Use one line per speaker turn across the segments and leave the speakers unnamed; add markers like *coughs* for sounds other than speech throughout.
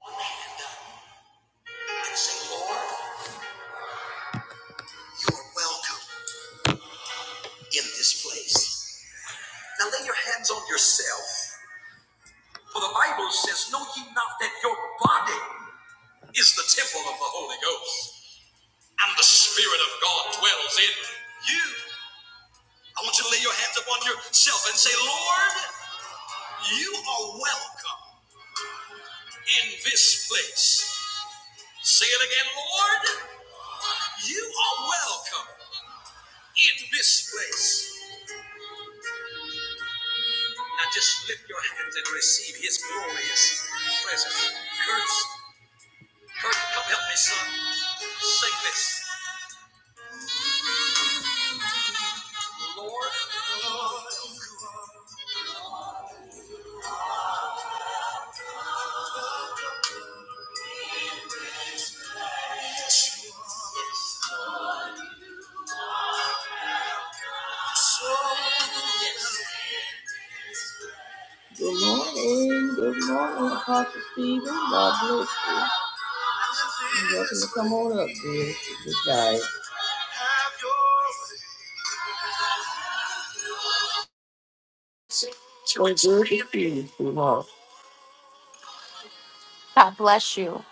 one hand up and say, Lord, you are welcome in this place. Now lay your hands on yourself. For the Bible says, Know ye not that your body is the temple of the Holy Ghost, and the Spirit of God dwells in you. I want you to lay your hands upon yourself and say, Lord, you are welcome in this place. Say it again, Lord, you are welcome in this place. Now just lift your hands and receive his glorious presence. Kurt, Kurt, come help me, son. Sing this. Lord. Good morning. Good Apostle Stephen. God bless you. on up, dear. Good
God bless you.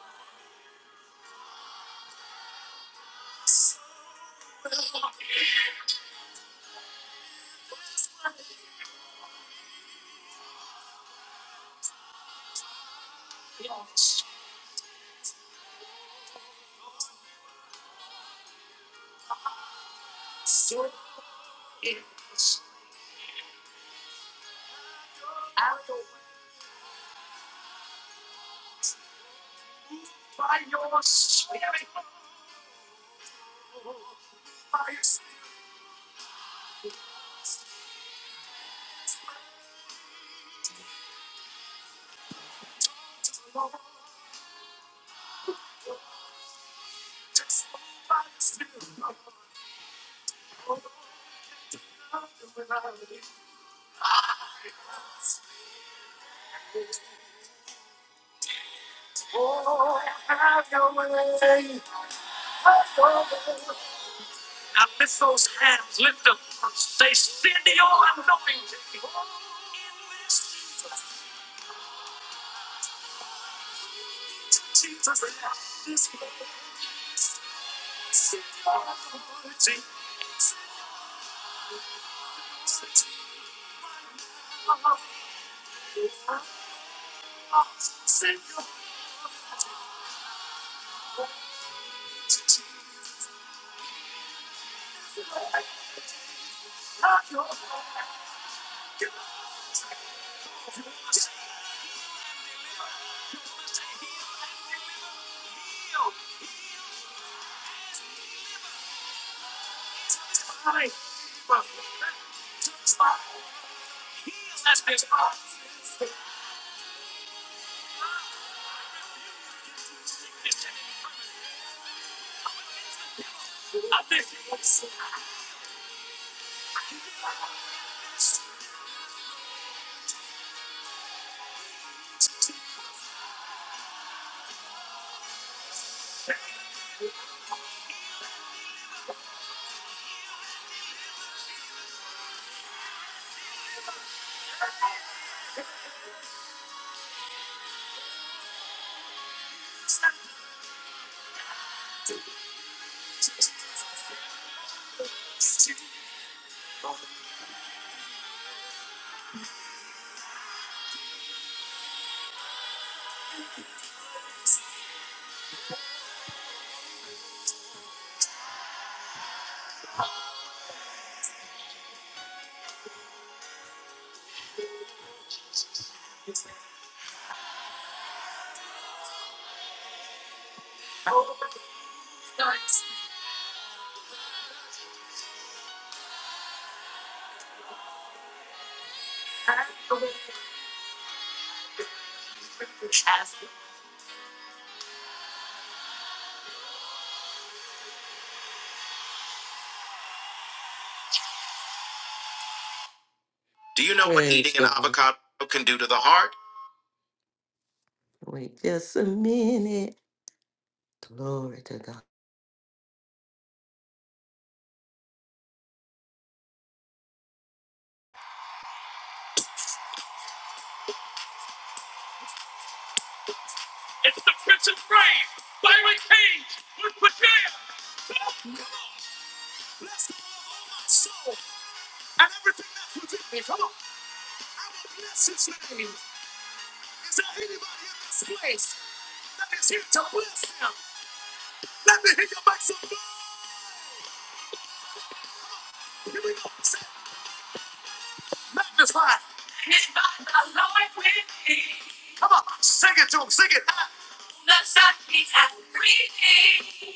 Do you know what Praise eating an God. avocado can do to the heart? Wait just a minute. Glory to God. It's by the Lord with me. The sun beats at three.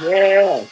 Yeah.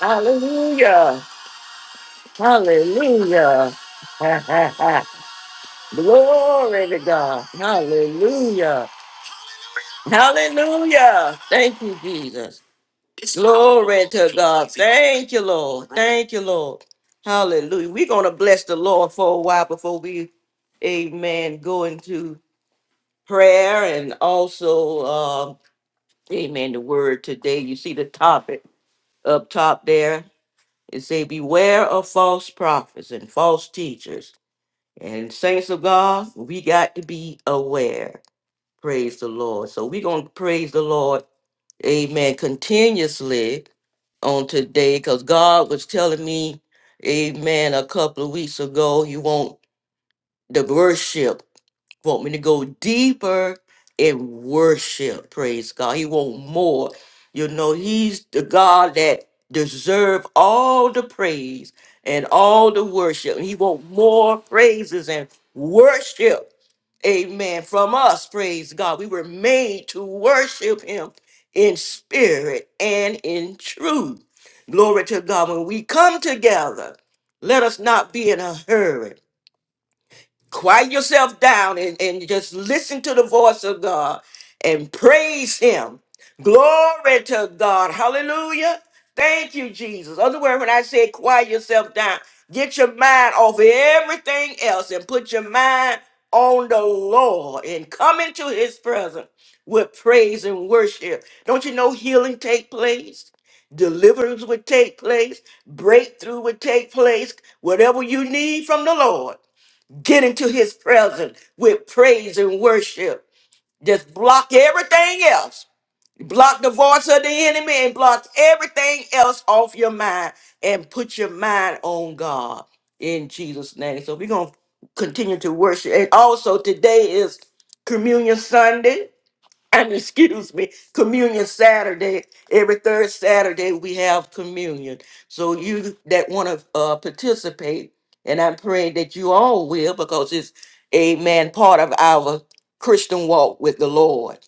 Hallelujah. Hallelujah. *laughs* Ha, ha, ha. Glory to God. Hallelujah. Hallelujah. Thank you, Jesus. Glory to God. Thank you, Lord. Thank you, Lord. Hallelujah. We're going to bless the Lord for a while before we, amen, go into prayer and also, uh, amen, the word today. You see the topic. up top there. It say, beware of false prophets and false teachers. And saints of God, we got to be aware. Praise the Lord. So we're going to praise the Lord, amen, continuously on today because God was telling me, amen, a couple of weeks ago, you want the worship want me to go deeper in worship. Praise God. He want more. You know, he's the God that deserve all the praise and all the worship. And He want more praises and worship. Amen. From us, praise God. We were made to worship him in spirit and in truth. Glory to God. When we come together, let us not be in a hurry quiet yourself down and, and just listen to the voice of God and praise Him. Glory to God. Hallelujah. Thank you, Jesus. Other word, when I said quiet yourself down, get your mind off of everything else and put your mind on the Lord and come into His presence with praise and worship. Don't you know healing take place? Deliverance would take place, breakthrough would take place, whatever you need from the Lord Get into his presence with praise and worship. Just block everything else. Block the voice of the enemy and block everything else off your mind and put your mind on God in Jesus' name. So we're going to continue to worship. And also, today is Communion Sunday. *coughs* excuse me, communion Saturday. Every third Saturday we have communion. So you that want to uh, participate, and I'm praying that you all will because it's amen part of our Christian walk with the Lord.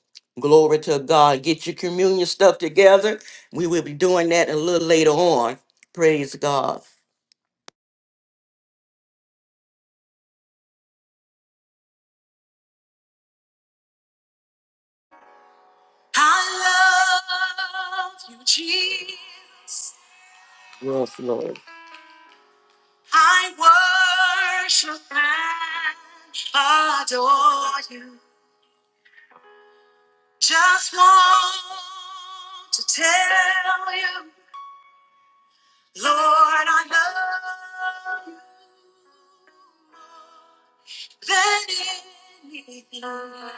Glory to God. Get your communion stuff together. We will be doing that a little later on. Praise God. I love you, Jesus. Yes, Lord. I worship and adore you. Just want to tell you, Lord, I love you more than anything.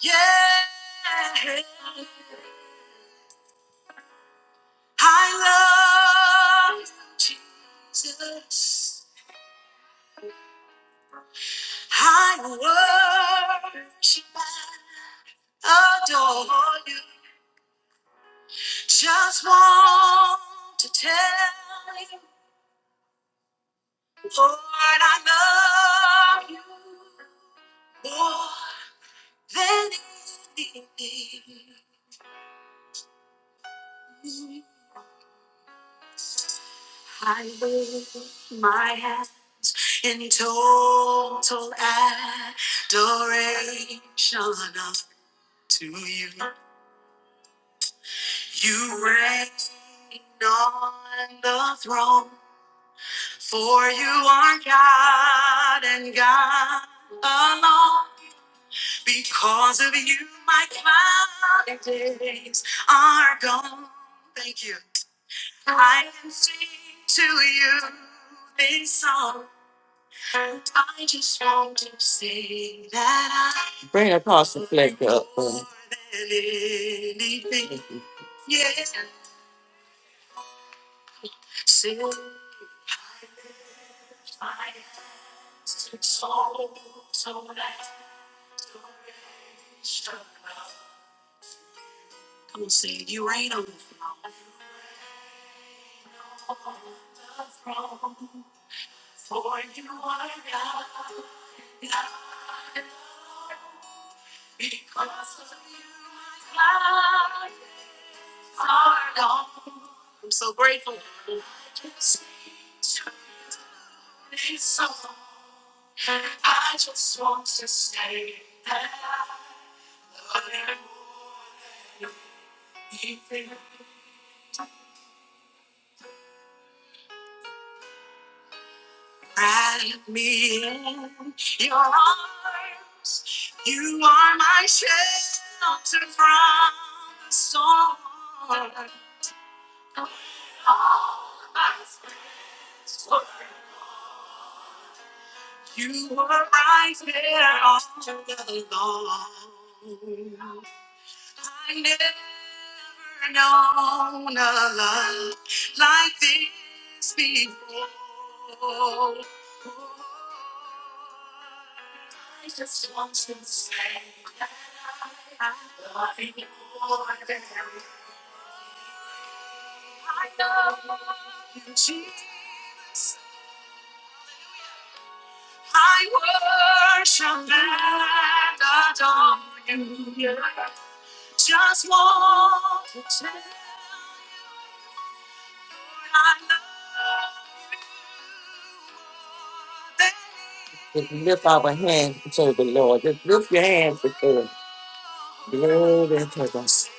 Yeah, I love you, Jesus. I worship and adore you. Just want to tell you, Lord, I love you more than anything. I lift my hand in total adoration of you. You Reign on the throne, for you are God and God alone. Because of you, my clouded days. Bring Apostle Fleck up. uh, Just lift our hands to the Lord. Just lift your hands before the Lord and to us.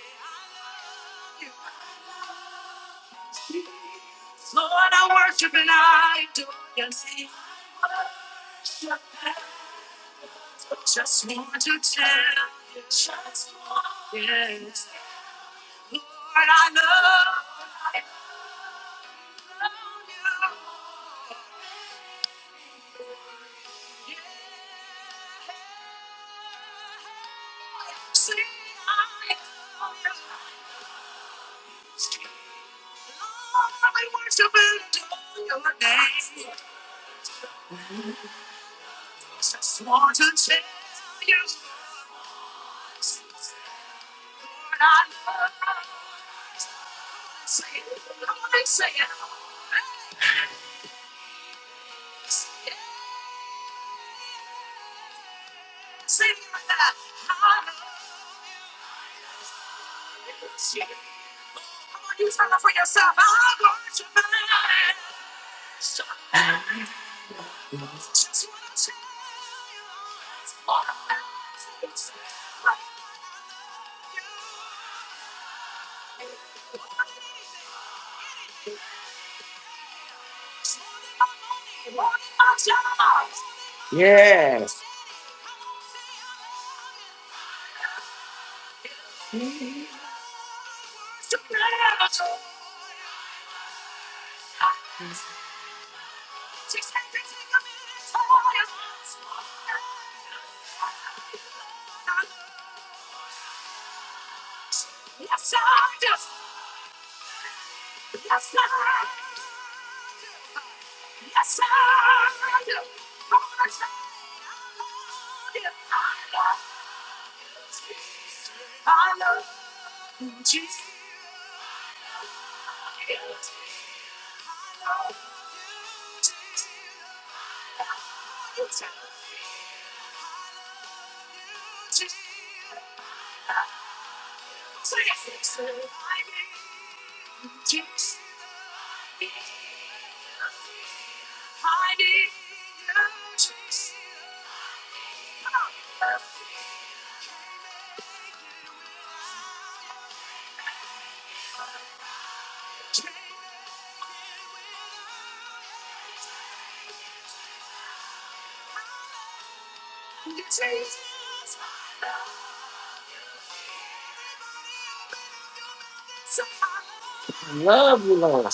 Yes. Love you, Lord.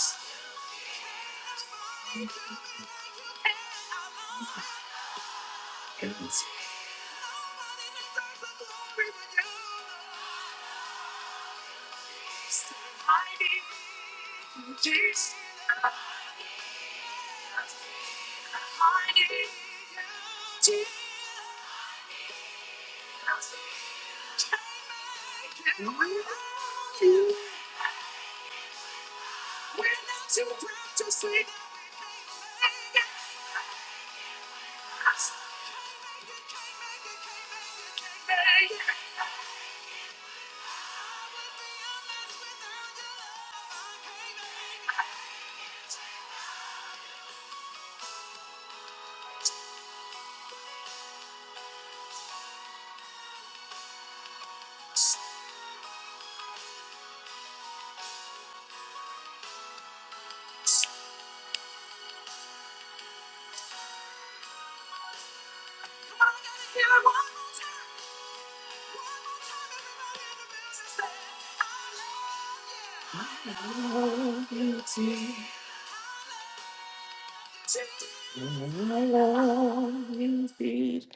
My love indeed.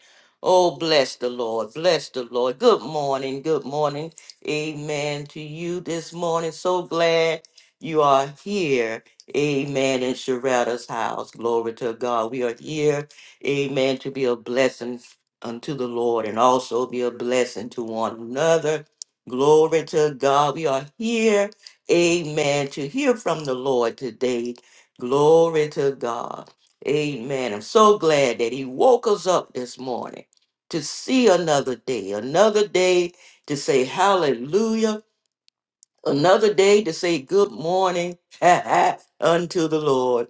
Oh, bless the Lord. Bless the Lord. Good morning. Good morning. Amen to you this morning. So glad you are here. Amen. In Sharetta's house. Glory to God. We are here. Amen. To be a blessing unto the Lord and also be a blessing to one another. Glory to God. We are here. Amen. To hear from the Lord today. Glory to God. Amen. I'm so glad that He woke us up this morning to see another day, another day to say hallelujah another day to say good morning *laughs* unto the Lord.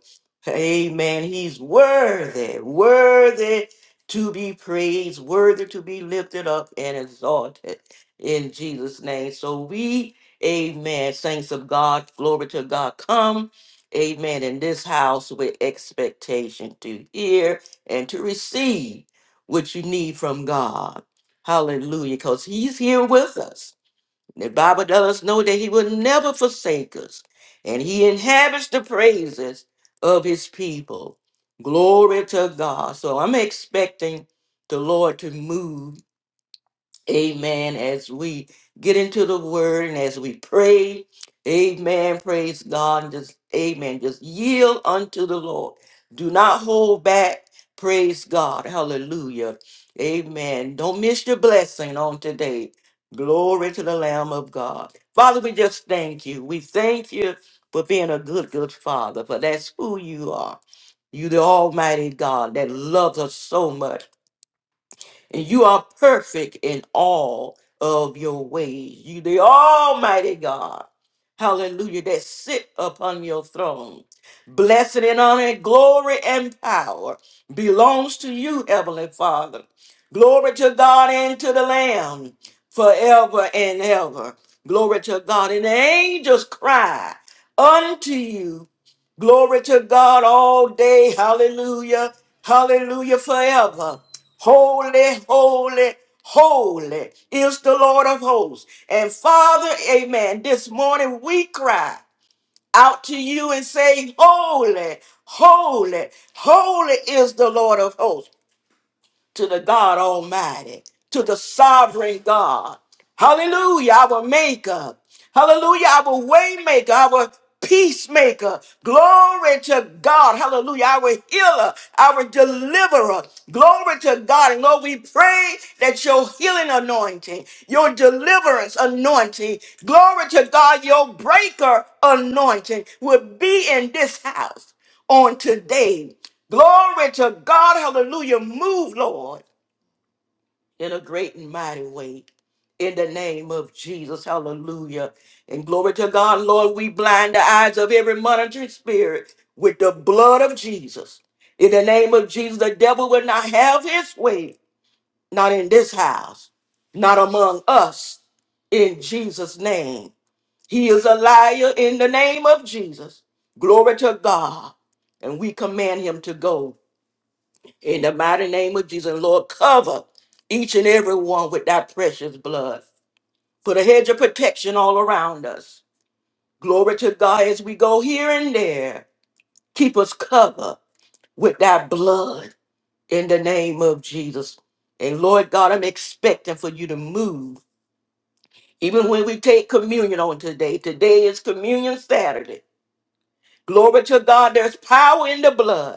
Amen. He's worthy, worthy to be praised, worthy to be lifted up and exalted in Jesus' name. So we, amen, saints of God, glory to God, come. Amen. In this house with expectation to hear and to receive what you need from God. Hallelujah. Because He's here with us. The Bible does us know that he will never forsake us, and he inhabits the praises of his people. Glory to God. So I'm expecting the Lord to move Amen. As we get into the word and as we pray, amen. Praise God. And just, amen. Just yield unto the Lord. Do not hold back. Praise God. Hallelujah. Amen. Don't miss your blessing on today. Glory to the Lamb of God. Father, we just thank you. We thank you for being a good, good father, for that's who you are. You, the Almighty God that loves us so much and you are perfect in all of your ways. You, the Almighty God, hallelujah, that sit upon your throne. blessing and honor, and glory and power belongs to you, Heavenly Father. Glory to God and to the Lamb forever and ever. Glory to God. And the angels cry unto you Glory to God all day. Hallelujah. Hallelujah forever. Holy, holy, holy is the Lord of hosts. And Father, amen. This morning we cry out to you and say, Holy, holy, holy is the Lord of hosts to the God Almighty, to the sovereign God. Hallelujah, our maker. Hallelujah, our waymaker, our peacemaker. Glory to God. Hallelujah, our healer, our deliverer. Glory to God. And Lord, we pray that your healing anointing, your deliverance anointing, glory to God, your breaker anointing will be in this house on today. Glory to God. Hallelujah. Move, Lord, in a great and mighty way. In the name of Jesus. Hallelujah. And glory to God, Lord. We blind the eyes of every monitoring spirit with the blood of Jesus. In the name of Jesus, the devil will not have his way. Not in this house, not among us. In Jesus' name. He is a liar in the name of Jesus. Glory to God. And we command him to go In the mighty name of Jesus, Lord, cover each and every one with that precious blood. Put a hedge of protection all around us. Glory to God as we go here and there. Keep us covered with that blood in the name of Jesus. And Lord God, I'm expecting for you to move. Even when we take communion on today, today is communion Saturday. Glory to God, there's power in the blood.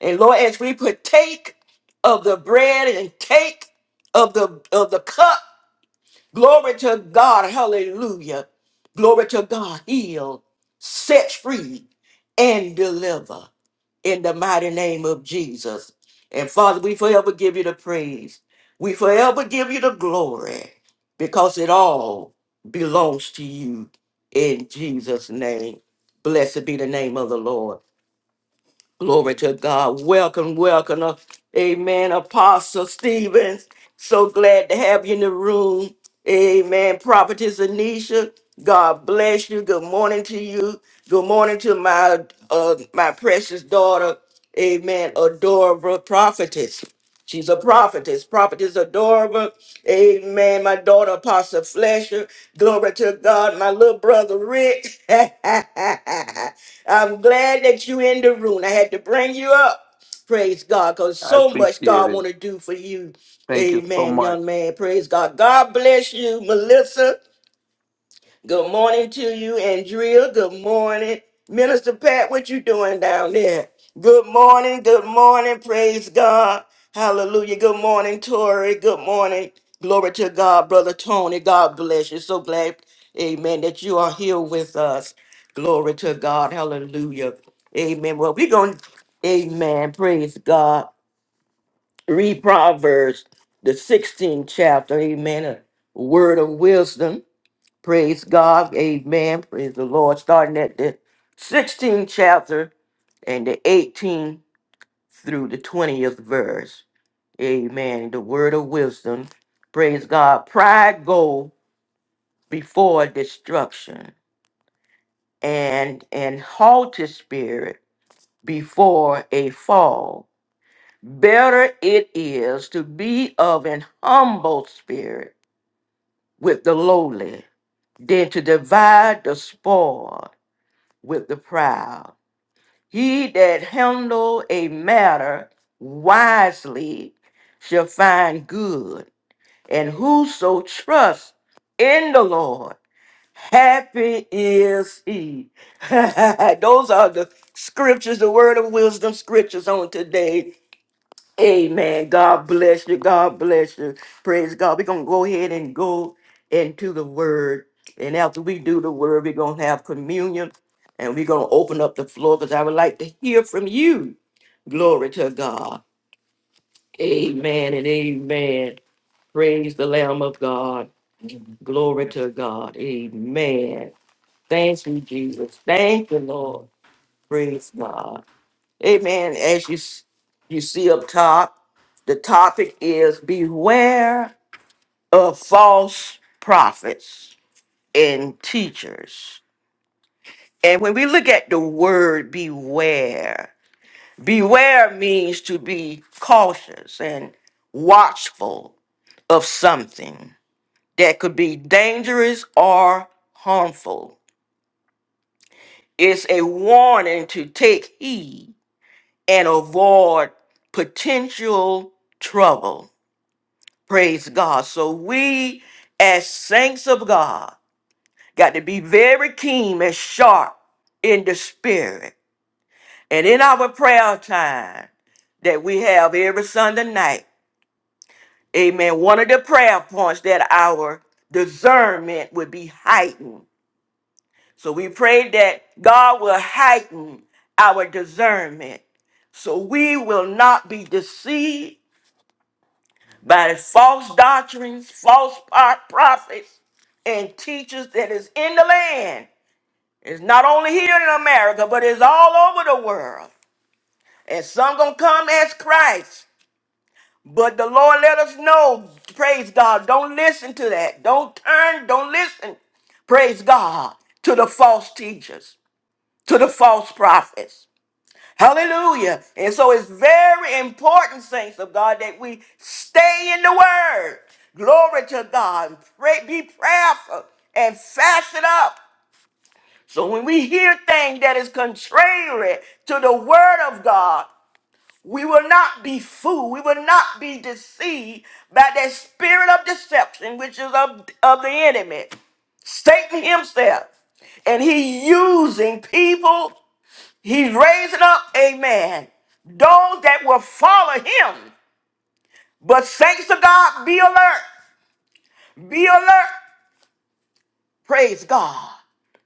And Lord, as we partake of the bread and take of the of the cup, glory to God, hallelujah. Glory to God, heal, set free, and deliver in the mighty name of Jesus. And Father, we forever give you the praise. We forever give you the glory because it all belongs to you in Jesus' name. Blessed be the name of the Lord. Glory to God. Welcome, welcome. uh, Amen. Apostle Stevens, so glad to have you in the room. Amen. Prophetess Anisha, God bless you. Good morning to you. Good morning to my uh, my precious daughter. Amen. Adorable prophetess. She's a prophetess. Prophetess Adora, Amen. My daughter, Apostle Fletcher. Glory to God. My little brother, Rick. *laughs* I'm glad that you in the room. I had to bring you up. Praise God, because
I
so much
appreciate
God
it.
want to do for you.
Thank you so
Amen,
much.
young man. Praise God. God bless you, Melissa. Good morning to you, Andrea. Good morning. Minister Pat, what you doing down there? Good morning. Good morning. Praise God. Hallelujah. Good morning, Tori. Good morning. Glory to God, Brother Tony. God bless you. So glad, amen, that you are here with us. Glory to God. Hallelujah. Amen. Well, we're going, to amen. Praise God. Read Proverbs, the 16th chapter. Amen. A word of wisdom. Praise God. Amen. Praise the Lord. Starting at the 16th chapter and the 18th through the 20th verse. Amen. The word of wisdom. Praise God. Pride go before destruction and an haughty spirit before a fall. Better it is to be of an humble spirit with the lowly than to divide the spoil with the proud. He that handle a matter wisely shall find good, and whoso trusts in the Lord, happy is he. *laughs* Those are the scriptures, the word of wisdom scriptures on today. Amen. God bless you. God bless you. Praise God. We're going to go ahead and go into the word. And after we do the word, we're going to have communion and we're going to open up the floor because I would like to hear from you. Glory to God. Amen and amen. Praise the Lamb of God. Glory to God. Amen. Thank you, Jesus. Thank you, Lord. Praise God. Amen. As you s- you see up top, the topic is beware of false prophets and teachers. And when we look at the word beware, beware means to be cautious and watchful of something that could be dangerous or harmful. It's a warning to take heed and avoid potential trouble. Praise God. So we, as saints of God, got to be very keen and sharp in the spirit and in our prayer time that we have every Sunday night. Amen. One of the prayer points that our discernment would be heightened. So we pray that God will heighten our discernment so we will not be deceived by the false doctrines, false pro- prophets, and teachers that is in the land. It's not only here in America, but it's all over the world. And some gonna come as Christ. But the Lord let us know, praise God. Don't listen to that. Don't turn, don't listen, praise God, to the false teachers, to the false prophets. Hallelujah. And so it's very important, saints of God, that we stay in the word. Glory to God. Pray, be prayerful and fast it up So when we hear things that is contrary to the word of God, we will not be fooled. We will not be deceived by that spirit of deception, which is of, of the enemy, Satan himself. And he using people, he's raising up, amen, those that will follow him. But saints of God, be alert. Be alert. Praise God.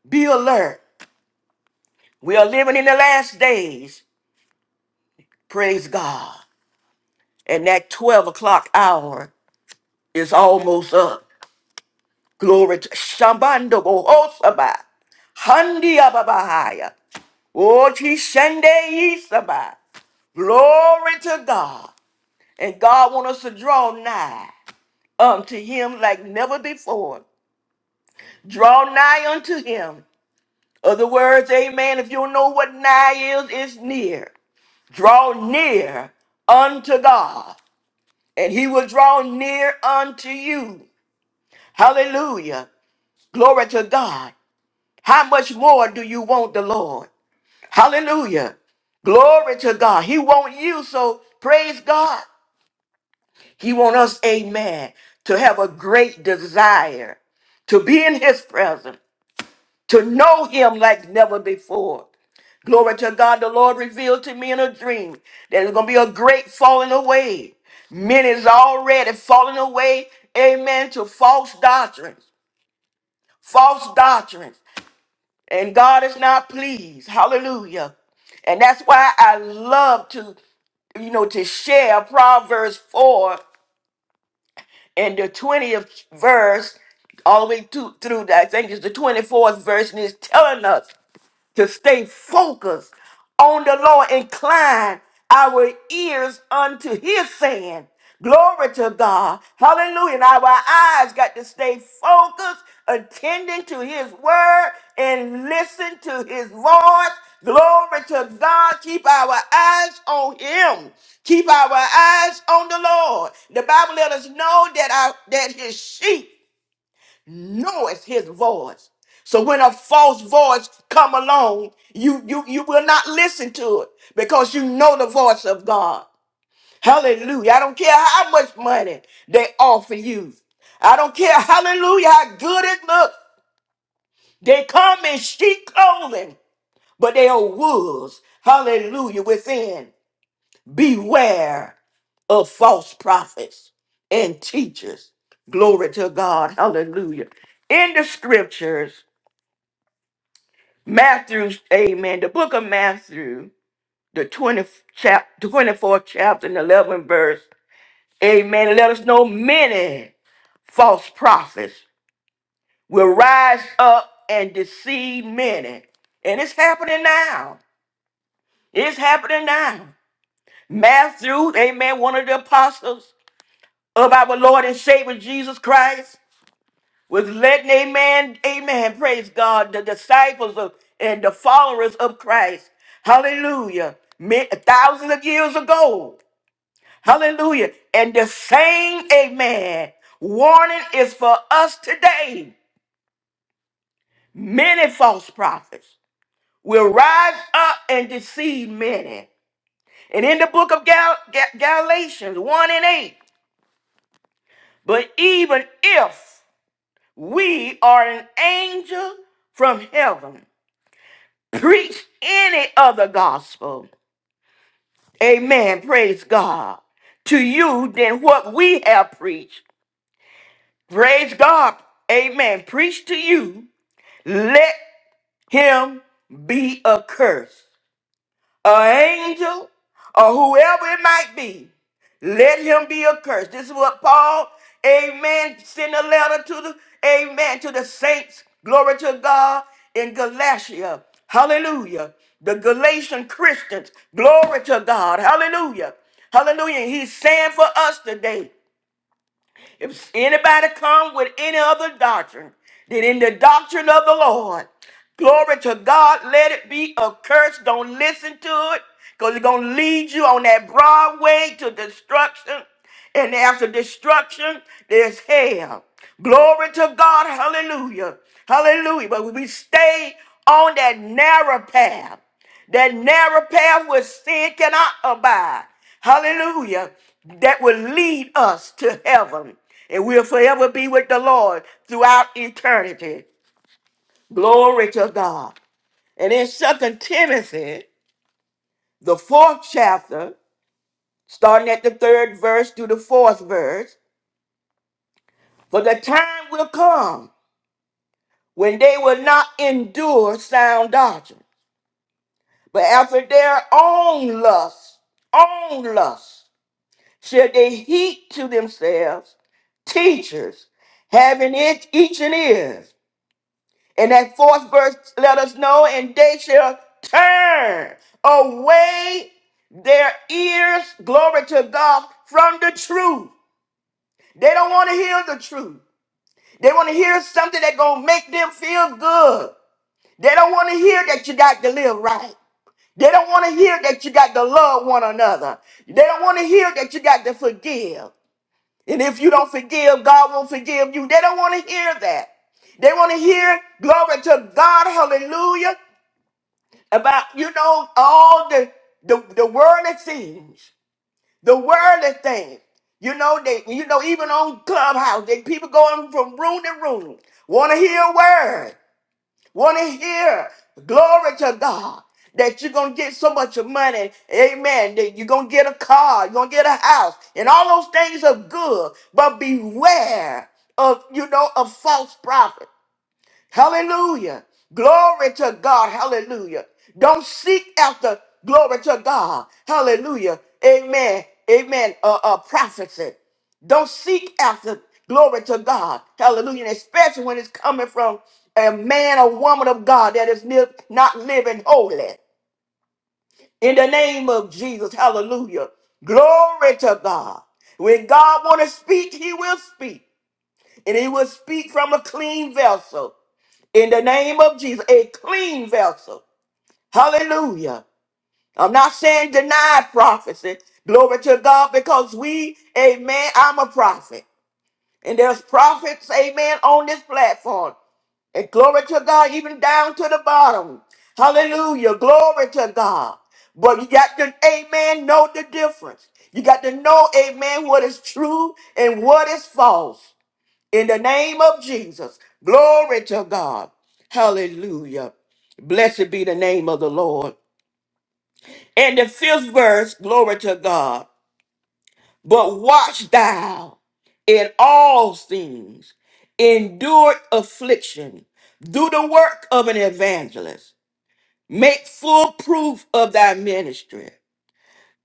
Be alert. We are living in the last days. Praise God. and that 12 o'clock hour is almost up. Glory to Shambando Bohosaba, Handi Ababahaya, Ochi Shende Isaba. Glory to God. And God wants us to draw nigh unto him like never before. Draw nigh unto him. Other words, amen, if you don't know what nigh is, it's near. Draw near unto God, and he will draw near unto you. Hallelujah. Glory to God. How much more do you want the Lord? Hallelujah. Glory to God. He wants you, so praise God. He wants us, amen, to have a great desire to be in his presence, to know him like never before. Glory to God. The Lord revealed to me in a dream that there's going to be a great falling away. Men is already falling away, amen, to false doctrines. False doctrines. and God is not pleased. Hallelujah. And that's why I love to, you know, to share Proverbs 4 and the 20th verse all the way to, through, I think it's the 24th verse, and it's telling us to stay focused on the Lord. Incline our ears unto his saying. Glory to God. Hallelujah. And our eyes got to stay focused, attending to his word and listen to his voice. Glory to God. Keep our eyes on him. Keep our eyes on the Lord. The Bible let us know that our that his sheep knoweth his voice. So when a false voice come along, you you you will not listen to it because you know the voice of God. Hallelujah. I don't care how much money they offer you. I don't care, hallelujah, how good it looks. They come in sheep clothing, but they are wolves. Hallelujah. Within. Beware of false prophets and teachers. Glory to God. Hallelujah. In the scriptures. Matthew, amen. The book of Matthew, the 20th chap, 24th chapter and 11th verse, amen. Let us know many false prophets will rise up and deceive many. And it's happening now. It's happening now. Matthew, amen, one of the apostles of our Lord and Savior Jesus Christ. was letting, amen, amen, praise God, the disciples of and the followers of Christ, hallelujah, mi- thousands of years ago, hallelujah. And the same, amen, warning is for us today. Many false prophets will rise up and deceive many. And in the book of Gal- Ga- Galatians 1 and 8, but even if we are an angel from heaven, preach any other gospel, amen, praise God, to you than what we have preached, praise God, amen, preach to you, let him be accursed. An angel or whoever it might be Let him be accursed. This is what Paul, amen, sent a letter to the, amen, to the saints. Glory to God in Galatia. Hallelujah. The Galatian Christians. Glory to God. Hallelujah. Hallelujah. He's saying for us today. If anybody come with any other doctrine than in the doctrine of the Lord, glory to God, let it be a curse. Don't listen to it because it's going to lead you on that broad way to destruction. And after destruction, there's hell. Glory to God. Hallelujah. Hallelujah. But we stay on that narrow path. That narrow path where sin cannot abide. Hallelujah. That will lead us to heaven. And we'll forever be with the Lord throughout eternity. Glory to God. And in Second Timothy, the fourth chapter, starting at the third verse through the fourth verse, for the time will come when they will not endure sound doctrine, but after their own lust, own lust. should they heap to themselves teachers having it each and ears. And that fourth verse let us know, and they shall turn away their ears, glory to God, from the truth. They don't want to hear the truth. They want to hear something that gonna make them feel good. They don't want to hear that you got to live right. They don't want to hear that you got to love one another. They don't want to hear that you got to forgive. And if you don't forgive, God won't forgive you. They don't want to hear that. They want to hear glory to God, hallelujah, about, you know, all the, the, the worldly things, the worldly things. You know, they, you know, even on Clubhouse, they people going from room to room, want to hear a word want to hear glory to God that you're going to get so much money. Amen. That you're going to get a car, you're going to get a house, and all those things are good. But beware of, you know, a false prophet. Hallelujah. Glory to God. Hallelujah. Don't seek after glory to God. Hallelujah. Amen. Amen. Uh, uh, prophecy. Don't seek after glory to God. Hallelujah. And especially when it's coming from a man or woman of God that is li- not living holy. In the name of Jesus. Hallelujah. Glory to God. When God want to speak, he will speak. And he will speak from a clean vessel in the name of Jesus, a clean vessel. Hallelujah. I'm not saying deny prophecy. Glory to God, because we, amen, I'm a prophet. And there's prophets, amen, on this platform. And glory to God, even down to the bottom. Hallelujah. Glory to God. But you got to, amen, know the difference. You got to know, amen, what is true and what is false in the name of Jesus. Glory to God. Hallelujah. Blessed be the name of the Lord. And the fifth verse, glory to God. But watch thou in all things, endure affliction, do the work of an evangelist, make full proof of thy ministry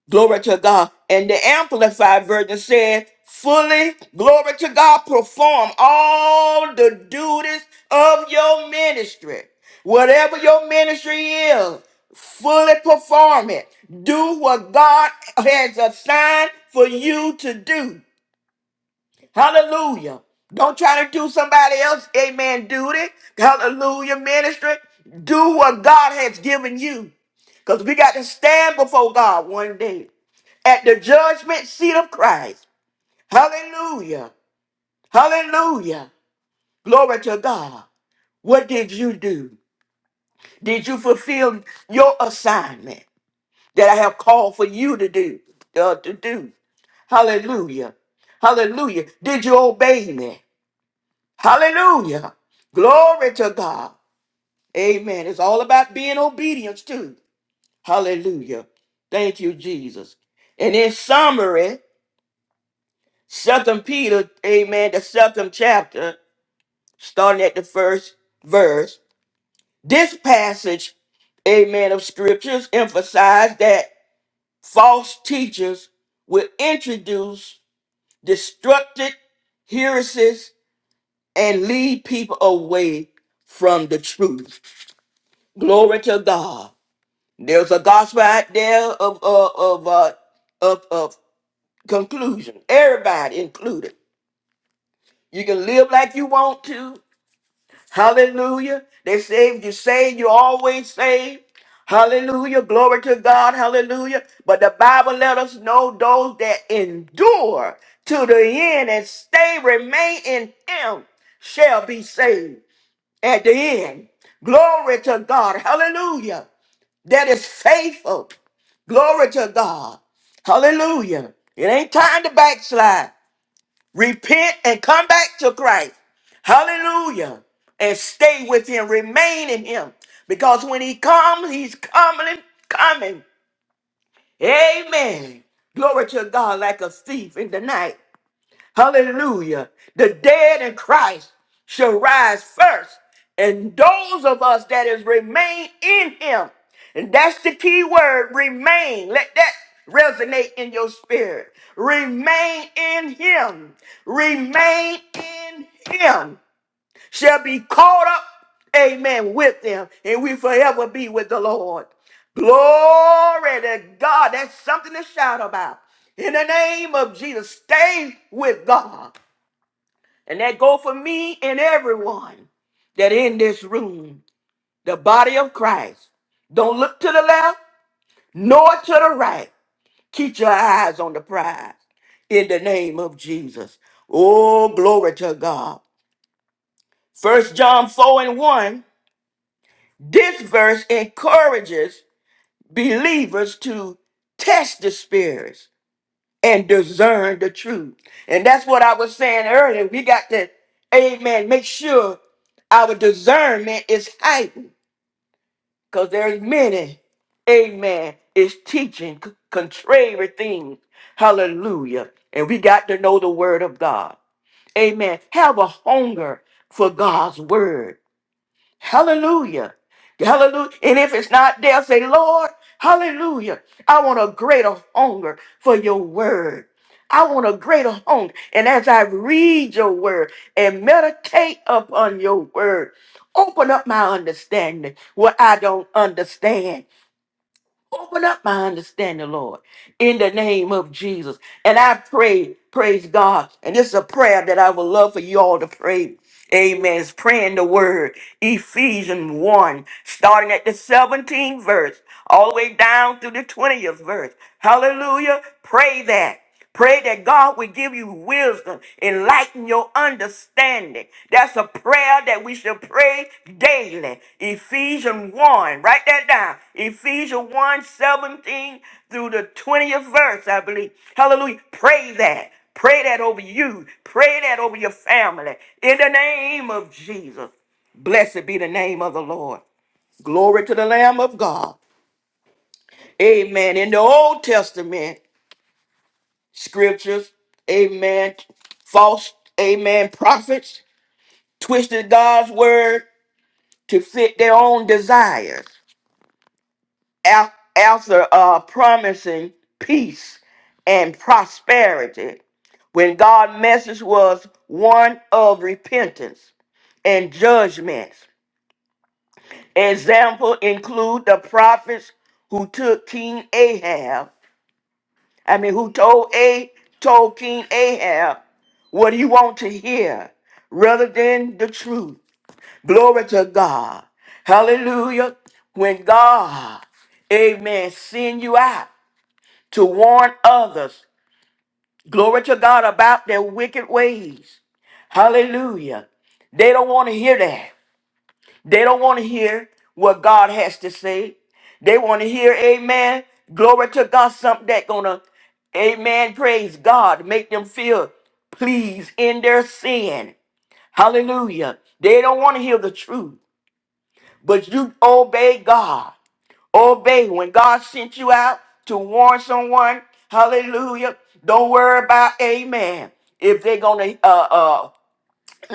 Glory to God. And the Amplified Version said, fully, glory to God, perform all the duties of your ministry. Whatever your ministry is, fully perform it. Do what God has assigned for you to do. Hallelujah. Don't try to do somebody else, amen, duty. Hallelujah, ministry. Do what God has given you. Because we got to stand before God one day at the judgment seat of Christ. Hallelujah. Hallelujah. Glory to God. What did you do? Did you fulfill your assignment that I have called for you to do? uh, to do. Hallelujah. Hallelujah. Did you obey me? Hallelujah. Glory to God. Amen. It's all about being obedient too. Hallelujah. Thank you, Jesus. And in summary, Second Peter, amen, the second chapter. starting at the first verse. This passage, amen, of scriptures emphasize that false teachers will introduce destructive heresies and lead people away from the truth. Glory to God. There's a gospel out there of uh, of uh, of of conclusion. Everybody included. You can live like you want to. Hallelujah. They saved you, saved you, always saved. Hallelujah. Glory to God. Hallelujah. But the Bible let us know those that endure to the end and stay, remain in Him, shall be saved at the end. Glory to God. Hallelujah. That is faithful. Glory to God. Hallelujah. It ain't time to backslide. Repent and come back to Christ. Hallelujah. And stay with him. Remain in him. Because when he comes, he's coming, coming. Amen. Glory to God like a thief in the night. Hallelujah. The dead in Christ shall rise first. And those of us that is remain in him. And that's the key word, remain. Let that resonate in your spirit. Remain in him. Remain in him shall be caught up, amen, with them, and we forever be with the Lord. Glory to God. That's something to shout about. In the name of Jesus, stay with God. And that go for me and everyone that in this room, the body of Christ. Don't look to the left nor to the right. Keep your eyes on the prize in the name of Jesus. Oh, glory to God. First John 4 and 1. This verse encourages believers to test the spirits and discern the truth. And that's what I was saying earlier. We got to, amen, make sure our discernment is heightened because there's many, amen, is teaching c- contrary things. Hallelujah. And we got to know the word of God. Amen. Have a hunger for God's word. Hallelujah. Hallelujah. And if it's not there, say, Lord, hallelujah. I want a greater hunger for your word. I want a greater hunger. And as I read your word and meditate upon your word, open up my understanding what I don't understand. Open up my understanding, Lord, in the name of Jesus. And I pray, praise God. And this is a prayer that I would love for you all to pray Amen. It's praying the word. Ephesians 1, starting at the 17th verse, all the way down through the 20th verse. Hallelujah. Pray that. Pray that God will give you wisdom, enlighten your understanding. That's a prayer that we should pray daily. Ephesians 1, write that down. Ephesians one, 17 through the 20th verse, I believe. Hallelujah. Pray that. Pray that over you. Pray that over your family. In the name of Jesus. Blessed be the name of the Lord. Glory to the Lamb of God. Amen. In the Old Testament scriptures, amen. False, amen, prophets twisted God's word to fit their own desires. Af- After uh, promising peace and prosperity, when God's message was one of repentance and judgments. Example include the prophets who took King Ahab, I mean who told A told King Ahab what he want to hear rather than the truth. Glory to God. Hallelujah. When God, amen, send you out to warn others, glory to God about their wicked ways. Hallelujah. They don't want to hear that. They don't want to hear what God has to say. They want to hear, amen, glory to God, something that gonna, amen, praise God, make them feel pleased in their sin. Hallelujah. They don't want to hear the truth, but you obey God. Obey when God sent you out to warn someone. Hallelujah. Don't worry about, amen, if they're gonna uh uh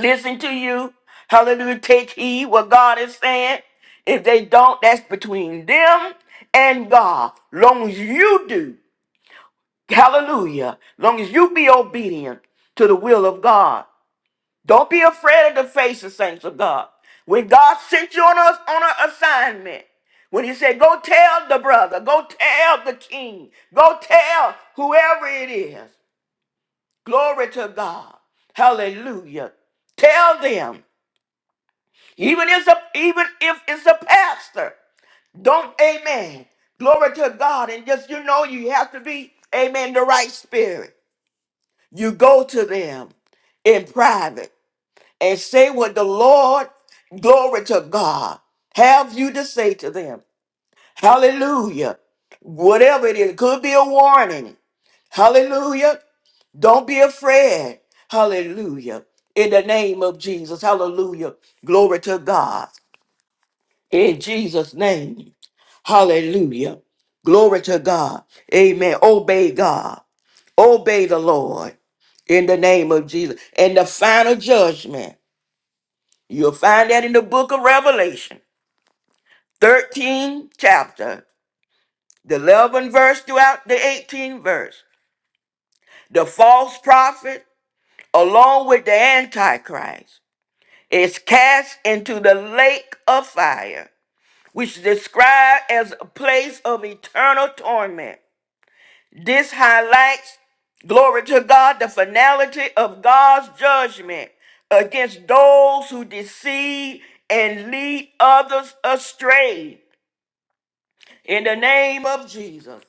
listen to you. Hallelujah. Take heed what God is saying. If they don't, that's between them and God. Long as you do, hallelujah. Long as you be obedient to the will of God. Don't be afraid of the face of saints of God. When God sent you on us on an assignment, when he said, go tell the brother, go tell the king, go tell whoever it is. Glory to God. Hallelujah. Tell them. Even if it's a, even if it's a pastor, don't amen. Glory to God, and just you know you have to be amen the right spirit. You go to them in private and say what the Lord, glory to God, have you to say to them. Hallelujah. Whatever it is, it could be a warning. Hallelujah. Don't be afraid. Hallelujah. In the name of Jesus. Hallelujah. Glory to God. In Jesus' name. Hallelujah. Glory to God. Amen. Obey God. Obey the Lord in the name of Jesus. And the final judgment, you'll find that in the book of Revelation, 13 chapter, the 11th verse throughout the 18th verse. The false prophet, along with the Antichrist, is cast into the lake of fire, which is described as a place of eternal torment This highlights, glory to God, the finality of God's judgment against those who deceive and lead others astray. In the name of Jesus.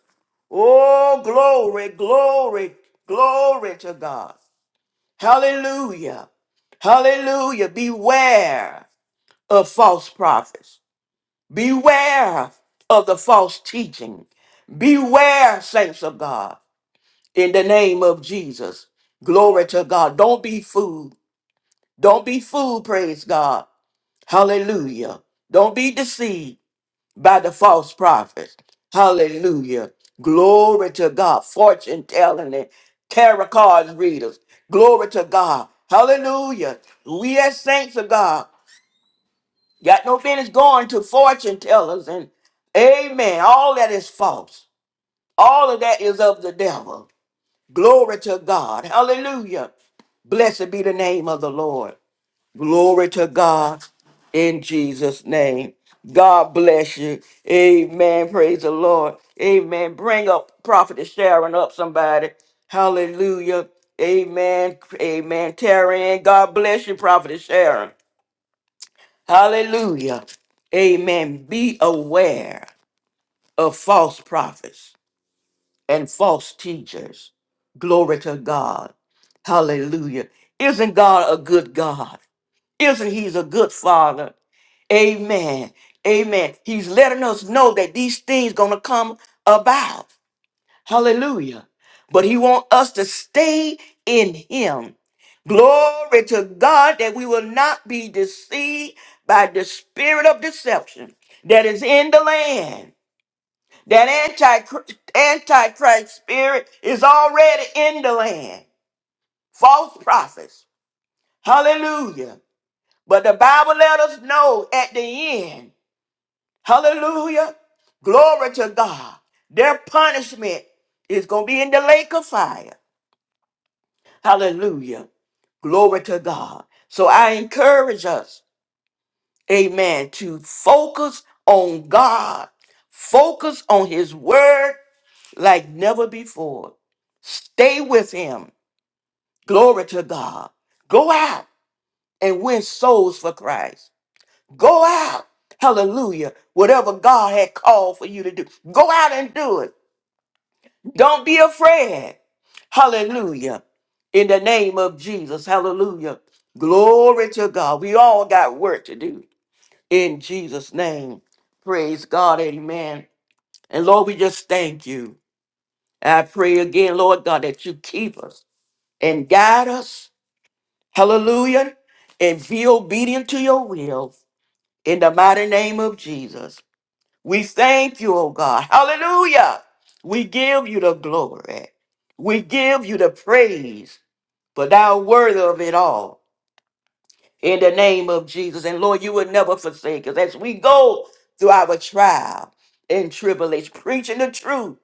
Oh, glory, glory, glory to God. Hallelujah. Hallelujah. Beware of false prophets. Beware of the false teaching. Beware, saints of God. in the name of Jesus. Glory to God. Don't be fooled. Don't be fooled, praise God. Hallelujah. Don't be deceived by the false prophets. Hallelujah. Glory to God. Fortune telling and tarot cards readers. Glory to God. Hallelujah. We as saints of God got no business going to fortune tellers and amen. All that is false. All of that is of the devil. Glory to God. Hallelujah. Blessed be the name of the Lord. Glory to God in Jesus' name. God bless you. Amen. Praise the Lord. Amen. Bring up Prophet Sharon up, somebody. Hallelujah. Amen. Amen. Taryn, God bless you, Prophet Sharon. Hallelujah. Amen. Be aware of false prophets. and false teachers. Glory to God. Hallelujah. Isn't God a good God? Isn't He's a good Father? Amen. Amen. He's letting us know that these things gonna come about. Hallelujah. But He wants us to stay in Him. Glory to God that we will not be deceived by the spirit of deception that is in the land. That anti antichrist spirit is already in the land. False prophets. Hallelujah. But the Bible let us know at the end. Hallelujah. Glory to God. Their punishment is going to be in the lake of fire. Hallelujah. Glory to God. So I encourage us, amen, to focus on God, focus on His word, like never before. Stay with him. Glory to God. Go out and win souls for Christ. Go out. Hallelujah. Whatever God had called for you to do, go out and do it. Don't be afraid. Hallelujah. In the name of Jesus. Hallelujah. Glory to God. We all got work to do in Jesus' name. Praise God. Amen. And Lord, we just thank you. I pray again, Lord God, that you keep us. and guide us. Hallelujah. And be obedient to your will in the mighty name of Jesus. We thank you, oh God. Hallelujah. We give you the glory. We give you the praise, for thou worthy of it all in the name of Jesus. And Lord, you will never forsake us as we go through our trial and tribulation, preaching the truth.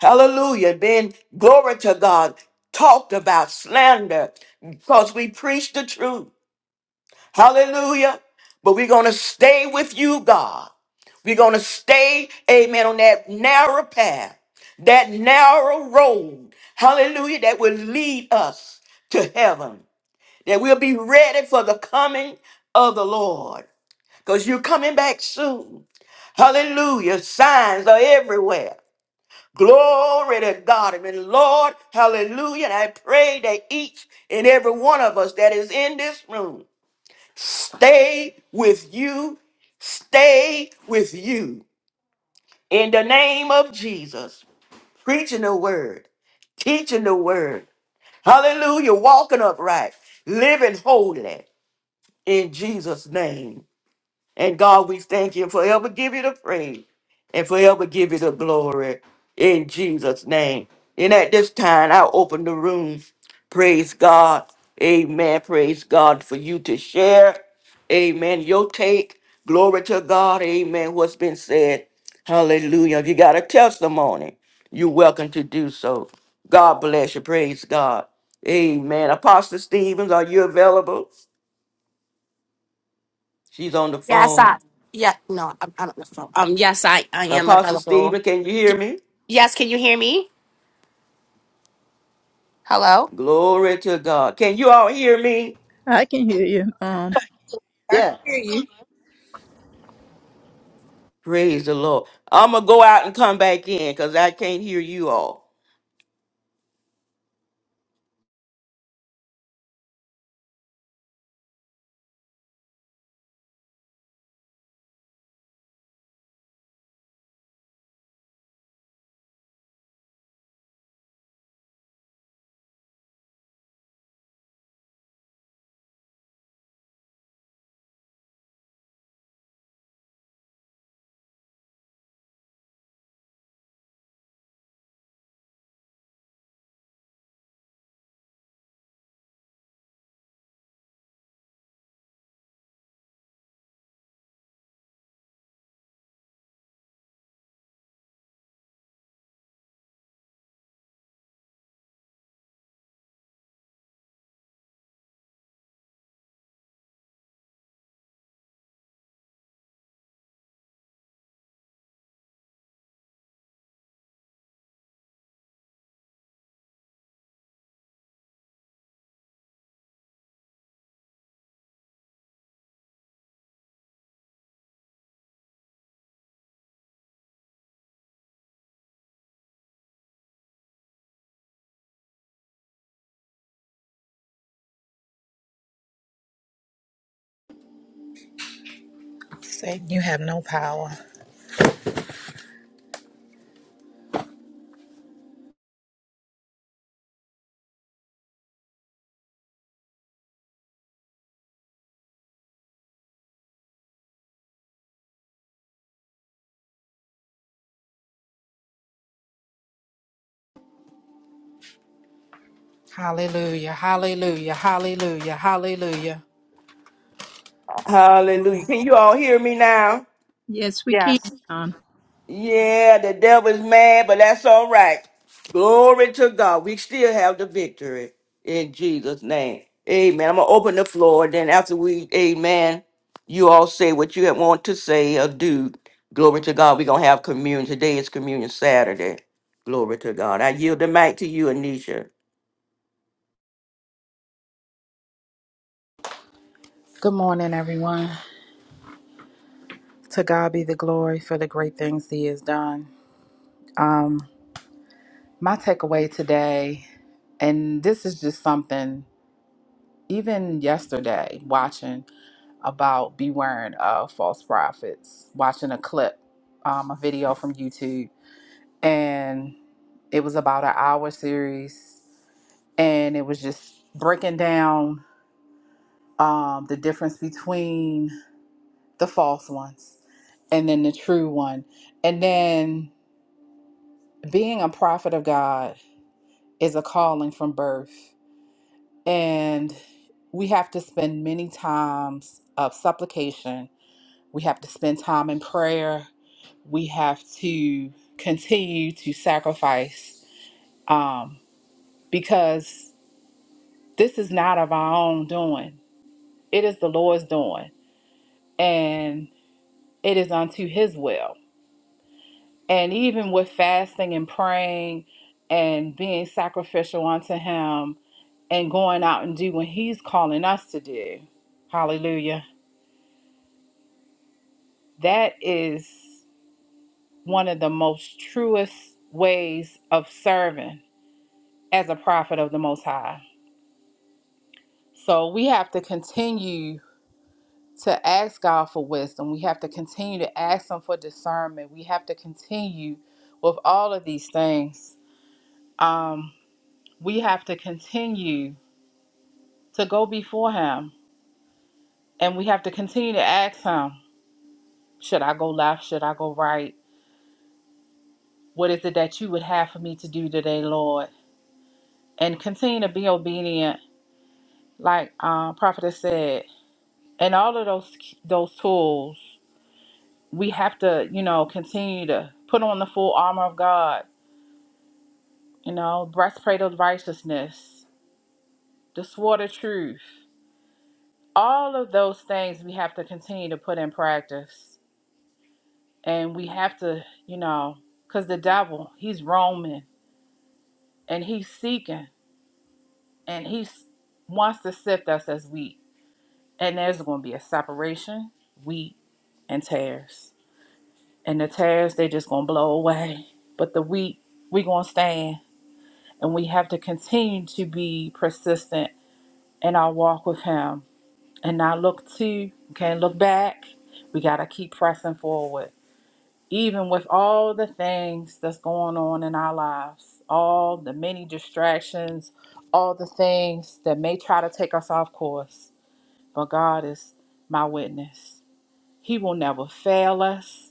Hallelujah. Then glory to God, talked about slander because we preach the truth. Hallelujah. But we're going to stay with you, God. We're going to stay, amen, on that narrow path, that narrow road. Hallelujah. That will lead us to heaven. That we'll be ready for the coming of the Lord. Because you're coming back soon. Hallelujah. Signs are everywhere. Glory to God. Amen. Lord, hallelujah. And I pray that each and every one of us that is in this room Stay with you. Stay with you. In the name of Jesus, preaching the word, teaching the word. Hallelujah. Walking upright, living holy in Jesus' name. And God, we thank you and forever give you the praise and forever give you the glory in Jesus' name. And at this time, I'll open the room. Praise God. Amen. Praise God for you to share. Amen. Your take. Glory to God. Amen. What's been said. Hallelujah. If you got a testimony, you're welcome to do so. God bless you. Praise God. Amen. Apostle Stevens, are you available? She's on the
Yes, I.
phone.
Yeah, no, I'm, I don't know. Um, yes, I, I am
Apostle
available.
Stephen, can you hear
Y-
me?
Yes, can you hear me? Hello.
Glory to God. Can you all hear me?
I can hear you. Um,
I can
Yeah.
hear you.
Praise the Lord. I'm going to go out and come back in because I can't hear you all.
Satan, you have no power. Hallelujah, hallelujah, hallelujah, hallelujah.
Hallelujah. Can you all hear me now?
yes, we can.
Yes.
Um,
Yeah, the devil's mad, but that's all right. Glory to God. We still have the victory in Jesus' name. Amen. I'm going to open the floor. And Then after we, amen, you all say what you want to say or do. Glory to God. We're going to have communion. Today is communion Saturday. Glory to God. I yield the mic to you, Anisha.
Good morning, everyone. To God be the glory for the great things He has done. Um, my takeaway today, and this is just something, even yesterday, watching about beware of false prophets, watching a clip, um, a video from YouTube, and it was about an hour series. and it was just breaking down um, the difference between the false ones and then the true one. And then being a prophet of God is a calling from birth. And we have to spend many times of supplication. We have to spend time in prayer. We have to continue to sacrifice um, because this is not of our own doing. It is the Lord's doing. And it is unto his will. And even with fasting and praying and being sacrificial unto him and going out and do what he's calling us to do. Hallelujah. That is one of the most truest ways of serving as a prophet of the Most High. So we have to continue to ask God for wisdom. We have to continue to ask Him for discernment. We have to continue with all of these things. Um. we have to continue to go before him and we have to continue to ask him should i go left should i go right what is it that you would have for me to do today lord and continue to be obedient like uh, prophet has said and all of those those tools we have to you know continue to put on the full armor of god you know breastplate of righteousness the sword of truth all of those things we have to continue to put in practice And we have to, you know, because the devil, he's roaming and he's seeking and he s- wants to sift us as wheat. And there's going to be a separation, wheat and tares. And the tares, they just going to blow away. But the wheat, we going to stand. And we have to continue to be persistent in our walk with him and not look to, can't look back. We got to keep pressing forward even with all the things that's going on in our lives, all the many distractions, all the things that may try to take us off course. But God is my witness. He will never fail us,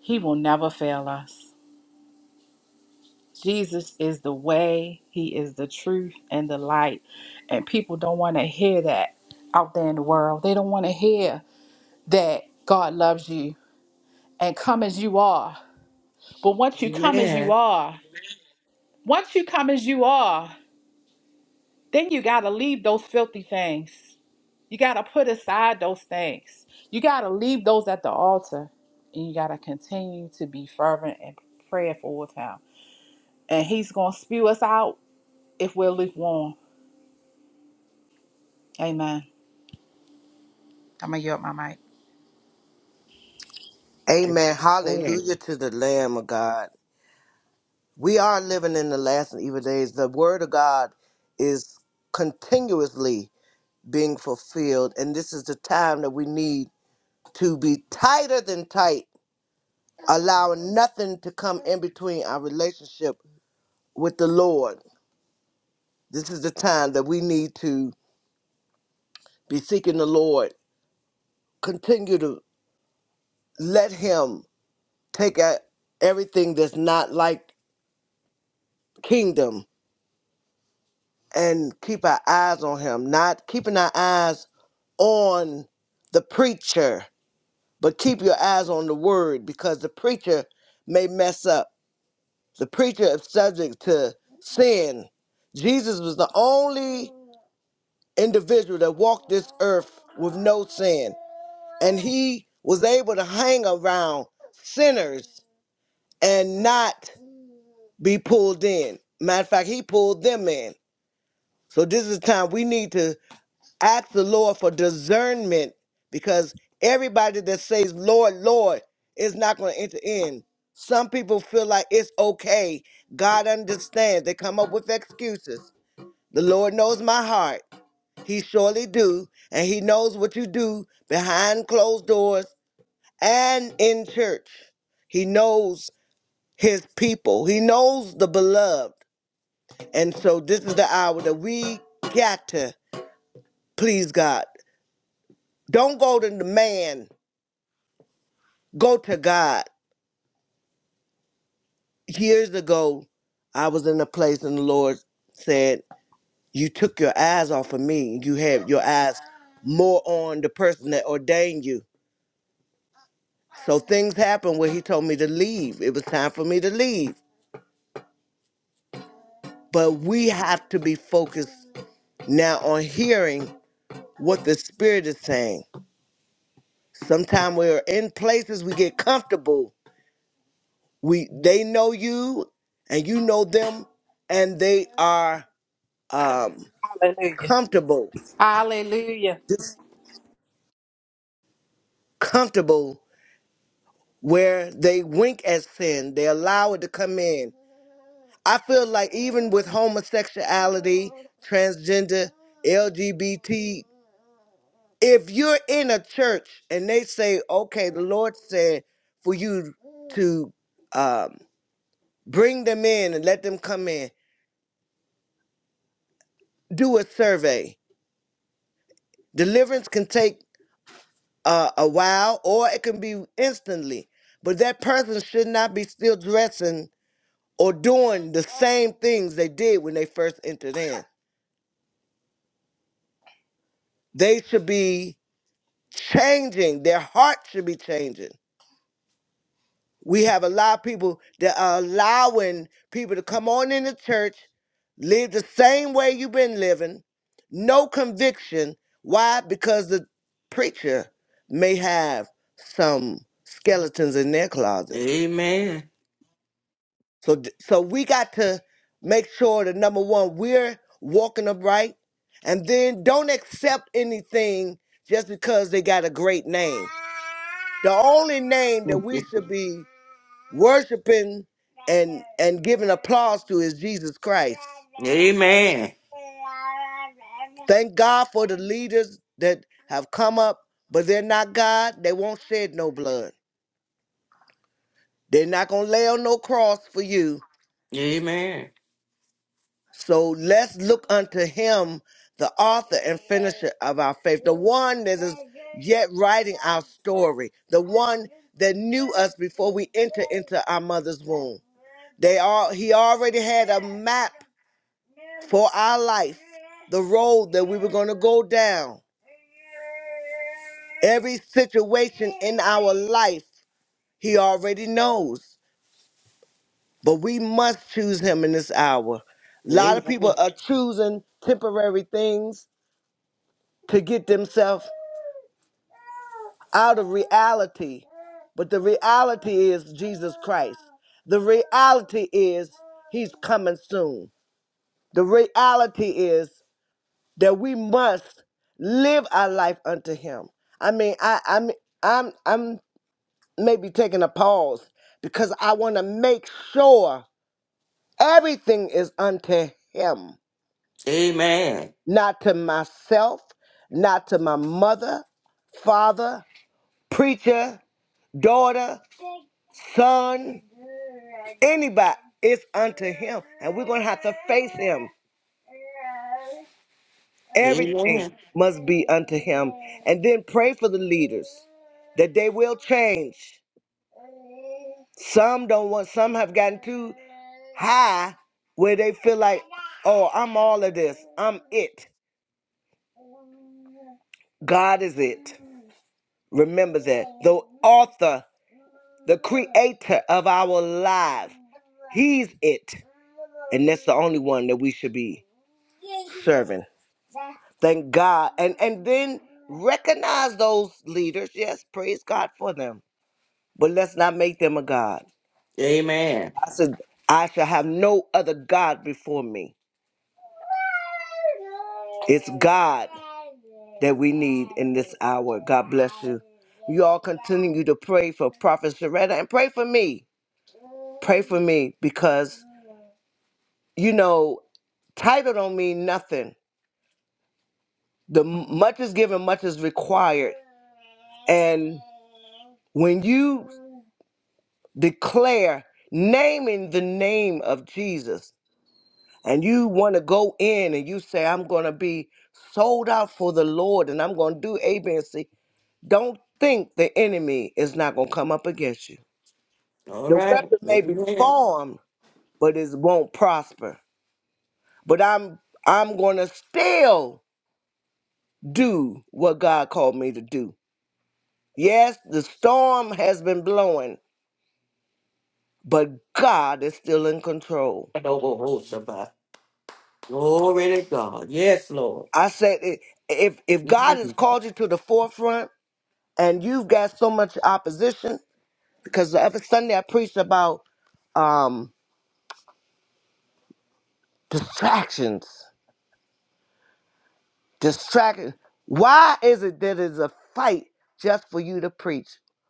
He will never fail us. Jesus is the way, He is the truth and the light. And people don't want to hear that out there in the world. They don't want to hear that God loves you and come as you are. But once you come as you
Amen.
are, Once you come as you are, then you got to leave those filthy things. You got to put aside those things. You got to leave those at the altar. And you got to continue to be fervent and prayerful with Him. And He's going to spew us out if we're lukewarm. Amen. I'm going to yield my mic.
Amen.
Amen.
Hallelujah to the Lamb of God. We are living in the last and evil days. The word of God is continuously being fulfilled. And this is the time that we need to be tighter than tight, allowing nothing to come in between our relationship with the Lord. This is the time that we need to be seeking the Lord. Continue to let Him take out everything that's not like kingdom and keep our eyes on him, not keeping our eyes on the preacher, but keep your eyes on the word because the preacher may mess up. The preacher is subject to sin. Jesus was the only individual that walked this earth with no sin, and he was able to hang around sinners and not be pulled in. Matter of fact, he pulled them in. So this is the time we need to ask the Lord for discernment because everybody that says Lord, Lord is not going to enter in. Some people feel like it's okay. God understands. They come up with excuses. The Lord knows my heart. He surely do, and he knows what you do behind closed doors and in church. He knows his people. He knows the beloved. And so this is the hour that we got to please God. Don't go to the man. Go to God. Years ago, I was in a place and the Lord said, You took your eyes off of me. You had your eyes more on the person that ordained you. So things happened where He told me to leave. It was time for me to leave. But we have to be focused now on hearing what the Spirit is saying. Sometimes we're in places we get comfortable. We they know you and you know them and they are um
Hallelujah.
comfortable.
Hallelujah.
just comfortable where they wink at sin. They allow it to come in. I feel like even with homosexuality, transgender, LGBT, if you're in a church and they say, okay, the Lord said for you to um, bring them in and let them come in, do a survey. Deliverance can take uh, a while or it can be instantly, but that person should not be still dressing or doing the same things they did when they first entered in. They should be changing. Their heart should be changing. We have a lot of people that are allowing people to come on in the church, live the same way you've been living, no conviction. Why? Because the preacher may have some skeletons in their closet.
Amen.
So, d- so we got to make sure that number one, we're walking upright, and then don't accept anything just because they got a great name. The only name that we should be worshiping and and giving applause to is Jesus Christ.
Amen.
Thank God for the leaders that have come up, but they're not God. They won't shed no blood. They're not gonna lay on no cross for you
Amen.
So let's look unto him, the author and finisher of our faith, the one that is yet writing our story, the one that knew us before we entered into our mother's womb. They all he already had a map for our life, the road that we were going to go down. Every situation in our life, he already knows. But we must choose him in this hour. A lot of
Amen.
people are choosing temporary things to get themselves out of reality. But the reality is Jesus Christ. The reality is he's coming soon. The reality is that we must live our life unto him. I mean, I I'm I'm I'm maybe taking a pause because I want to make sure everything is unto him, not to myself, not to my mother, father, preacher, daughter. son, anybody. It's unto him. And we're going to have to face him. Everything
Amen.
must be unto him. And then pray for the leaders that they will change. Some don't want, some have gotten too high where they feel like, oh, I'm all of this. I'm it. God is it. Remember that. The author, the creator of our lives, he's it. And that's the only one that we should be. serving. Thank God. And and then recognize those leaders. Yes, praise God for them. But let's not make them a God.
Amen.
I said I shall have no other God before me. It's God that we need in this hour. God bless you. You all continue to pray for Prophet Sharetta and pray for me. Pray for me because you know title don't mean nothing. The m- much is given, much is required, and When you declare naming the name of Jesus and you want to go in and you say, I'm going to be sold out for the Lord and I'm going to do A, B, and C, don't think the enemy is not going to come up against you.
All
The
right.
weapon may be
Amen.
formed, but it won't prosper. But I'm I'm going to still do what God called me to do. Yes, the storm has been blowing, but God is still in control.
Adobo-ho-shabbat. Glory to God. Yes, Lord.
I said, i- if if God has called you to the forefront and you've got so much opposition, because the other Sunday I preached about um, distractions, distractions. Why is it that it's a fight just for you to preach?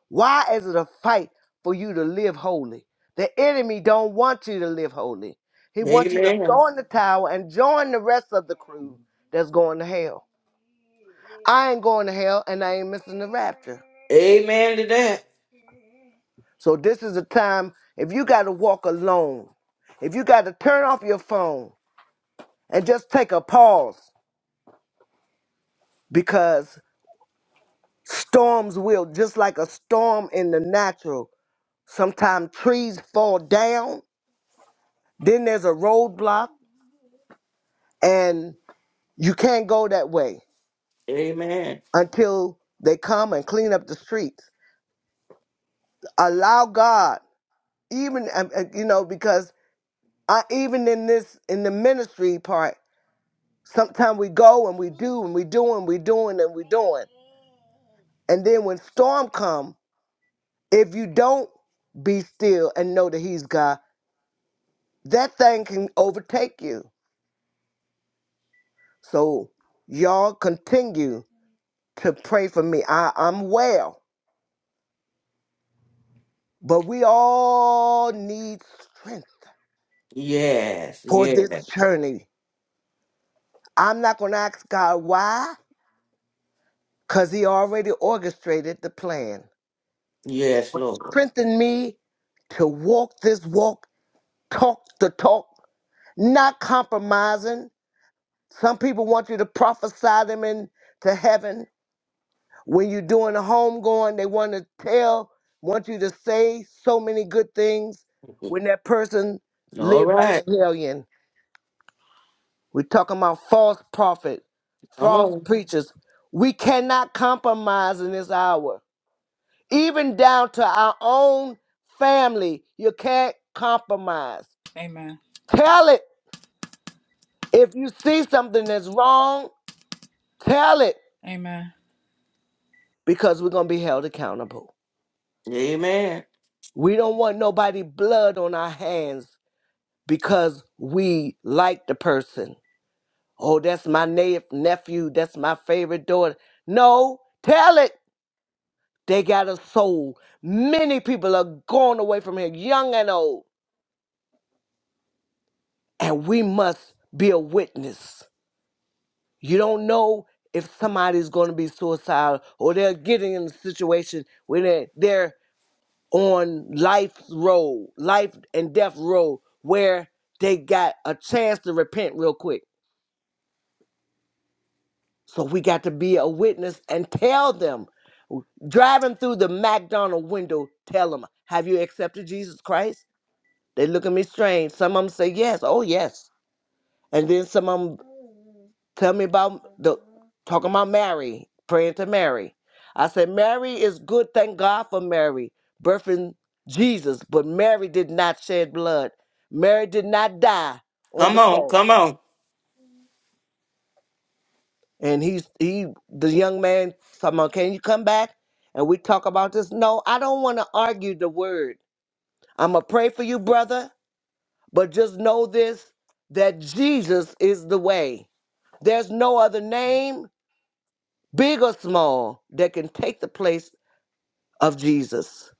Why is it a fight for you to live holy? The enemy don't want you to live holy. He wants you to
Amen.
throw in the towel and join the rest of the crew that's going to hell. I ain't going to hell, and I ain't missing the rapture.
Amen to that.
So this is a time if you got to walk alone, if you got to turn off your phone and just take a pause because storms will just like a storm in the natural. Sometimes trees fall down, then there's a roadblock and you can't go that way
Amen.
until they come and clean up the streets. Allow God even um, uh, you know because I even in this in the ministry part Sometimes we go and we do and we do and we doing and we doing. And then when storm come, if you don't be still and know that he's God, that thing can overtake you. So y'all continue to pray for me. I, I'm well, but we all need strength
Yes,
for
yes,
this journey. I'm not gonna ask God why, because he already orchestrated the plan.
yes,
But
Lord.
strengthen me to walk this walk, talk the talk, not compromising. Some people want you to prophesy them into heaven. When you're doing a home going, they want to tell, want you to say so many good things when that person
All
lived like
right.
a hellion. We're talking about false prophets,
Come
false
on.
preachers. We cannot compromise in this hour. Even down to our own family, you can't compromise.
Amen.
Tell it. If you see something that's wrong, tell it.
Amen.
because we're going to be held accountable.
Amen.
We don't want nobody blood on our hands because we like the person. Oh, that's my na- nephew. That's my favorite daughter. No, tell it. They got a soul. Many people are going away from here, young and old, and we must be a witness. You don't know if somebody's going to be suicidal or they're getting in a situation where they're, they're on life's road, life and death road, where they got a chance to repent real quick. So we got to be a witness and tell them. Driving through the McDonald window, tell them, Have you accepted Jesus Christ? They look at me strange. Some of them say yes, oh yes. And then some of them Tell me about the talking about Mary, praying to Mary. I said, Mary is good, thank God for Mary, birthing Jesus, but Mary did not shed blood. Mary did not die on
Come
the
on, come
cross.
on.
And he's he the young man talking about, can you come back? And we talk about this. No, I don't want to argue the word. I'ma pray for you, brother, but just know this that Jesus is the way. There's no other name big or small, that can take the place of Jesus.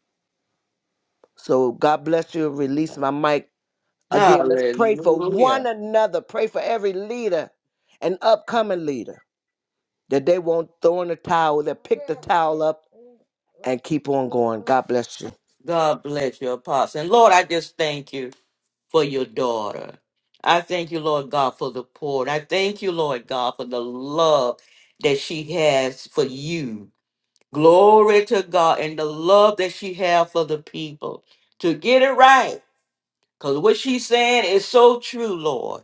So God bless you. Release my mic. Again, let's pray for
Hallelujah.
one another. Pray for every leader and upcoming leader that they won't throw in the towel, that pick the towel up and keep on going. God bless you.
God bless your apostle. And Lord, I just thank you for your daughter. I thank you, Lord God, for the poor. And I thank you, Lord God, for the love that she has for you. Glory to God and the love that she have for the people to get it right. Because what she's saying is so true, Lord.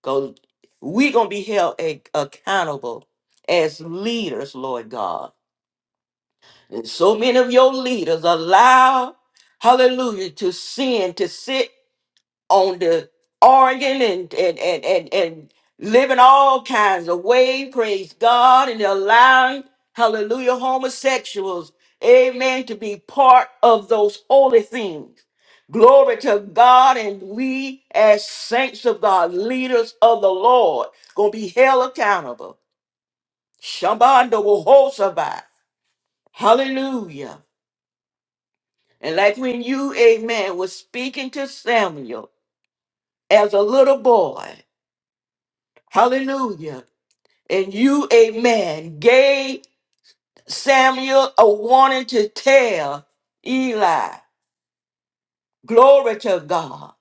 Because we going to be held a- accountable as leaders, Lord God. And so many of your leaders allow, hallelujah, to sin, to sit on the organ and and and and, and living all kinds of ways. Praise God and allowing hallelujah homosexuals, amen, to be part of those holy things. Glory to God, and we as saints of God, leaders of the Lord, gonna be held accountable. Shambanda will hold survive. Hallelujah. And like when you, amen, was speaking to Samuel as a little boy, hallelujah. And you, amen, gave Samuel a warning to tell Eli. Glory to God.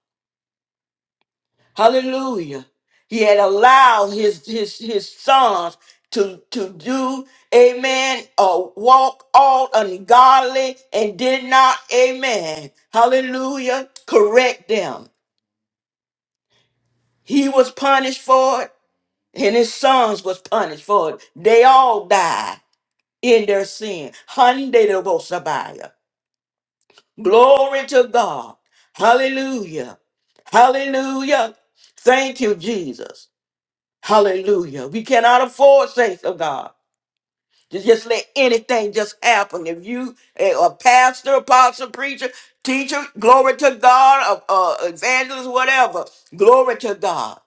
Hallelujah. He had allowed his his his sons to to do, amen, a walk all ungodly and did not, amen. Hallelujah. Correct them. He was punished for it, and his sons was punished for it. They all died in their sin. Hyundai Glory to God. Hallelujah. Hallelujah. Thank you, Jesus. Hallelujah. We cannot afford saints of God. To just let anything just happen. If you eh, a pastor, apostle, preacher, teacher, glory to God, uh, uh, evangelist, whatever, glory to God.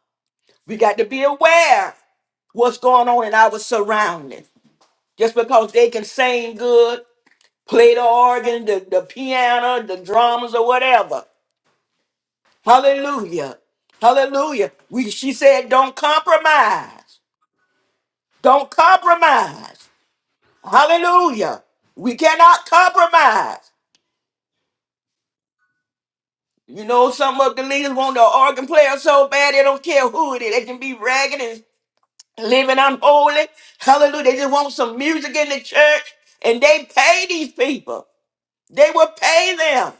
We got to be aware what's going on in our surroundings. Just because they can sing good, play the organ, the, the piano, the drums, or whatever. Hallelujah. Hallelujah. We she said, don't compromise. Don't compromise. Hallelujah. We cannot compromise. You know, some of the leaders want the organ player so bad they don't care who it is. They can be ragged and living unholy. Hallelujah. They just want some music in the church. And they pay these people. They will pay them.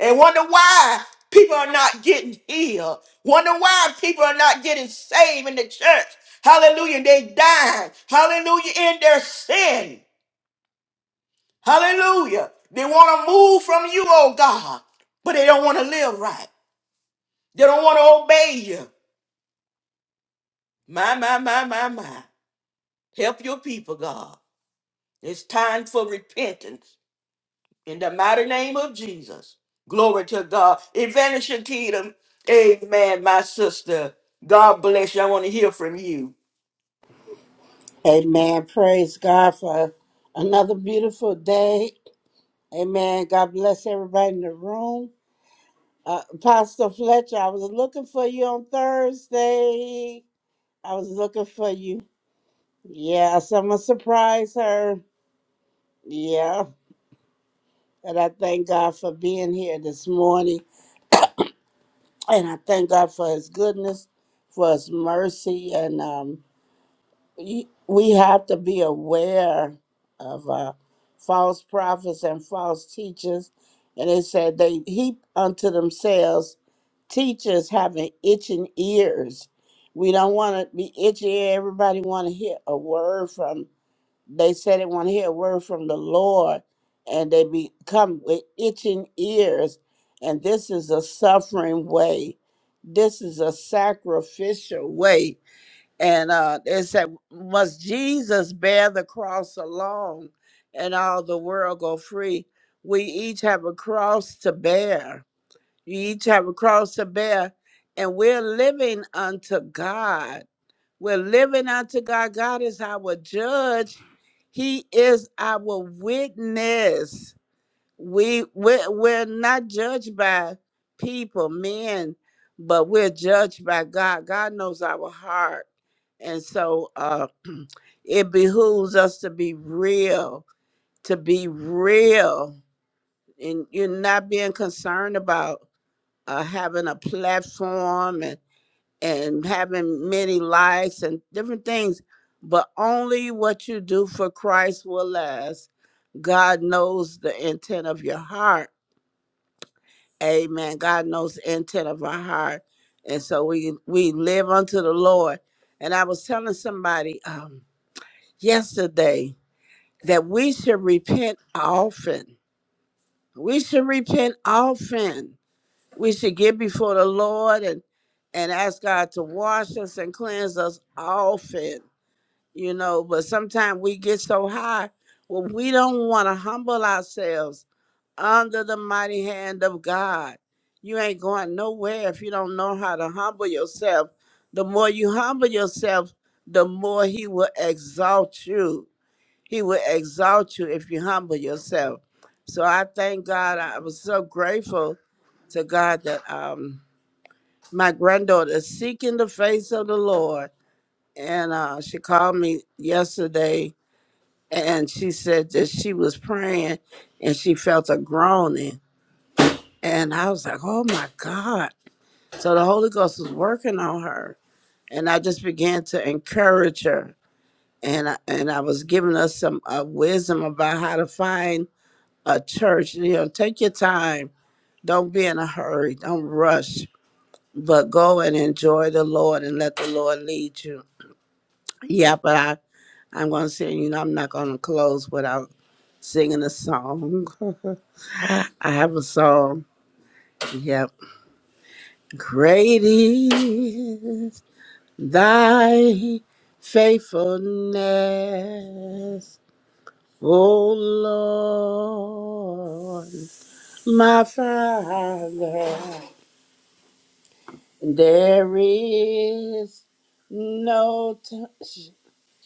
and wonder why people are not getting healed. Wonder why people are not getting saved in the church. Hallelujah. They die. Hallelujah. In their sin. Hallelujah. They want to move from you, oh God, but they don't want to live right. They don't want to obey you. My, my, my, my, my. Help your people, God. It's time for repentance. In the mighty name of Jesus. Glory to God. Evangelist Shakita. Amen, my sister. God bless you. I want to hear from you.
Amen. Praise God for another beautiful day. Amen. God bless everybody in the room. Uh, Apostle Fletcher, I was looking for you on Thursday. I was looking for you. Yeah, someone surprised her. Yeah. And I thank God for being here this morning. And I thank God for his goodness, for his mercy. And um, y- we have to be aware of uh, false prophets and false teachers. And it said they heap unto themselves teachers having itching ears. We don't want to be itchy. Everybody want to hear a word from. They said they want to hear a word from the Lord, and they become with itching ears. And this is a suffering way. This is a sacrificial way and uh, it said, Must Jesus bear the cross alone and all the world go free? We each have a cross to bear. You each have a cross to bear. And we're living unto God. We're living unto God. God is our judge, He is our witness we we're, we're not judged by people men but we're judged by god god knows our heart and so uh *clears throat* it behooves us to be real to be real and you're not being concerned about uh having a platform and and having many likes and different things but only what you do for christ will last god knows the intent of your heart Amen. God knows the intent of our heart. And so we we live unto the Lord. And I was telling somebody um, yesterday that we should repent often. We should repent often. We should get before the Lord and and ask God to wash us and cleanse us often. You know, but sometimes we get so high, well, we don't want to humble ourselves under the mighty hand of God. You ain't going nowhere if you don't know how to humble yourself. The more you humble yourself, the more He will exalt you. He will exalt you if you humble yourself. So I thank God. I was so grateful to God that um, my granddaughter is seeking the face of the Lord. And uh, she called me yesterday and she said that she was praying and she felt a groaning and I was like, oh my God. So the Holy Ghost was working on her. And I just began to encourage her. And I, and I was giving her some uh, wisdom about how to find a church. You know, take your time. Don't be in a hurry. Don't rush. But go and enjoy the Lord and let the Lord lead you. Yeah, but I, I'm going to sing, you know, I'm not going to close without singing a song. *laughs* I have a song. Yep. Great is Thy faithfulness, O Lord, my Father, there is no t- sh-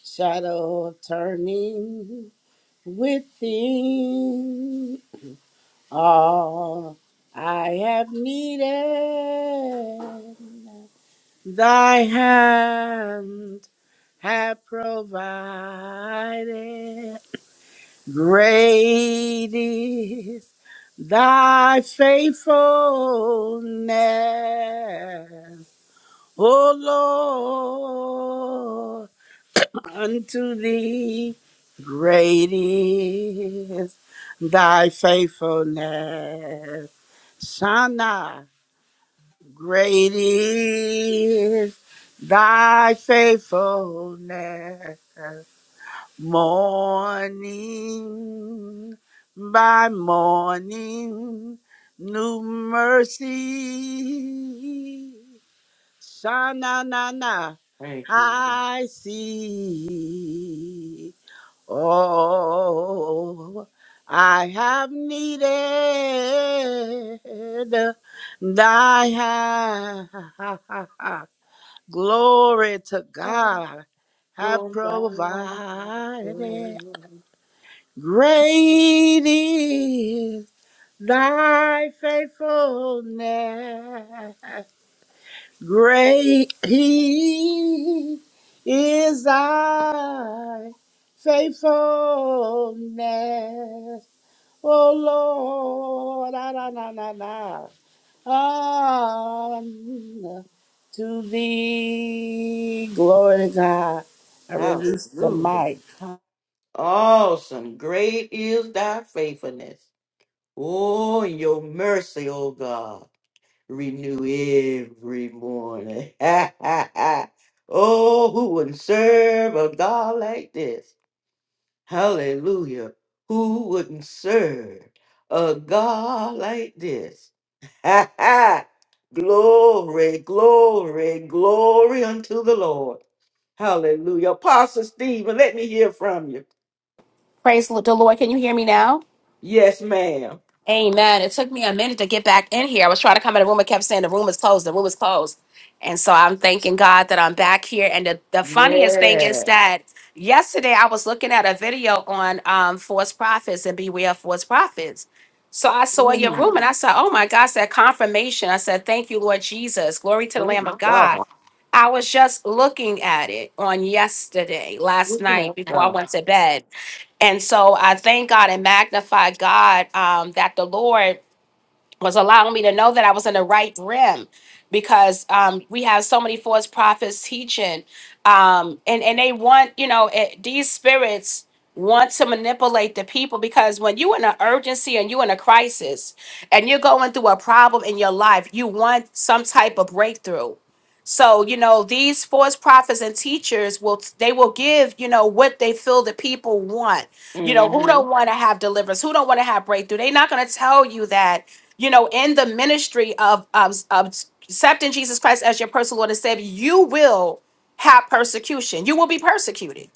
shadow of turning within all I have needed. Thy hand have provided. Great is thy faithfulness, O Lord, unto thee. Great is thy faithfulness. Shana, great is thy faithfulness. Morning by morning, new mercy. Shana na na, na,
Thank you.
I see. Oh, I have needed thy *laughs* hand. Glory to God have
Lord.
provided. Great is thy faithfulness. Great he is thy faithfulness. Oh Lord, ah, na na na na. Unto thee, glory to God. I release the
Hallelujah.
mic.
Awesome. Great is thy faithfulness. Oh, and your mercy, oh God. Renew every morning. *laughs* oh, who would serve a God like this? Hallelujah. Who wouldn't serve a God like this? *laughs* Ha ha! Glory, glory, glory unto the Lord. Hallelujah. Apostle Stephen, let me hear from you.
Praise the Lord. Can you hear me now?
Yes, ma'am.
Amen. It took me a minute to get back in here. I was trying to come in the room. I kept saying the room is closed. The room is closed. And so I'm thanking God that I'm back here. And the, the funniest thing is that yesterday I was looking at a video on um, false prophets and beware of false prophets. So I saw your room
Mm,
and I said, oh my gosh, that confirmation. I said, thank you, Lord Jesus. Glory to the Lamb
Praise
of God.
God.
I was just looking at it on yesterday, last
Looking
night
at
before I
God.
went to bed. And so I thank God and magnify God um, that the Lord was allowing me to know that I was in the right rim because um, we have so many false prophets teaching. Um, and, and they want, you know, it, these spirits want to manipulate the people because when you're in an urgency and you're in a crisis and you're going through a problem in your life, you want some type of breakthrough. So, you know, these false prophets and teachers will, they will give, you know, what they feel the people want you know who
Mm-hmm.
don't want to have deliverance who don't want to have breakthrough they're not going to tell you that you know in the ministry of, of of accepting jesus christ as your personal lord and savior you will have persecution you will be persecuted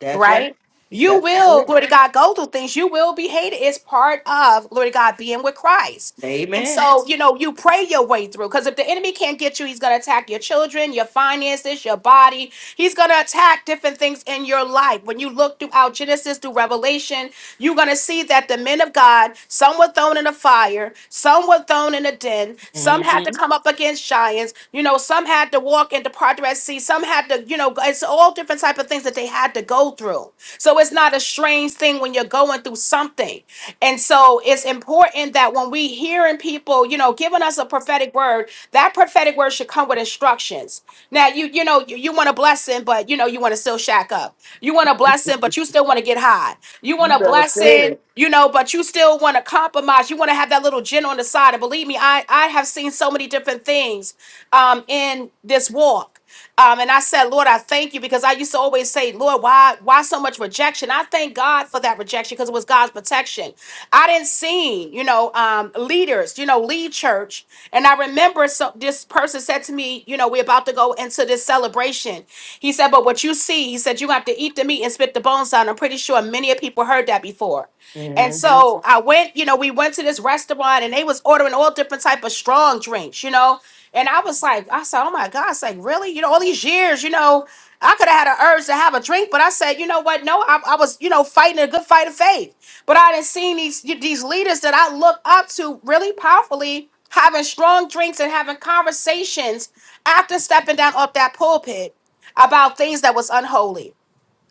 That's right.
right? You
That's
will,
right.
glory to God, go through things. You will be hated. It's part of, glory to God, being with Christ. And
Amen.
so, you know, you pray your way through because if the enemy can't get you, he's going to attack your children, your finances, your body. He's going to attack different things in your life. When you look throughout Genesis through Revelation, you're going to see that the men of God, some were thrown in the fire, some were thrown in a den, some had to
Mm-hmm.
come up against giants, you know, some had to walk and depart Red Sea. Some had to, you know, go- it's all different type of things that they had to go through. So it's not a strange thing when you're going through something. And so it's important that when we hearing people, you know, giving us a prophetic word, that prophetic word should come with instructions. Now you, you know, you, you want a blessing, but you know, you want to still shack up. You want a blessing, but you still want to get high. You want a blessing, you know, but you still want to compromise. You want to have that little gin on the side. And believe me, I I have seen so many different things um in this walk. Um, and I said, Lord, I thank you because I used to always say, Lord, why, why so much rejection? I thank God for that rejection because it was God's protection. I didn't see, you know, um, leaders, you know, lead church. And I remember so, this person said to me, you know, we're about to go into this celebration. He said, but what you see, he said, you have to eat the meat and spit the bones out. And I'm pretty sure many of people heard that before. And
Mm-hmm.
so I went, you know, we went to this restaurant and they was ordering all different type of strong drinks, you know. And I was like, I said, oh my God, it's like, really? You know, all these years, you know, I could have had an urge to have a drink, but I said, you know what? No, I, I was, you know, fighting a good fight of faith. But I didn't see these these leaders that I look up to really powerfully having strong drinks and having conversations after stepping down off that pulpit about things that was unholy.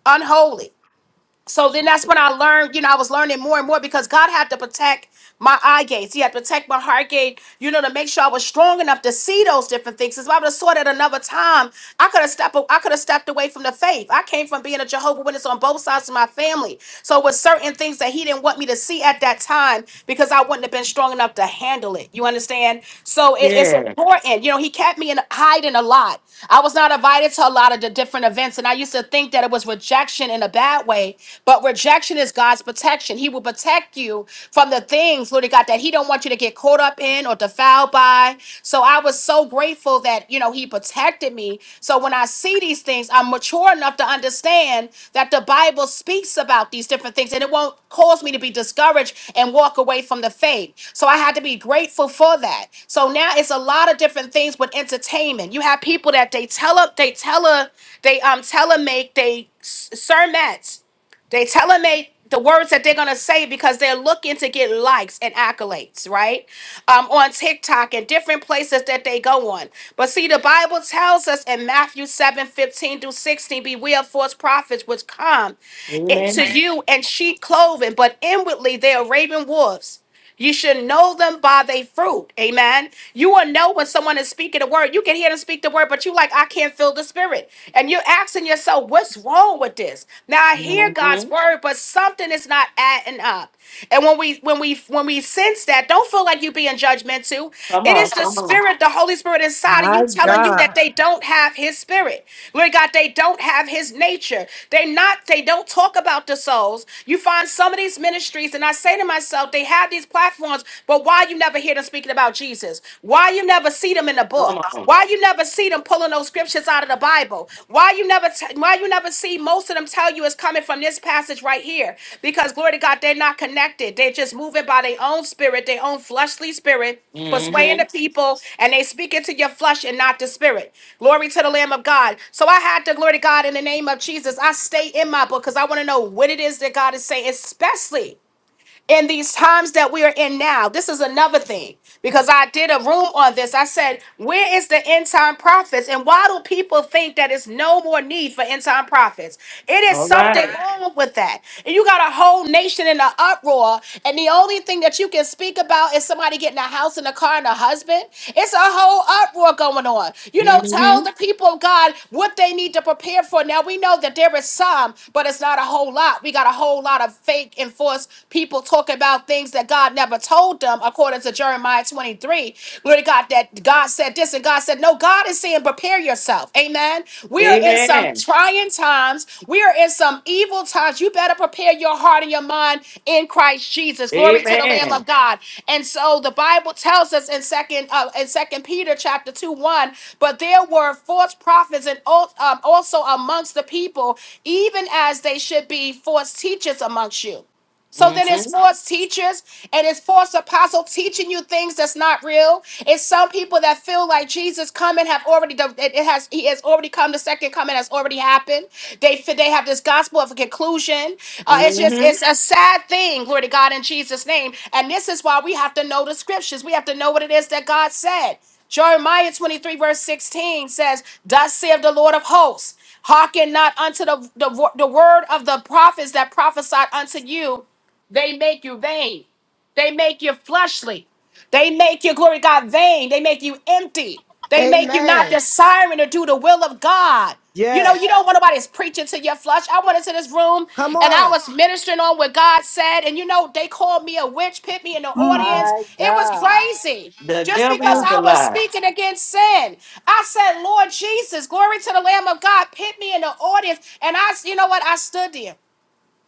Unholy. So then that's when I learned, you know, I was learning more and more because God had to protect my eye gates. He had to protect my heart gate, you know, to make sure I was strong enough to see those different things. Because if I would have saw that another time, I could have stepped a- I could have stepped away from the faith. I came from being a Jehovah Witness on both sides of my family. So with certain things that he didn't want me to see at that time because I wouldn't have been strong enough to handle it. You understand? So it- it's
Yeah.
important. You know, he kept me in hiding a lot. I was not invited to a lot of the different events, and I used to think that it was rejection in a bad way away. But rejection is God's protection. He will protect you from the things, Lord God, that He don't want you to get caught up in or defiled by. So I was so grateful that you know He protected me. So when I see these things, I'm mature enough to understand that the Bible speaks about these different things, and it won't cause me to be discouraged and walk away from the faith. So I had to be grateful for that. So now it's a lot of different things with entertainment. You have people that they tell up, they tell a, they um tele make they sermons. They telling they the words that they're gonna say because they're looking to get likes and accolades, right? Um, on TikTok and different places that they go on. But see, the Bible tells us in Matthew 7 15 through 16, beware of false prophets which come into you and sheep clothing, but inwardly they are raven wolves. You should know them by their fruit. Amen. You will know when someone is speaking the word. You can hear them speak the word, but you like, I can't feel the spirit. And you're asking yourself, what's wrong with this? Now I hear God's word, but something is not adding up. And when we when we when we sense that, don't feel like you being judgmental. It is the spirit, the Holy Spirit inside of you
My
telling you that
God,
they don't have his spirit. Lord God, they don't have his nature. They not, they don't talk about the souls. You find some of these ministries, and I say to myself myself, they have these platforms, but why you never hear them speaking about Jesus? Why you never see them in the book? Why you never see them pulling those scriptures out of the Bible? Why you never t- why you never see most of them tell you it's coming from this passage right here? Because glory to God, they're not connected. They're just moving by their own spirit, their own fleshly spirit persuading
Mm-hmm.
the people and they speak into your flesh and not the spirit glory to the lamb of god so i had to glory to god in the name of jesus i stay in my book because i want to know what it is that god is saying especially in these times that we are in now. This is another thing because I did a room on this. I said, Where is the end time prophets? And why do people think that it's no more need for end time prophets? It is
All
something
right.
Alright. wrong with that. And you got a whole nation in an uproar, and the only thing that you can speak about is somebody getting a house and a car and a husband. It's a whole uproar going on. You know, tell
Mm-hmm.
the people of God what they need to prepare for. Now we know that there is some, but it's not a whole lot. We got a whole lot of fake and false People talk about things that God never told them, according to Jeremiah 23. Glory to God, that God said this and God said, No, God is saying, prepare yourself. Amen. We are in some
Amen.
trying times. We are in some evil times. You better prepare your heart and your mind in Christ Jesus. Glory to the Lamb
Amen.
of God. And so the Bible tells us in second uh, in second Peter chapter 2 1, but there were false prophets and al- um, also amongst the people, even as they should be false teachers amongst you. So then
Mm-hmm.
it's false teachers and it's false apostles teaching you things that's not real. It's some people that feel like Jesus coming have already done it it has he has already come, the second coming has already happened. They fe- they have this gospel of a conclusion. Uh, it's just
hmm
it's a sad thing, glory to God in Jesus' name. And this is why we have to know the scriptures. We have to know what it is that God said. Jeremiah 23, verse 16 says, Thus saith the Lord of hosts, hearken not unto the, the, wo- the word of the prophets that prophesied unto you they make you vain. They make you fleshly. They make you, glory to God, vain. They make you empty. They make you not
Amen.
desiring to do the will of God. You know,
Yes.
you don't want nobody's preaching to your flesh. I went into this room
Come
and I
on.
was ministering on what God said. And you know, they called me a witch, pit me in the
Mm.
audience.
my
It was
God.
crazy.
The
Just because
devil's
Wow.
a
I was
lie.
speaking against sin. I said, Lord Jesus, glory to the Lamb of God, pit me in the audience. And I, you know what? I stood there.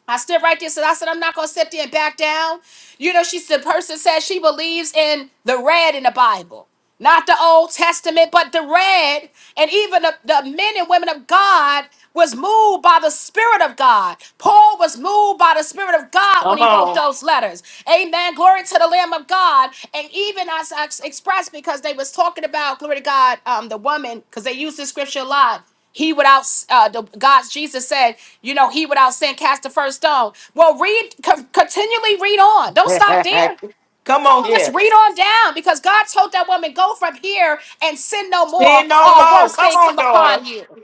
I stood right there. so I said I'm not gonna sit there and back down. You know, she's the person says she believes in the red in the Bible, not the Old Testament, but the red. And even the, the men and women of God was moved by the Spirit of God. Paul was moved by the Spirit of God when
Come
he wrote
on.
those letters. Amen. Glory to the Lamb of God. And even as I expressed, because they was talking about glory to God, um, the woman, because they use this scripture a lot. He without uh, the God Jesus said, you know, he without sin cast the first stone. Well, read co- continually read on. Don't stop
*laughs*
there.
Come
Come
on
on, let's
here.
read on down because God told that woman, go from here and sin no more,
Sin no
or a
more.
worse
Come
thing
on,
come
daughter.
upon you.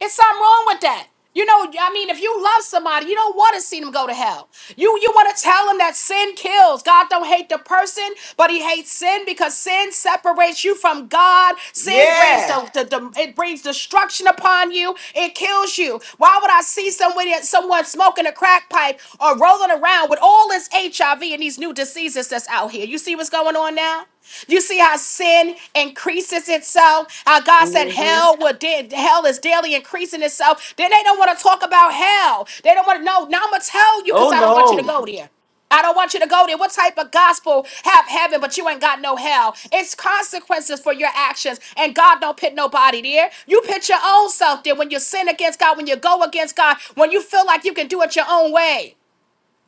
It's something wrong with that. You know, I mean, if you love somebody, you don't want to see them go to hell. You you want to tell them that sin kills. God don't hate the person, but He hates sin because sin separates you from God. Sin brings
Yes.
the, the, the- it brings destruction upon you. It kills you. Why would I see somebody someone smoking a crack pipe or rolling around with all this HIV and these new diseases that's out here? You see what's going on now? You see how sin increases itself. How God said hell will da- hell is daily increasing itself. Then they don't want to talk about hell. They don't want to know. Now I'm gonna tell you
Oh
because I don't want you to
no.
go there. I don't want you to go there. What type of gospel have heaven, but you ain't got no hell? It's consequences for your actions, and God don't pit nobody there. You pit your own self there when you sin against God, when you go against God, when you feel like you can do it your own way.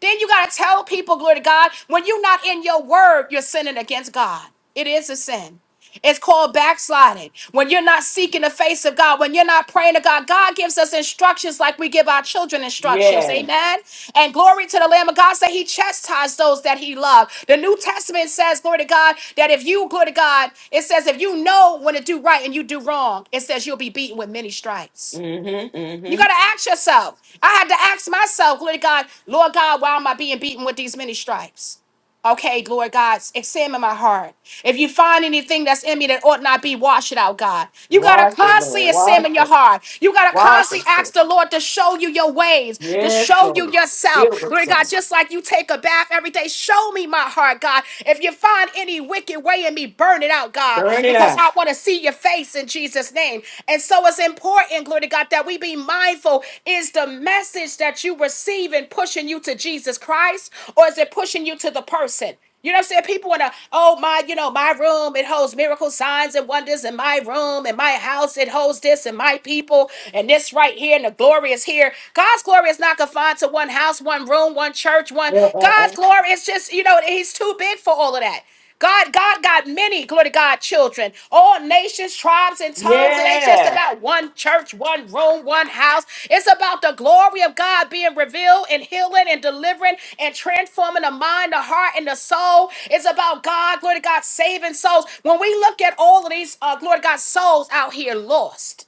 Then you got to tell people, glory to God, when you're not in your word, you're sinning against God. It is a sin. It's called backsliding. When you're not seeking the face of God, when you're not praying to God, God gives us instructions like we give our children instructions.
Yeah.
Amen. And glory to the Lamb of God, say He chastised those that He loved. The New Testament says, glory to God, that if you, glory to God, it says, if you know when to do right and you do wrong, it says you'll be beaten with many stripes.
Mm-hmm.
You
Mm-hmm.
got to ask yourself. I had to ask myself, glory to God, Lord God, why am I being beaten with these many stripes? Okay, Lord God, examine my heart. If you find anything that's in me that ought not be, wash it out, God. You got to constantly examine your heart. You got to constantly ask the Lord to show you your ways, to show you yourself. Lord God, just like you take a bath every day, show me my heart, God. If you find any wicked way in me, burn it out, God,
Burn it
because
up.
I want to see your face in Jesus' name. And so it's important important, glory to God, that we be mindful. Is the message that you receiving pushing you to Jesus Christ or is it pushing you to the person? You know what I'm saying? People want to, oh, my, you know, my room, it holds miracle signs and wonders in my room, in my house, it holds this, and my people, and this right here, and the glory is here. God's glory is not confined to one house, one room, one church, one.
*laughs*
God's glory is just, you know, He's too big for all of that. God, God got many, glory to God, children, all nations, tribes, and tongues. It ain't just
yeah.
about one church, one room, one house. It's about the glory of God being revealed and healing and delivering and transforming the mind, the heart, and the soul. It's about God, glory to God, saving souls. When we look at all of these, uh, glory to God, souls out here lost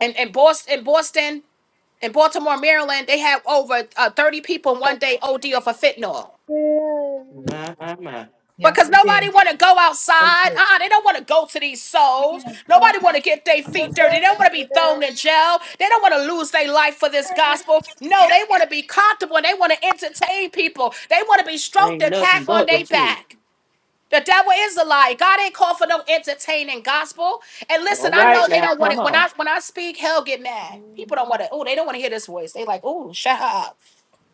and in, in Boston, in Boston, in Baltimore, Maryland, they had over uh, 30 people in one day OD off of fentanyl.
Yes,
because
indeed.
nobody want to go outside. Uh-uh, they don't want to go to these souls. Nobody want to get their feet dirty. They don't want to be thrown in jail. They don't want to lose their life for this gospel. No, they want to be comfortable and they want to entertain people. They want to be stroked and pat on their back. The devil is a lie. God ain't called for no entertaining gospel. And listen, I know they don't want it. When I when I speak, hell get mad. People don't want to. Oh, they don't want to hear this voice. They like, oh, shut up.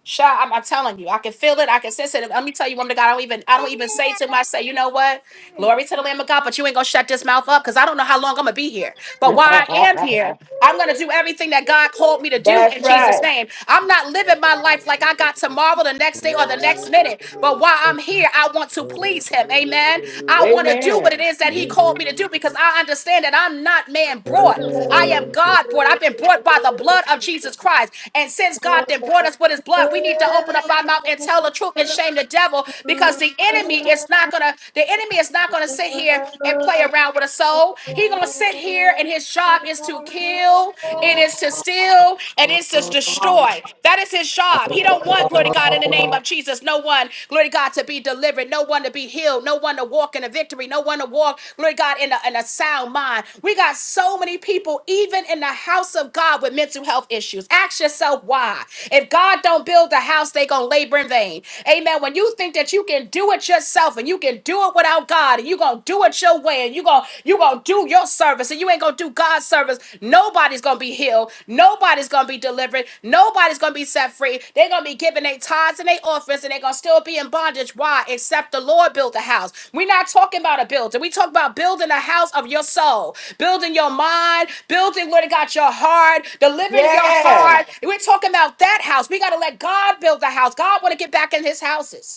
Sha, I'm, I'm telling you, I can feel it. I can sense it. Let me tell you, woman of God, I don't even, I don't even say to myself, you know what? Glory to the Lamb of God, but you ain't gonna shut this mouth up because I don't know how long I'm gonna be here. But while I am here, I'm gonna do everything that God called me to do
That's
in Jesus'
right.
name. I'm not living my life like I got tomorrow, the next day, or the next minute. But while I'm here, I want to please Him. Amen. I want to do what it is that He called me to do because I understand understand that I'm not man brought. I am God brought. I've been brought by the blood of Jesus Christ. And since God then brought us with his blood, we need to open up our mouth and tell the truth and shame the devil because the enemy is not gonna, the enemy is not gonna sit here and play around with a soul. He's gonna sit here and his job is to kill, it is to steal, and it's to destroy. That is his job. He don't want glory to God in the name of name of Jesus. No one, glory to God, to be delivered. No one to be healed. No one to walk in a victory. No one to walk, glory to God, in a, in a sound mind. We got so many people, even in the house of God, with mental health issues. Ask yourself why. If God don't build a house, they gonna labor in vain. Amen. When you think that you can do it yourself and you can do it without God and you gonna do it your way and you gonna you gonna do your service and you ain't gonna do God God's servants, nobody's going to be healed. Nobody's going to be delivered. Nobody's going to be set free. They're going to be giving their tithes and their offerings and they're going to still be in bondage. Why? Except the Lord built the house. We're not talking about a building. We talk about building a house of your soul, building your mind, building what it got your heart, delivering your heart. We're talking about that house. We got to let God build the house. God want to get back in his houses.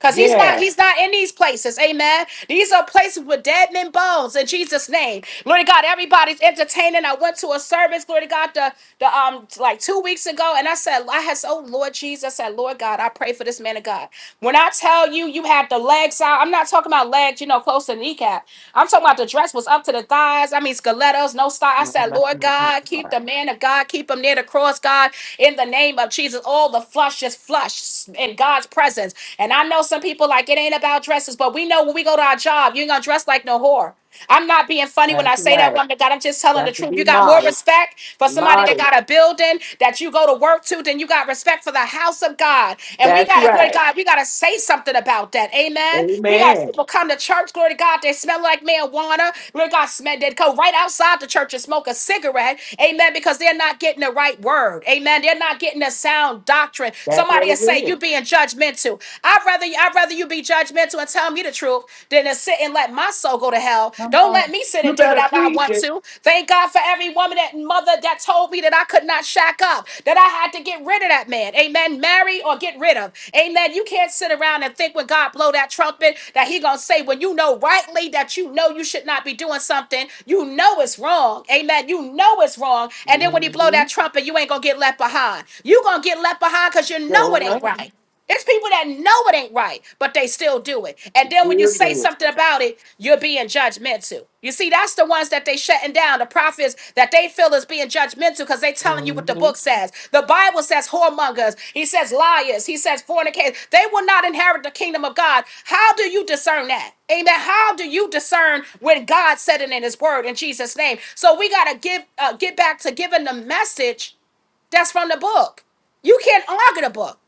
Cause he's not,
Yeah.
he's not in these places. Amen. These are places with dead men bones in Jesus' name. Glory to God. Everybody's entertaining. I went to a service, glory to God, the, the um like two weeks ago, and I said, I had oh Lord Jesus, I said, Lord God, I pray for this man of God. When I tell you you had the legs out, I'm not talking about legs, you know, close to the kneecap. I'm talking about the dress was up to the thighs. I mean stilettos, no style. I
My,
said,
my,
Lord
my, my,
God, keep
my.
the man of God, keep him near the cross, God, in the name of Jesus. All the flush just flush. And God God's presence. And I know some people like it ain't about dresses, but we know when we go to our job, you ain't gonna dress like no whore. I'm not being funny when
That's
I say that
right.
one to God. I'm just telling the
Got to
truth.
be
You got more
modest.
respect for somebody that
Modest.
got a building that you go to work to than you got respect for the house of God. And we
That's
gotta, glory to
right.
God, we gotta say something about that. Amen. We got
Amen.
people come to church, glory to God, they smell like marijuana. Glory to God, smell they go right outside the church and smoke a cigarette. Amen. Because they're not getting the right word. Amen. They're not getting the sound doctrine. Somebody will say you being judgmental. I'd rather I'd rather you be judgmental and tell me the truth than to sit and let my soul go to hell.
Come
Don't let
on.
me sit and do whatever I want to. Thank God for every woman that mother that told me that I could not shack up, that I had to get rid of that man. Amen. Marry or get rid of. Amen. You can't sit around and think when God blow that trumpet that he gonna say when you know rightly that you know you should not be doing something, you know it's wrong. Amen. You know it's wrong. And then when he blow
Mm-hmm.
that trumpet, you ain't gonna get left behind you gonna get left behind because you know it ain't right. It's people that know it ain't right, but they still do it. And then when you say something about it, you're being judgmental. You see, that's the ones that they shutting down, the prophets that they feel is being judgmental because they telling you what the book says. The Bible says whoremongers, he says liars, he says fornicators. They will not inherit the kingdom of God. How do you discern that? Amen. How do you discern when God said it in his word in Jesus' name? So we gotta give uh, get back to giving the message that's from the book. You can't argue the book.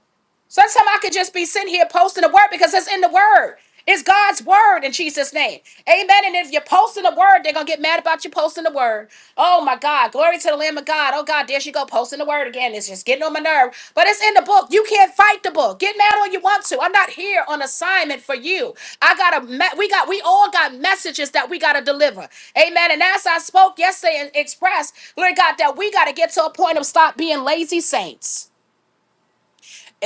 Sometimes I could just be sitting here posting the word because it's in the word. It's God's word in Jesus' name. Amen. And if you're posting the word, they're going to get mad about you posting the word. Oh my God. Glory to the Lamb of God. Oh God, there she go posting the word again. It's just getting on my nerve. But it's in the book. You can't fight the book. Get mad all you want to. I'm not here on assignment for you. I got a me- we got we all got messages that we got to deliver. Amen. And as I spoke yesterday and expressed, Lord God, that we got to get to a point of stop being lazy saints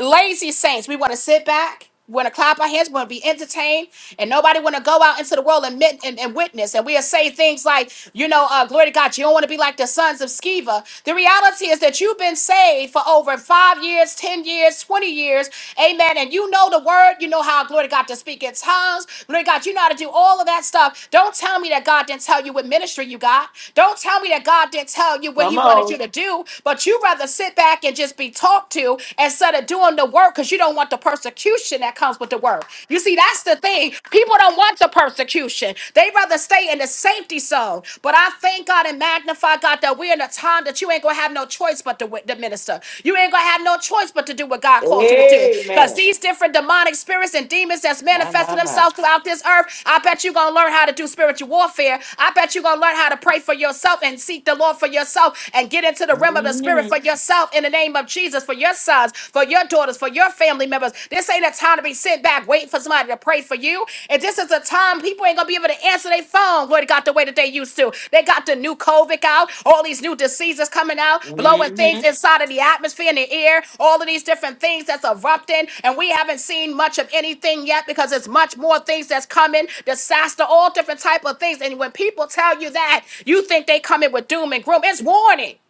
lazy saints. We want to sit back. We want to clap our hands. We want to be entertained, and nobody want to go out into the world and, mit- and, and witness. And we'll say things like, you know, uh, glory to God. You don't want to be like the sons of Sceva. The reality is that you've been saved for over five years, ten years, twenty years, amen. And you know the word. You know how glory to God to speak in tongues. Glory to God. You know how to do all of that stuff. Don't tell me that God didn't tell you what ministry you got. Don't tell me that God didn't tell you what He
Come
wanted
on.
you to do. But you rather sit back and just be taught talk to instead of doing the work because you don't want the persecution that comes with the work. You see, that's the thing. People don't want the persecution, they rather stay in the safety zone. But I thank God and magnify God that we're in a time that you ain't going to have no choice but to, wi- to minister. You ain't going to have no choice but to do what God called
Hey,
you to do. Because these different demonic spirits and demons that's manifesting themselves throughout this earth, I bet you're going to learn how to do spiritual warfare. I bet you're going to learn how to pray for yourself and seek the Lord for yourself and get into the realm of the spirit for yourself yourself in the name of Jesus for your sons, for your daughters, for your family members. This ain't a time to be sitting back waiting for somebody to pray for you. And this is a time people ain't gonna be able to answer their phone, Lord God, the way that they used to. They got the new COVID out, all these new diseases coming out, blowing things inside of the atmosphere in the air, all of these different things that's erupting, and we haven't seen much of anything yet because it's much more things that's coming, disaster, all different type of things. And when people tell you that, you think they coming with doom and gloom. It's warning.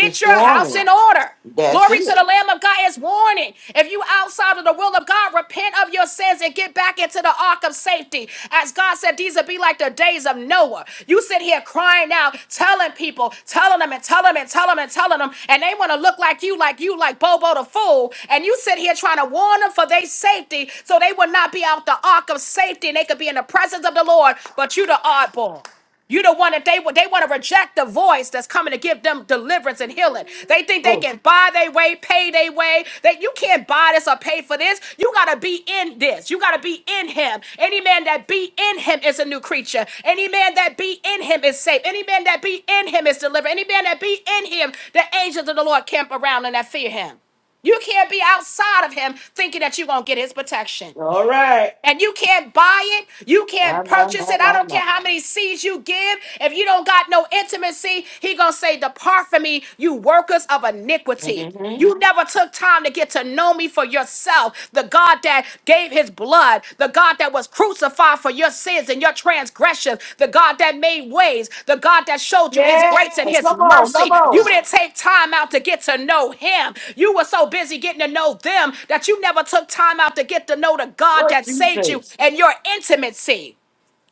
It's
your house
warming.
in order.
That's
Glory to
it.
the Lamb of God is warning. If you outside of the will of God, repent of your sins and get back into the ark of safety. As God said, these will be like the days of Noah. You sit here crying out, telling people, telling them and telling them and telling them and telling them, and they want to look like you, like you, like Bobo the fool. And you sit here trying to warn them for their safety, so they will not be out the ark of safety and they could be in the presence of the Lord. But you the oddball. You the one that they they want to reject the voice that's coming to give them deliverance and healing. They think they can buy their way, pay their way. That you can't buy this or pay for this. You gotta be in this. You gotta be in Him. Any man that be in Him is a new creature. Any man that be in Him is safe. Any man that be in Him is delivered. Any man that be in Him, the angels of the Lord camp around and that fear Him. You can't be outside of Him thinking that you're gonna get His protection
All right.
and you can't buy it, you can't purchase it. I don't care how many seeds you give. If you don't got no intimacy, he gonna say, "Depart from me, you workers of iniquity."
Mm-hmm.
You never took time to get to know me for yourself. The God that gave his blood, the God that was crucified crucified for your sins and your transgressions, the God that made ways, the God that showed you his grace and his mercy. You didn't take time out to get to know him. You were so busy getting to know them that you never took time out to get to know the God that saved you and your intimacy.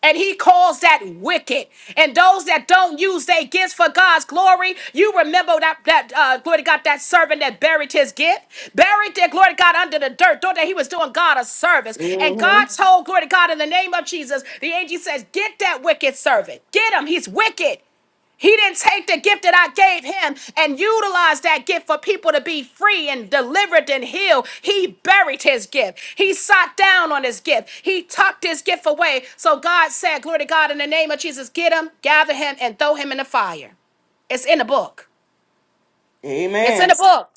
And he calls that wicked. And those that don't use their gifts for God's glory, you remember that that uh, glory to God, that servant that buried his gift, buried their glory to God under the dirt, thought that he was doing God a service. And
Mm-hmm.
God told glory to God in the name of Jesus, the angel says, "Get that wicked servant, get him. He's wicked." He didn't take the gift that I gave him and utilize that gift for people to be free and delivered and healed. He buried his gift. He sat down on his gift. He tucked his gift away. So God said, Glory to God, in the name of Jesus, get him, gather him, and throw him in the fire. It's in the book. It's in
Amen.
the book.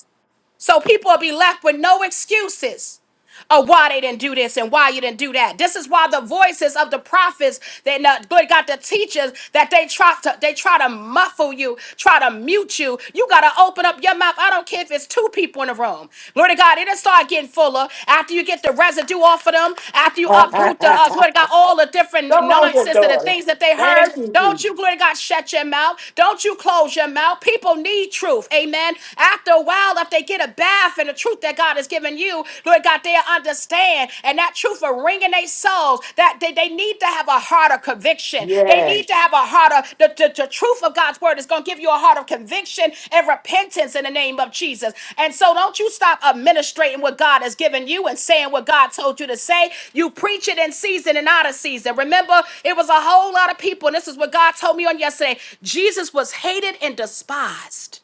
So people will be left with no excuses of why they didn't do this and why you didn't do that. This is why the voices of the prophets, they not good got the teachers that they try to they try to muffle you, try to mute you. You gotta open up your mouth. I don't care if it's two people in the room. Glory to God, it'll start getting fuller after you get the residue off of them, after you uproot
*laughs*
the uh, glory to God, all the different
Come on here,
nonsense and the
daughter.
things that they heard.
Thank you,
Don't
Jesus.
you, glory to God, shut your mouth. Don't you close your mouth. People need truth. Amen. After a while, if they get a bad life and the truth that God has given you, Lord God, they'll understand. And that truth will ring in their souls that they, they need to have a heart of conviction. They
Yes.
need to have a heart of the, the, the truth of God's word is going to give you a heart of conviction and repentance in the name of Jesus. And so don't you stop administrating what God has given you and saying what God told you to say. You preach it in season and out of season. Remember, it was a whole lot of people, and this is what God told me on yesterday. Jesus was hated and despised.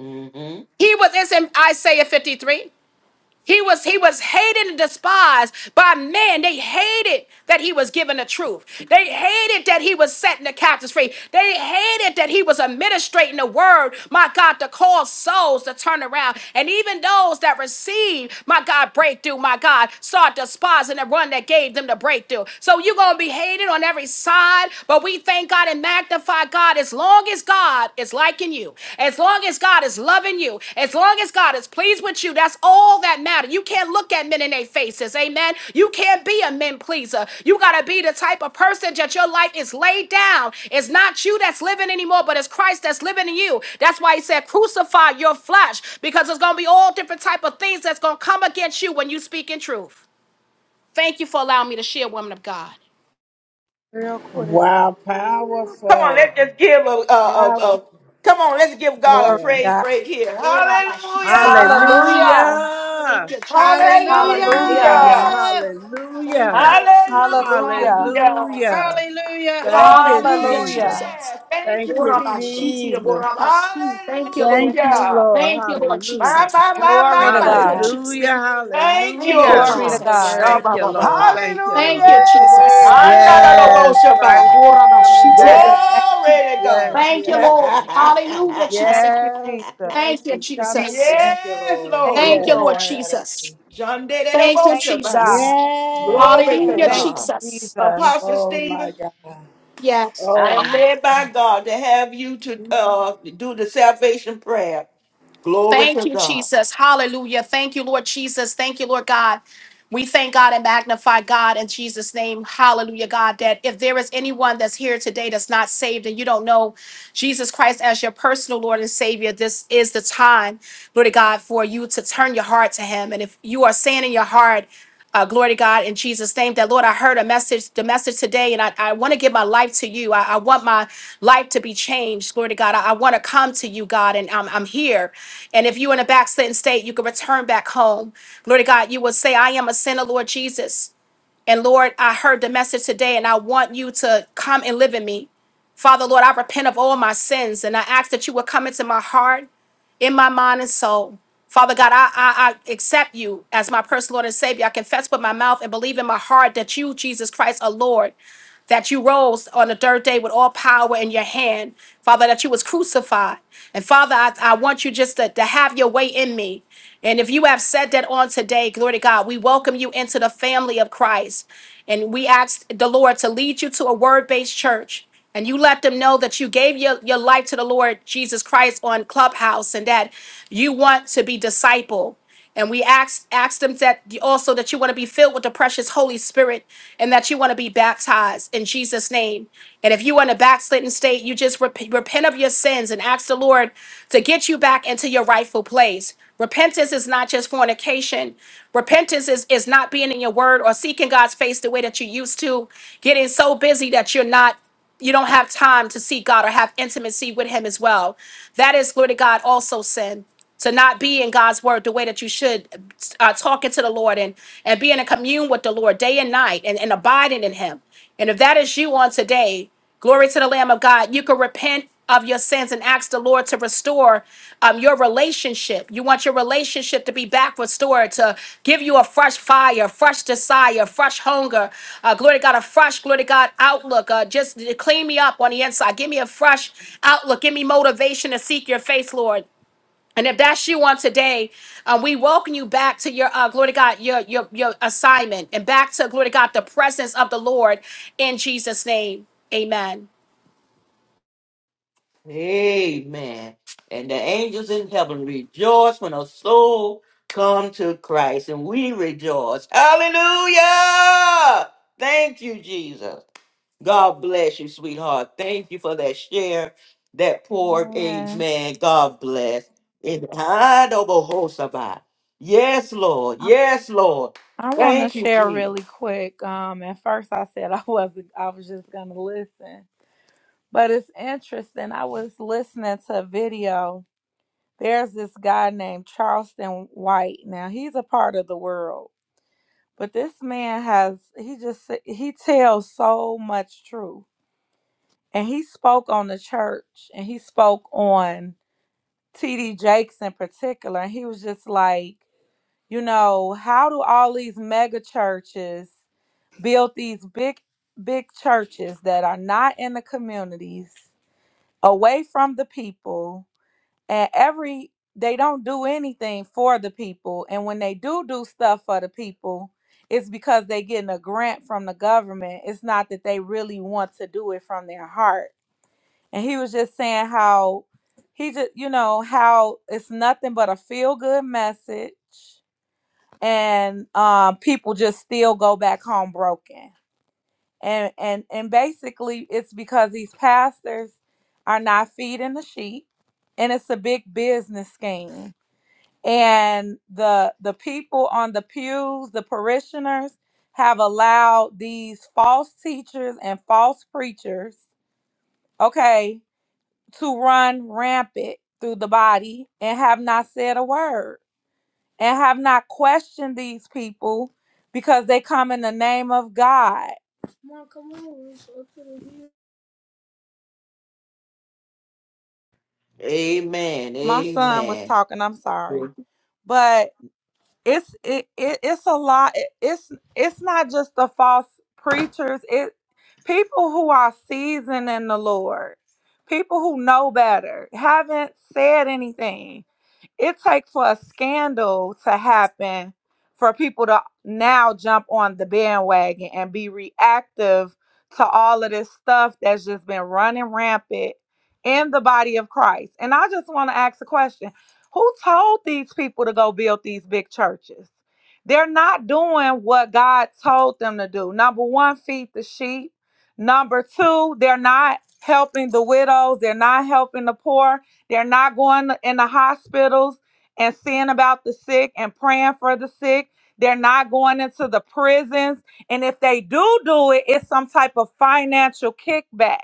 Mm-hmm.
He was, it's in Isaiah 53. He was he was hated and despised by men. They hated that he was given the truth. They hated that he was setting the captives free. They hated that he was administrating the word, my God, to cause souls to turn around. And even those that received, my God, breakthrough, my God, start despising the one that gave them the breakthrough. So you're gonna be hated on every side, but we thank God and magnify God. As long as God is liking you, as long as God is loving you, as long as God is pleased with you, that's all that matters. You can't look at men in their faces, amen. You can't be a men pleaser. You gotta be the type of person that your life is laid down. It's not you that's living anymore, but it's Christ that's living in you. That's why he said, crucify your flesh, because it's gonna be all different type of things that's gonna come against you when you speak in truth. Thank you for allowing me to share, woman of God.
Real quick.
Wow.
Come on,
Powerful.
let's just give a, a, a,
Powerful.
a come on, let's give God a
Glory to
Yeah.
praise
God.
break here.
Orabashitiaborabasha.
Hallelujah!
Hallelujah.
Thank
Hallelujah.
you, Jesus. Hallelujah,
Hallelujah.
Hallelujah.
Hallelujah!
Jesus.
Hallelujah.
Thank you,
Hallelujah.
Lord
Hallelujah!
Jesus.
Hallelujah.
Hallelujah, Jesus.
Hallelujah.
Hallelujah.
Thank you,
Glory!
Hallelujah,
Jesus.
Hallelujah.
Jesus.
Thank
Thank
you,
you,
Jesus.
Jesus.
Orabashitiaborabashi. Thank
Thank
you,
you.
Lord.
Thank you,
Hallelujah!
Lord.
Thank you, Lord Jesus.
My,
Hallelujah.
my, my,
Glory
my,
to
Thank
my.
you,
Yes.
God.
Jesus.
Hallelujah.
Thank you,
Thank
oh
you,
Hallelujah.
Glory to
That's
God.
a
Jesus.
God.
Thank
word.
you, Lord.
Shabba-ba-ba-hi.
Thank you,
Hallelujah!
Thank you,
Lord.
There's the
Thank
Jesus.
word.
you, Jesus.
Yes, Christ
Handadadoboshabai.
is
Yes,
coming back.
Orabashitiabor-
Lord.
Thank,
Glory to
My
God.
Yes,
Thank
God, I
you,
yes,
agree.
Lord.
yes.
Yes.
Hallelujah, Jesus.
thank you,
*laughs*
Yes,
Jesus.
Thank
Christ
you,
is coming
Jesus.
back.
Thank you,
yes,
Lord.
Thank you,
Thank
Lord.
you,
Yes.
Lord
My
Lord.
God, I
Jesus.
agree.
Thank you,
Thank you,
Jesus.
God.
Shandadadoboshabai.
Yeah.
Glory to
Hallelujah,
Thank
Hallelujah.
Yes.
God.
you,
Jesus.
Jesus.
Apostle
Oh my
Stephen,
God.
Yes.
I
Oh
am
my
led
God.
by God to have you to uh, do the salvation prayer. Glory to
Thank you,
God.
Jesus. Hallelujah. Thank you, Lord Jesus. Thank you, Lord God. We thank God and magnify God in Jesus' name. Hallelujah, God. That if there is anyone that's here today that's not saved and you don't know Jesus Christ as your personal Lord and Savior, this is the time, Lord God, for you to turn your heart to Him. And if you are saying in your heart, Uh, glory to God in Jesus' name. That Lord, I heard a message, the message today, and I, I want to give my life to you. I, I want my life to be changed. Glory to God. I, I want to come to you, God, and I'm, I'm here. And if you're in a backslidden state, you can return back home. Glory to God. You will say, I am a sinner, Lord Jesus. And Lord, I heard the message today and I want you to come and live in me. Father, Lord, I repent of all my sins and I ask that you would come into my heart, in my mind and soul. Father God, I, I, I accept you as my personal Lord and Savior. I confess with my mouth and believe in my heart that you, Jesus Christ, are Lord that you rose on the third day with all power in your hand, Father, that you was crucified. And Father, I, I want you just to, to have your way in me. And if you have said that on today, glory to God, we welcome you into the family of Christ. And we ask the Lord to lead you to a word based church. And you let them know that you gave your, your life to the Lord Jesus Christ on Clubhouse and that you want to be discipled. And we asked asked them that also that you want to be filled with the precious Holy Spirit and that you want to be baptized in Jesus' name. And if you are in a backslidden state, you just rep- repent of your sins and ask the Lord to get you back into your rightful place. Repentance is not just fornication. Repentance is, is not being in your word or seeking God's face the way that you used to, getting so busy that you're not you don't have time to seek God or have intimacy with Him as well. That is, glory to God, also sin. To not be in God's word the way that you should, uh, talking to the Lord and and being in commune with the Lord day and night and, and abiding in Him. And if that is you on today, glory to the Lamb of God, you can repent of your sins and ask the Lord to restore um, your relationship. You want your relationship to be back restored, to give you a fresh fire, fresh desire, fresh hunger. Uh, glory to God, a fresh, glory to God outlook. Uh, just clean me up on the inside. Give me a fresh outlook. Give me motivation to seek your face, Lord. And if that's you on today, um, we welcome you back to your uh, glory to God, your your your assignment, and back to glory to God, the presence of the Lord in Jesus' name. Amen.
Amen. And the angels in heaven rejoice when a soul come to Christ, and we rejoice. Hallelujah! Thank you, Jesus. God bless you, sweetheart. Thank you for that share, that poor
Amen.
amen. God bless. In Adobohosabah. Yes, Lord.
I,
Yes, Lord.
I want to
Thank you,
share
Jesus.
really quick. Um, at first I said *laughs* I wasn't. I was just gonna listen, but it's interesting. I was listening to a video There's this guy named Charleston White. Now he's a part of the world, but this man has he just he tells so much truth. And he spoke on the church and he spoke on TD Jakes in particular. And he was just like, you know, how do all these mega churches build these big big churches that are not in the communities, away from the people? and every they don't do anything for the people and when they do do stuff for the people it's because they getting a grant from the government it's not that they really want to do it from their heart and he was just saying how he just you know how it's nothing but a feel good message and um, people just still go back home broken and and and basically it's because these pastors are not feeding the sheep and it's a big business scheme and the the people on the pews the parishioners have allowed these false teachers and false preachers okay to run rampant through the body and have not said a word and have not questioned these people because they come in the name of god Mom, come on, let's go to the-
Amen.
my son was
Amen.
talking i'm sorry but it's it, it it's a lot It- it's it's not just the false preachers it people who are seasoned in the lord people who know better haven't said anything it takes for a scandal to happen for people to now jump on the bandwagon and be reactive to all of this stuff that's just been running rampant in the body of Christ. And I just want to ask a question. Who told these people to go build these big churches? They're not doing what God told them to do. Number one, feed the sheep. Number two, they're not helping the widows. They're not helping the poor they're not going in the hospitals and seeing about the sick and praying for the sick. They're not going into the prisons. And if they do do it, it's some type of financial kickback.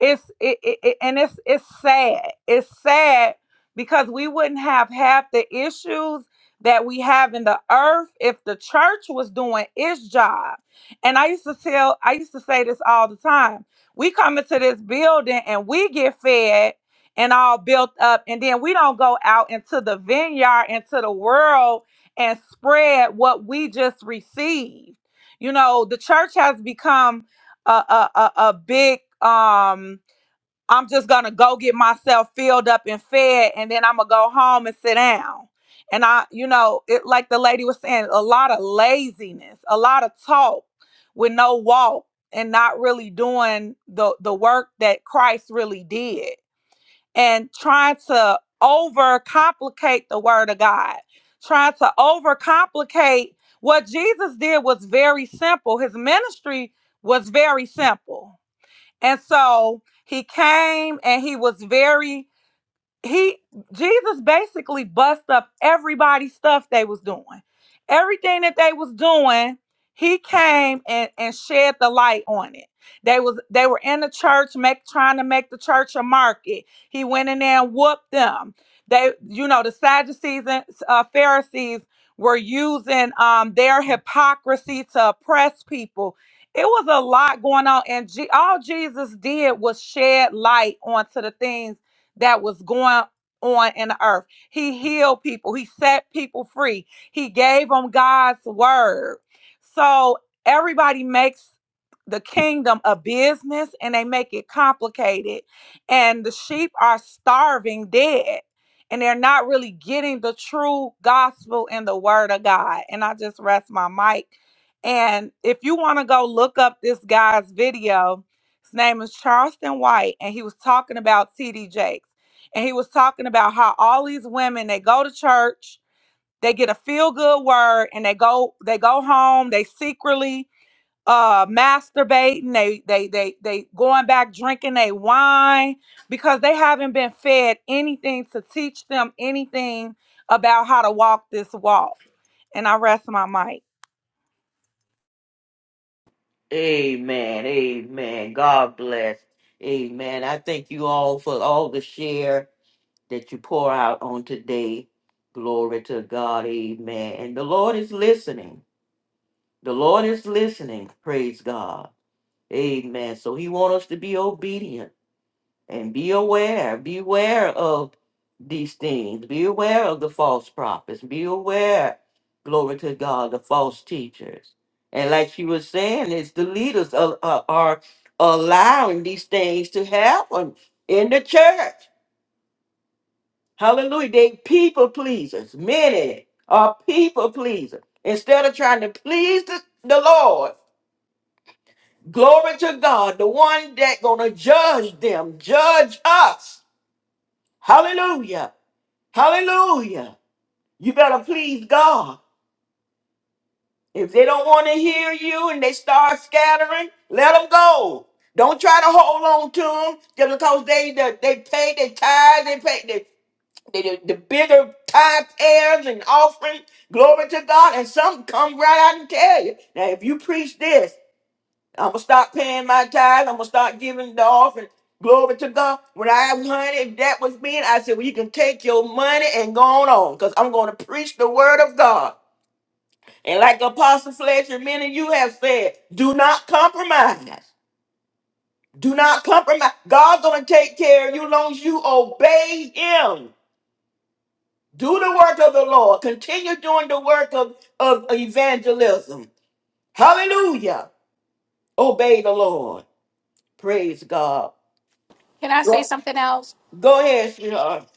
It's it, it, it- and it's it's sad. It's sad because we wouldn't have half the issues that we have in the earth if the church was doing its job. And I used to tell I used to say this all the time. We come into this building and we get fed and all built up. And then we don't go out into the vineyard, into the world, and spread what we just received. You know, the church has become a a, a, a big um. I'm just gonna go get myself filled up and fed, and then I'm gonna go home and sit down. And I, you know, it like the lady was saying, a lot of laziness, a lot of talk with no walk, and not really doing the the work that Christ really did and trying to overcomplicate the word of God, trying to overcomplicate what Jesus did was very simple. His ministry was very simple. And so he came and he was very he Jesus basically bust up everybody's stuff they was doing. Everything that they was doing, he came and, and shed the light on it. They was they were in the church make trying to make the church a market. He went in there and whooped them. They, you know, the Sadducees and uh, Pharisees were using um, their hypocrisy to oppress people. It was a lot going on, and G- all Jesus did was shed light onto the things that was going on in the earth. He healed people, he set people free, he gave them God's word. So everybody makes the kingdom a business and they make it complicated. And the sheep are starving dead. And they're not really getting the true gospel and the word of God. And I just rest my mic. And if you want to go look up this guy's video, his name is Charleston White, and he was talking about TD Jakes. And he was talking about how all these women they go to church, they get a feel good word, and they go they go home, they secretly uh masturbating, they they they they going back drinking they wine because they haven't been fed anything to teach them anything about how to walk this walk. And I rest my mic.
Amen. Amen. God bless. Amen. I thank you all for all the share that you pour out on today. Glory to God. Amen. And the Lord is listening. The Lord is listening. Praise God. Amen. So he wants us to be obedient and be aware. Beware of these things. Be aware of the false prophets. Be aware, glory to God, the false teachers. And like she was saying, it's the leaders are, are, are allowing these things to happen in the church. Hallelujah. They people pleasers. Many are people pleasers. Instead of trying to please the, the Lord, glory to God, the one that gonna judge them, judge us. Hallelujah. Hallelujah. You better please God. If they don't want to hear you and they start scattering, let them go. Don't try to hold on to them just because they they, they pay their tithes, they pay the, the, the, the bigger tithe payers and offering. Glory to God. And some come right out and tell you. Now, if you preach this, I'm going to start paying my tithes. I'm going to start giving the offering. Glory to God. When I was honey, if that was me, I said, well, you can take your money and go on on because I'm going to preach the word of God. And like Apostle Fletcher, many of you have said, do not compromise. Do not compromise. God's going to take care of you as long as you obey Him. Do the work of the Lord. Continue doing the work of, of evangelism. Hallelujah. Obey the Lord. Praise God.
Can I say something else?
Go ahead, sweetheart.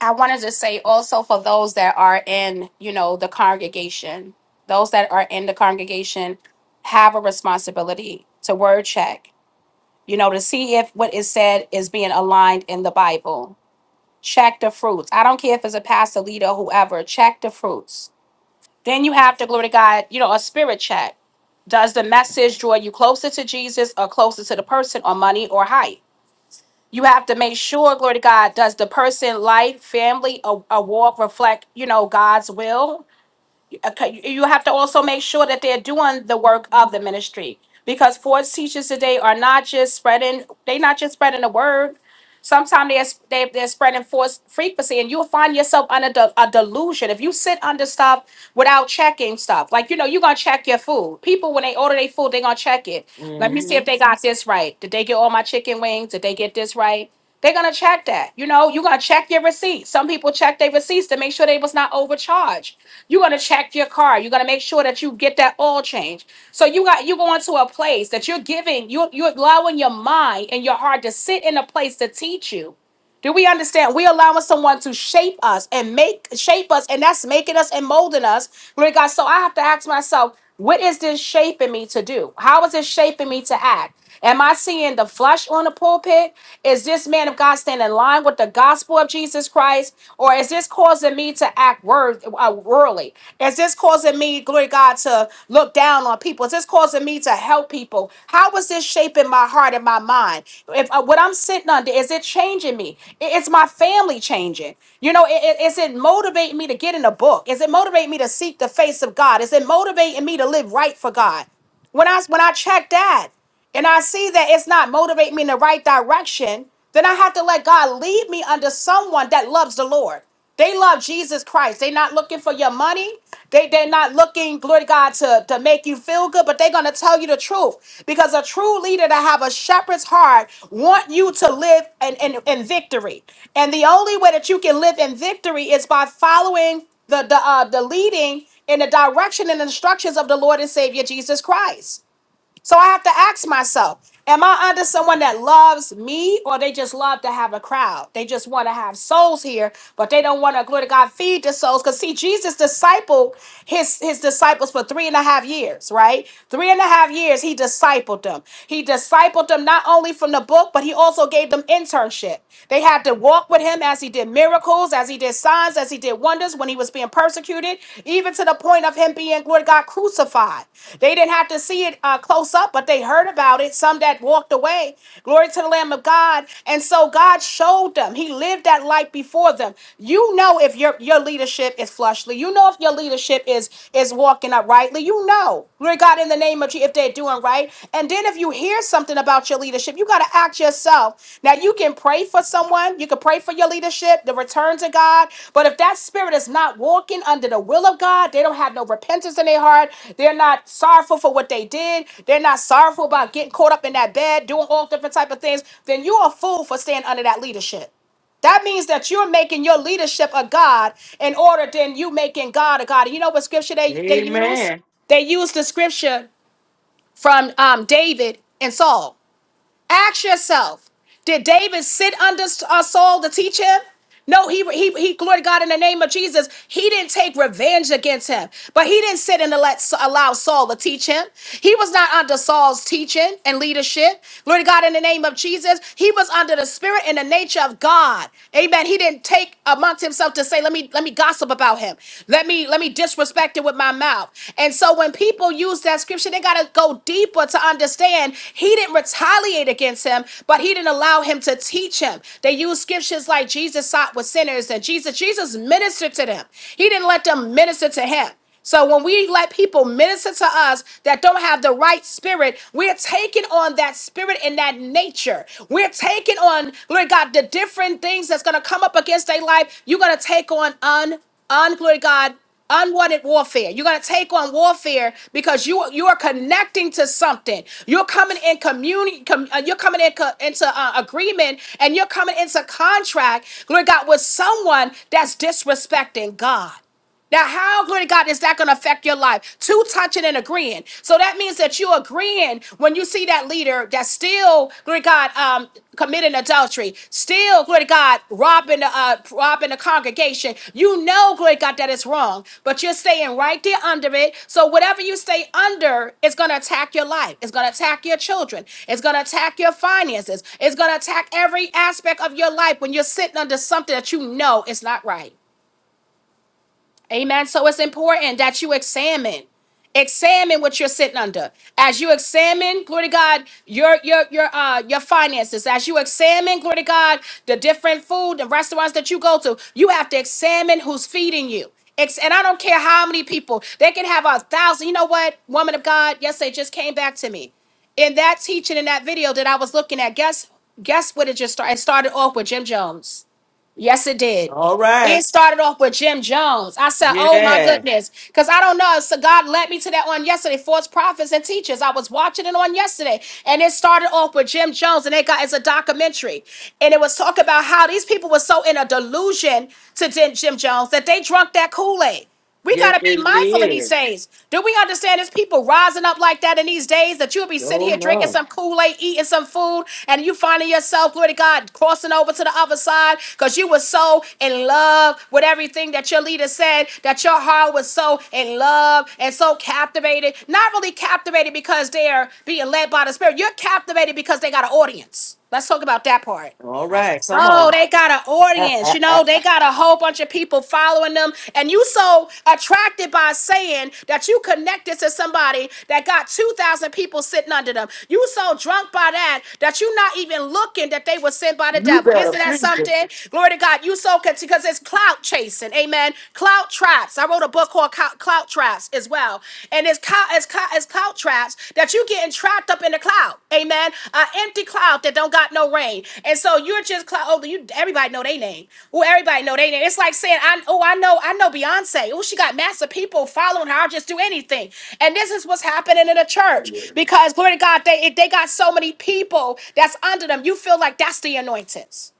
I wanted to say also for those that are in, you know, the congregation, those that are in the congregation have a responsibility to word check, you know, to see if what is said is being aligned in the Bible. Check the fruits. I don't care if it's a pastor, leader, whoever, check the fruits. Then you have to, glory to God, you know, a spirit check. Does the message draw you closer to Jesus or closer to the person or money or height? you have to make sure glory to god does the person life family a, a walk reflect you know god's will Okay, you have to also make sure that they're doing the work of the ministry because false teachers today are not just spreading they're not just spreading the word sometimes they're, they they're spreading false frequency and you'll find yourself under de- a delusion if you sit under stuff without checking stuff like you know you're gonna check your food people when they order their food they're gonna check it let me see
hmm
if they got this right did they get all my chicken wings did they get this right gonna check that. You know, you're gonna check your receipts. Some people check their receipts to make sure they was not overcharged. You're gonna check your car. You're gonna make sure that you get that oil change. So you got you going to a place that you're giving, you you're allowing your mind and your heart to sit in a place to teach you. Do we understand? We allowing someone to shape us and make shape us, and that's making us and molding us. Glory to God. So I have to ask myself, what is this shaping me to do? How is it shaping me to act? Am I seeing the flesh on the pulpit? Is this man of God standing in line with the gospel of Jesus Christ? Or is this causing me to act word, uh, worldly? Is this causing me, glory to God, to look down on? on people? Is this causing me to help people? How is this shaping my heart and my mind? If uh, what I'm sitting under is it changing me? I- It's my family changing. You know, i- i- is it motivating me to get in a book? Is it motivating me to seek the face of God? Is it motivating me to live right for God? When I when I check that and I see that it's not motivating me in the right direction, then I have to let God lead me under someone that loves the Lord. They love Jesus Christ. They're not looking for your money. They, they're not looking, glory to God, to, to make you feel good, but they're going to tell you the truth. Because a true leader that have a shepherd's heart want you to live in, in, in victory. And the only way that you can live in victory is by following the, the, uh, the leading in the direction and instructions of the Lord and Savior Jesus Christ. So I have to ask myself, am I under someone that loves me or they just love to have a crowd? They just want to have souls here, but they don't want to, glory to God, feed the souls. Because see, Jesus discipled his, his disciples for three and a half years, right? Three and a half years, he discipled them. He discipled them not only from the book, but he also gave them internship. They had to walk with him as he did miracles miracles, as he did signs, as he did wonders when he was being persecuted, even to the point of him being, Lord God, crucified. They didn't have to see it uh, close up, but they heard about it. Some that walked away. Glory to the Lamb of God. And so God showed them. He lived that life before them. You know if your your leadership is flushly. You know if your leadership is is walking uprightly. You know. Lord God, in the name of Jesus if they're doing right. And then if you hear something about your leadership, you got to act yourself. Now you can pray for someone, you can pray for your leadership, the return to God. But if that spirit is not walking under the will of God, they don't have no repentance in their heart. They're not sorrowful for what they did. They're not sorrowful about getting caught up in that bed, doing all different type of things. Then you're a fool for staying under that leadership. That means that you're making your leadership a God in order than you making God a God. And you know what scripture they, they use?
Amen.
They used the scripture from um, David and Saul. Ask yourself, did David sit under uh, Saul to teach him? No, he, he, he, glory to God in the name of Jesus. He didn't take revenge against him, but he didn't sit and let, allow Saul to teach him. He was not under Saul's teaching and leadership. Glory to God in the name of Jesus. He was under the spirit and the nature of God. Amen. He didn't take amongst himself to say, let me, let me gossip about him. Let me let me disrespect it with my mouth. And so when people use that scripture, they gotta go deeper to understand he didn't retaliate against him, but he didn't allow him to teach him. They use scriptures like Jesus sought with sinners and Jesus, Jesus ministered to them. He didn't let them minister to him. So when we let people minister to us that don't have the right spirit, we're taking on that spirit and that nature. We're taking on, glory to God, the different things that's going to come up against their life. You're going to take on un, un, glory to God, unwanted warfare. You're going to take on warfare because you you are connecting to something. You're coming in community. Com, uh, you're coming in co- into uh, agreement, and you're coming into contract, glory to God, with someone that's disrespecting God. Now, how good God is that going to affect your life? Two touching and agreeing. So that means that you're agreeing when you see that leader that's still, glory to God, um, committing adultery, still, glory to God, robbing the uh, robbing the congregation. You know, glory to God, that it's wrong, but you're staying right there under it. So whatever you stay under is going to attack your life. It's going to attack your children. It's going to attack your finances. It's going to attack every aspect of your life when you're sitting under something that you know is not right. Amen. So it's important that you examine. Examine what you're sitting under. As you examine, glory to God, your your your uh your finances. As you examine, glory to God, the different food, the restaurants that you go to, you have to examine who's feeding you. Ex- and I don't care how many people. They can have a thousand. You know what, woman of God, yes, they just came back to me. In that teaching in that video that I was looking at, guess guess what it just started? It started off with Jim Jones. Yes, it did.
All
It
right.
started off with Jim Jones. I said, "Oh my
Yeah.
goodness," because I don't know. So God led me to that on yesterday. False prophets and teachers. I was watching it on yesterday, and it started off with Jim Jones, and it got it's a documentary, and it was talking about how these people were so in a delusion to Jim Jim Jones that they drunk that Kool Aid. We got
Yes,
to be
they
mindful in these
did.
days. Do we understand there's people rising up like that in these days that you'll be sitting
Oh,
here drinking
no.
some Kool Aid, eating some food, and you finding yourself, glory to God, crossing over to the other side because you were so in love with everything that your leader said, that your heart was so in love and so captivated. Not really captivated because they're being led by the Spirit, you're captivated because they got an audience. Let's talk about that part.
All right. Come
Oh,
on.
they got an audience. You know, they got a whole bunch of people following them. And you so attracted by saying that you connected to somebody that got 2,000 people sitting under them. You so drunk by that that you not even looking that they were sent by the devil. Isn't that something? Glory to God. You so because it's clout chasing. Amen. Clout traps. I wrote a book called Clou- Clout Traps as well and it's cloud, it's cloud, it's cloud traps that you getting trapped up in the cloud. Amen. An empty cloud that don't got no rain, and so you're just cloud. Oh, you everybody know they name. Oh, everybody know they name. It's like saying, I oh I know I know Beyonce. Oh, she got massive people following her. I'll just do anything. And this is what's happening in the church because glory to God, they they got so many people that's under them. You feel like that's the anointings.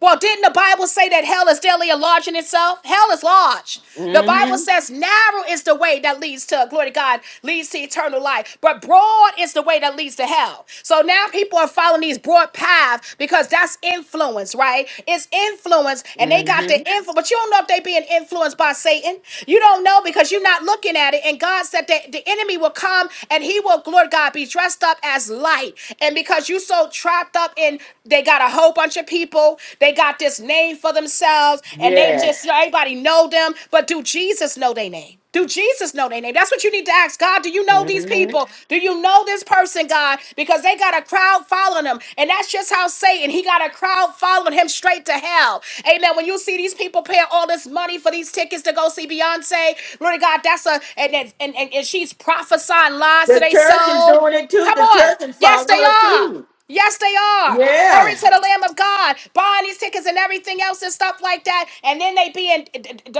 Well, didn't the Bible say that hell is daily enlarging itself? Hell is large. The Bible
Mm-hmm.
says narrow is the way that leads to glory to God, leads to eternal life, but broad is the way that leads to hell. So now people are following these broad paths because that's influence, right? It's influence, and they got the
Mm-hmm.
influence, but you don't know if they being influenced by Satan. You don't know because you're not looking at it. And God said that the enemy will come and he will, glory to God, be dressed up as light. And because you so trapped wrapped up in they got a whole bunch of people, they got this name for themselves, and they
Yeah.
just you know, everybody know them. But do Jesus know their name? Do Jesus know their name? That's what you need to ask God. Do you know these people? Do you know this person, God? Because they got a crowd following them. And that's just how Satan, he got a crowd following him straight to hell. Amen. When you see these people paying all this money for these tickets to go see Beyonce, Lord of God, that's a, and, and, and, and she's prophesying lies to
The
their
church is
soul.
doing it too.
Come
The
on.
church is
Yes,
following
they
her
are.
too.
Yes, they are. Glory
Yeah.
to the Lamb of God. Buying these tickets and everything else and stuff like that, and then they being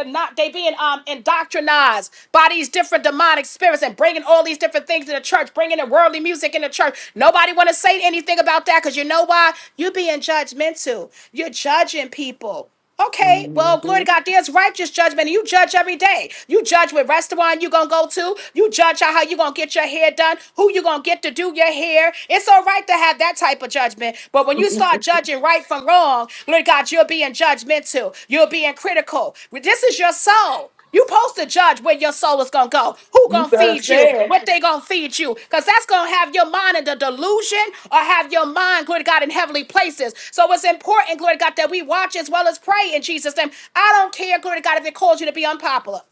not they being um indoctrinized by these different demonic spirits and bringing all these different things to the church, bringing the worldly music in the church. Nobody want to say anything about that because you know why? you being judgmental. You're judging people. Okay, well, glory to God, there's righteous judgment, and you judge every day. You judge what restaurant you gonna go to, you judge how you gonna get your hair done, who you gonna get to do your hair. It's all right to have that type of judgment, but when you start judging right from wrong, glory to God, you're being judgmental, you're being critical. This is your soul. You supposed to judge where your soul is gonna go, who gonna feed you,
Okay.
what they gonna feed you, because that's gonna have your mind in the delusion or have your mind, glory to God, in heavenly places. So it's important, glory to God, that we watch as well as pray in Jesus' name. I don't care, glory to God, if it calls you to be unpopular.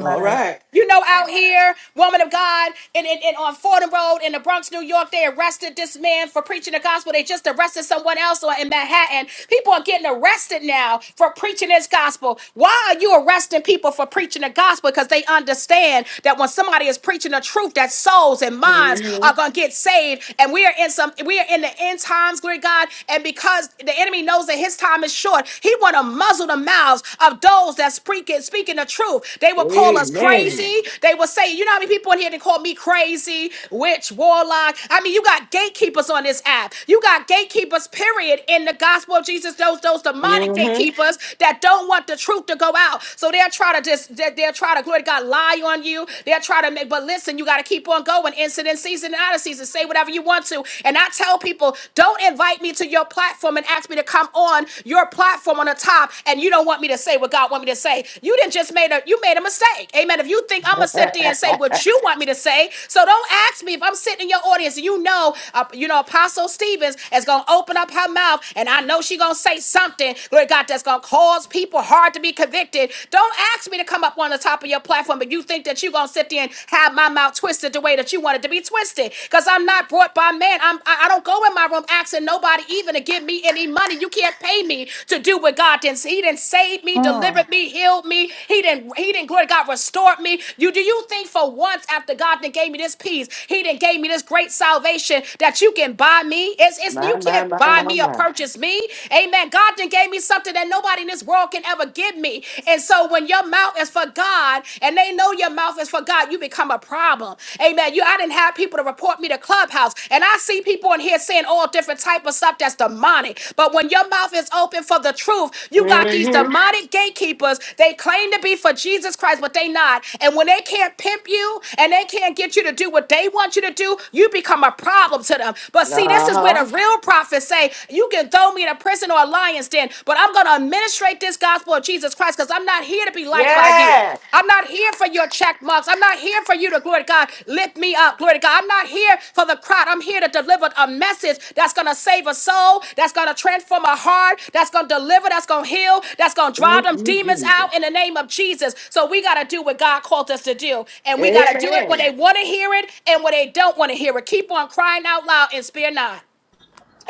All right.
You know, out here, woman of God, and in, in, on Fordham Road in the Bronx, New York, they arrested this man for preaching the gospel. They just arrested someone else or in Manhattan. People are getting arrested now for preaching this gospel. Why are you arresting people for preaching the gospel? Because they understand that when somebody is preaching the truth, that souls and minds are gonna get saved. And we are in some we are in the end times, glory to God. And because the enemy knows that his time is short, he wanna muzzle the mouths of those that's speaking, speaking the truth. They will call us crazy. They will say, you know how many people in here that call me crazy, witch, warlock. I mean, you got gatekeepers on this app. You got gatekeepers, period, in the gospel of Jesus. Those those demonic gatekeepers that don't want the truth to go out. So they'll try to just they- they'll try to glory to God lie on you. They'll try to make, but listen, you got to keep on going. Incident season and out of season. Say whatever you want to. And I tell people, don't invite invite me to your platform and ask me to come on your platform on the top, and you don't want me to say what God want me to say. You didn't just made a you made a mistake. Amen. If you think I'm gonna sit there and say what you want me to say, so don't ask me if I'm sitting in your audience and you know uh, you know Apostle Stevens is gonna open up her mouth and I know she gonna say something, glory God, that's gonna cause people hard to be convicted. Don't ask me to come up on the top of your platform, but you think that you gonna sit there and have my mouth twisted the way that you wanted to be mind to be twisted because I'm not brought by man. I'm, I, I don't go in my room asking nobody even to give me any money. You can't pay me to do what God did. He didn't save me,
Hmm.
delivered me, healed me. He didn't, he didn't, glory to God, restored me. You Do you think for once after God done gave me this peace, he didn't gave me this great salvation that you can buy me? It's, it's, you can't buy me or purchase me. Amen. God done gave me something that nobody in this world can ever give me. And so when your mouth is for God, God and they know your mouth is for God, you become a problem. Amen. You I didn't have people to report me to Clubhouse. And I see people in here saying all different type of stuff that's demonic. But when your mouth is open for the truth, you got these demonic gatekeepers. They claim to be for Jesus Christ, but they not. And when they can't pimp you and they can't get you to do what they want you to do, you become a problem to them. But see, this is where the real prophets say, you can throw me in a prison or a lion's den, but I'm going to administrate this gospel of Jesus Christ because I'm not here to be liked by you. I'm not here for your check marks. I'm not here for you to, glory to God, lift me up, glory to God. I'm not here for the crowd. I'm here to deliver a message that's going to save a soul, that's going to transform a heart, that's going to deliver, that's going to heal, that's going to drive
Thank
them
you,
demons
Jesus.
out in the name of Jesus. So we got to do what God called us to do. And we got to do it when
Amen.
they want to hear it and when they don't want to hear it. Keep on crying out loud and spare not.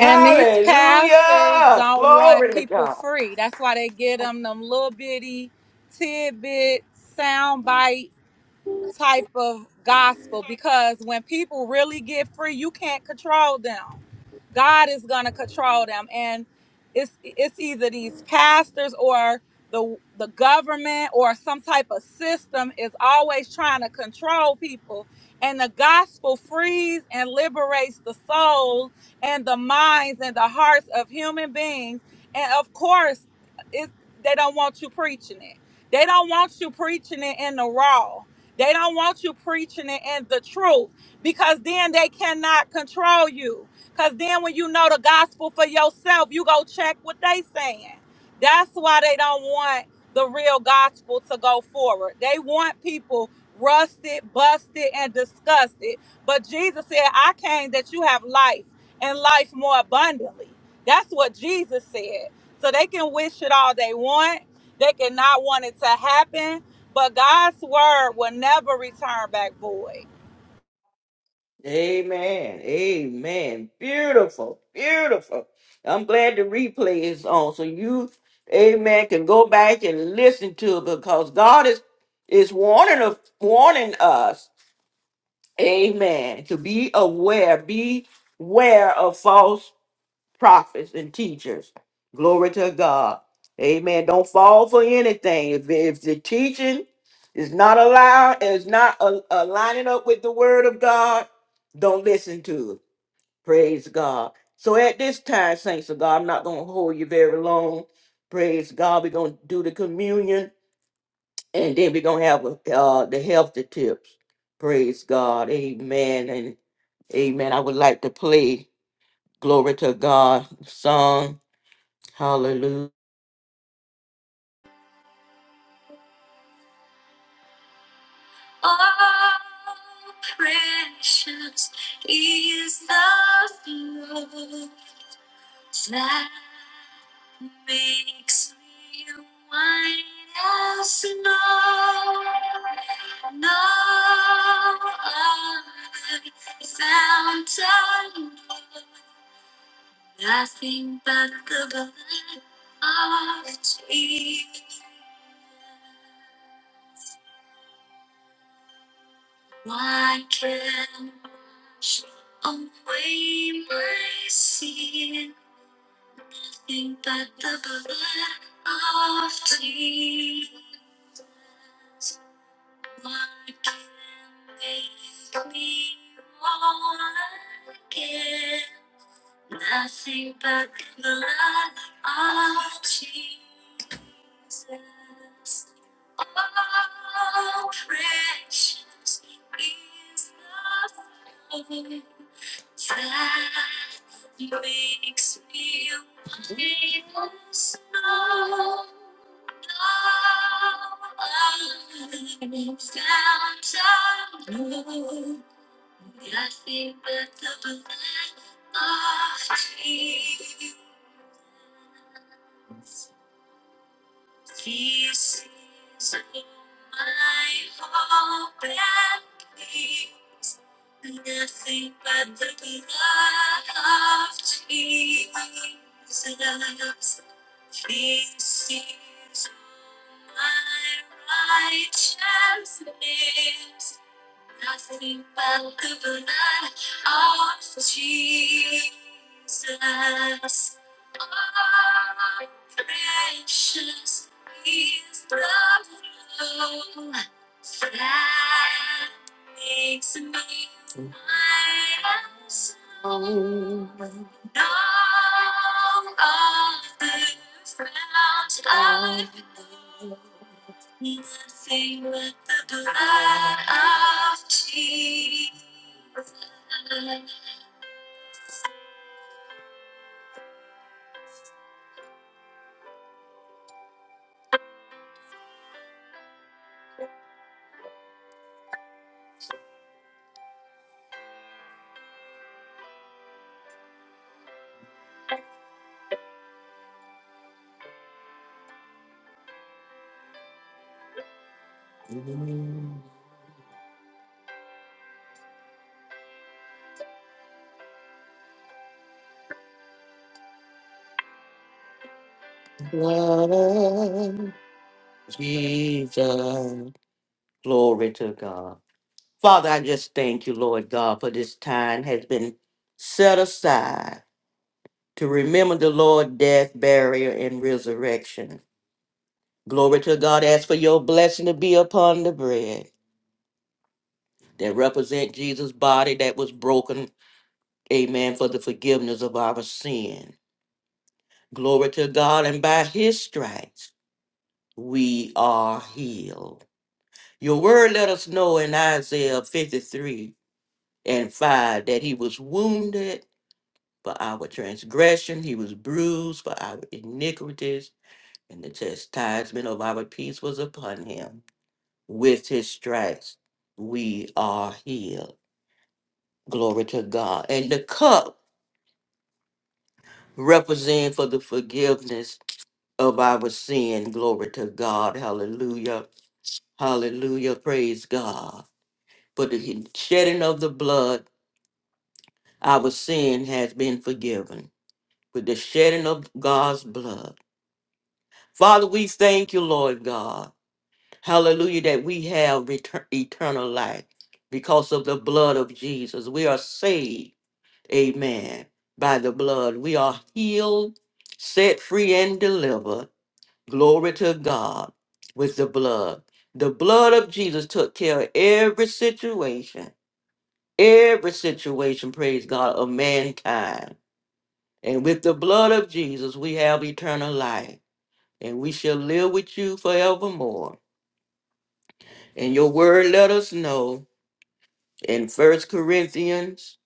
Ha.
these pastors don't want people free. That's why they get them them little bitty tidbit sound bites type of gospel because when people really get free, you can't control them. God is going to control them and it's it's either these pastors or the the government or some type of system is always trying to control people and the gospel frees and liberates the soul and the minds and the hearts of human beings and of course it, they don't want you preaching it they don't want you preaching it in the raw they don't want you preaching it and the truth because then they cannot control you. Because then when you know the gospel for yourself, you go check what they saying. That's why they don't want the real gospel to go forward. They want people rusted, busted, and disgusted. But Jesus said, I came that you have life and life more abundantly. That's what Jesus said. So they can wish it all they want. They cannot want it to happen, but God's word will never return back void.
Amen. Amen. Beautiful. Beautiful. I'm glad the replay is on. So you, amen, can go back and listen to it because God is is warning of warning us. Amen. To be aware, be aware of false prophets and teachers. Glory to God. Amen. Don't fall for anything. If, if the teaching is not allowed, is not a, aligning up with the word of God, don't listen to it. Praise God. So at this time, saints of God, I'm not going to hold you very long. Praise God. We're going to do the communion and then we're going to have uh, the health tips. Praise God. Amen. And amen. I would like to play Glory to God song Hallelujah. Oh, precious is the flow that makes me white as snow. No other fountain, nothing but the blood of Jesus. Why can't wash away my sin? Think that the blood of Jesus. Why can't make me whole again? Nothing but the blood of Jesus. Oh, precious is the flow that makes me white as snow. Now I'm found alone. Nothing but the blood of Jesus. This is my hope and peace. Nothing but the blood of Jesus. This is my righteousness. Nothing but the blood of Jesus. Oh, precious is the flow that makes me my soul. No other fount I know. Nothing but the blood of Jesus. Blood of Jesus. Glory to God. Father, I just thank you, Lord God, for this time has been set aside to remember the Lord death, burial, and resurrection. Glory to God. Ask for your blessing to be upon the bread that represent Jesus' body that was broken. Amen. For the forgiveness of our sin. Glory to God. And by his stripes, we are healed. Your word let us know in Isaiah 53 and 5 that he was wounded for our transgression, he was bruised for our iniquities, and the chastisement of our peace was upon him. With his stripes, we are healed. Glory to God. And the cup represents for the forgiveness of our sin. Glory to God. Hallelujah Hallelujah. Praise God. For the shedding of the blood, our sin has been forgiven. With the shedding of God's blood. Father, we thank you, Lord God. Hallelujah, that we have retur- eternal life because of the blood of Jesus. We are saved, amen, by the blood. We are healed, set free, and delivered. Glory to God with the blood. The blood of Jesus took care of every situation every situation, praise God, of mankind. And with the blood of Jesus, we have eternal life, and we shall live with you forevermore. And your word let us know in First Corinthians,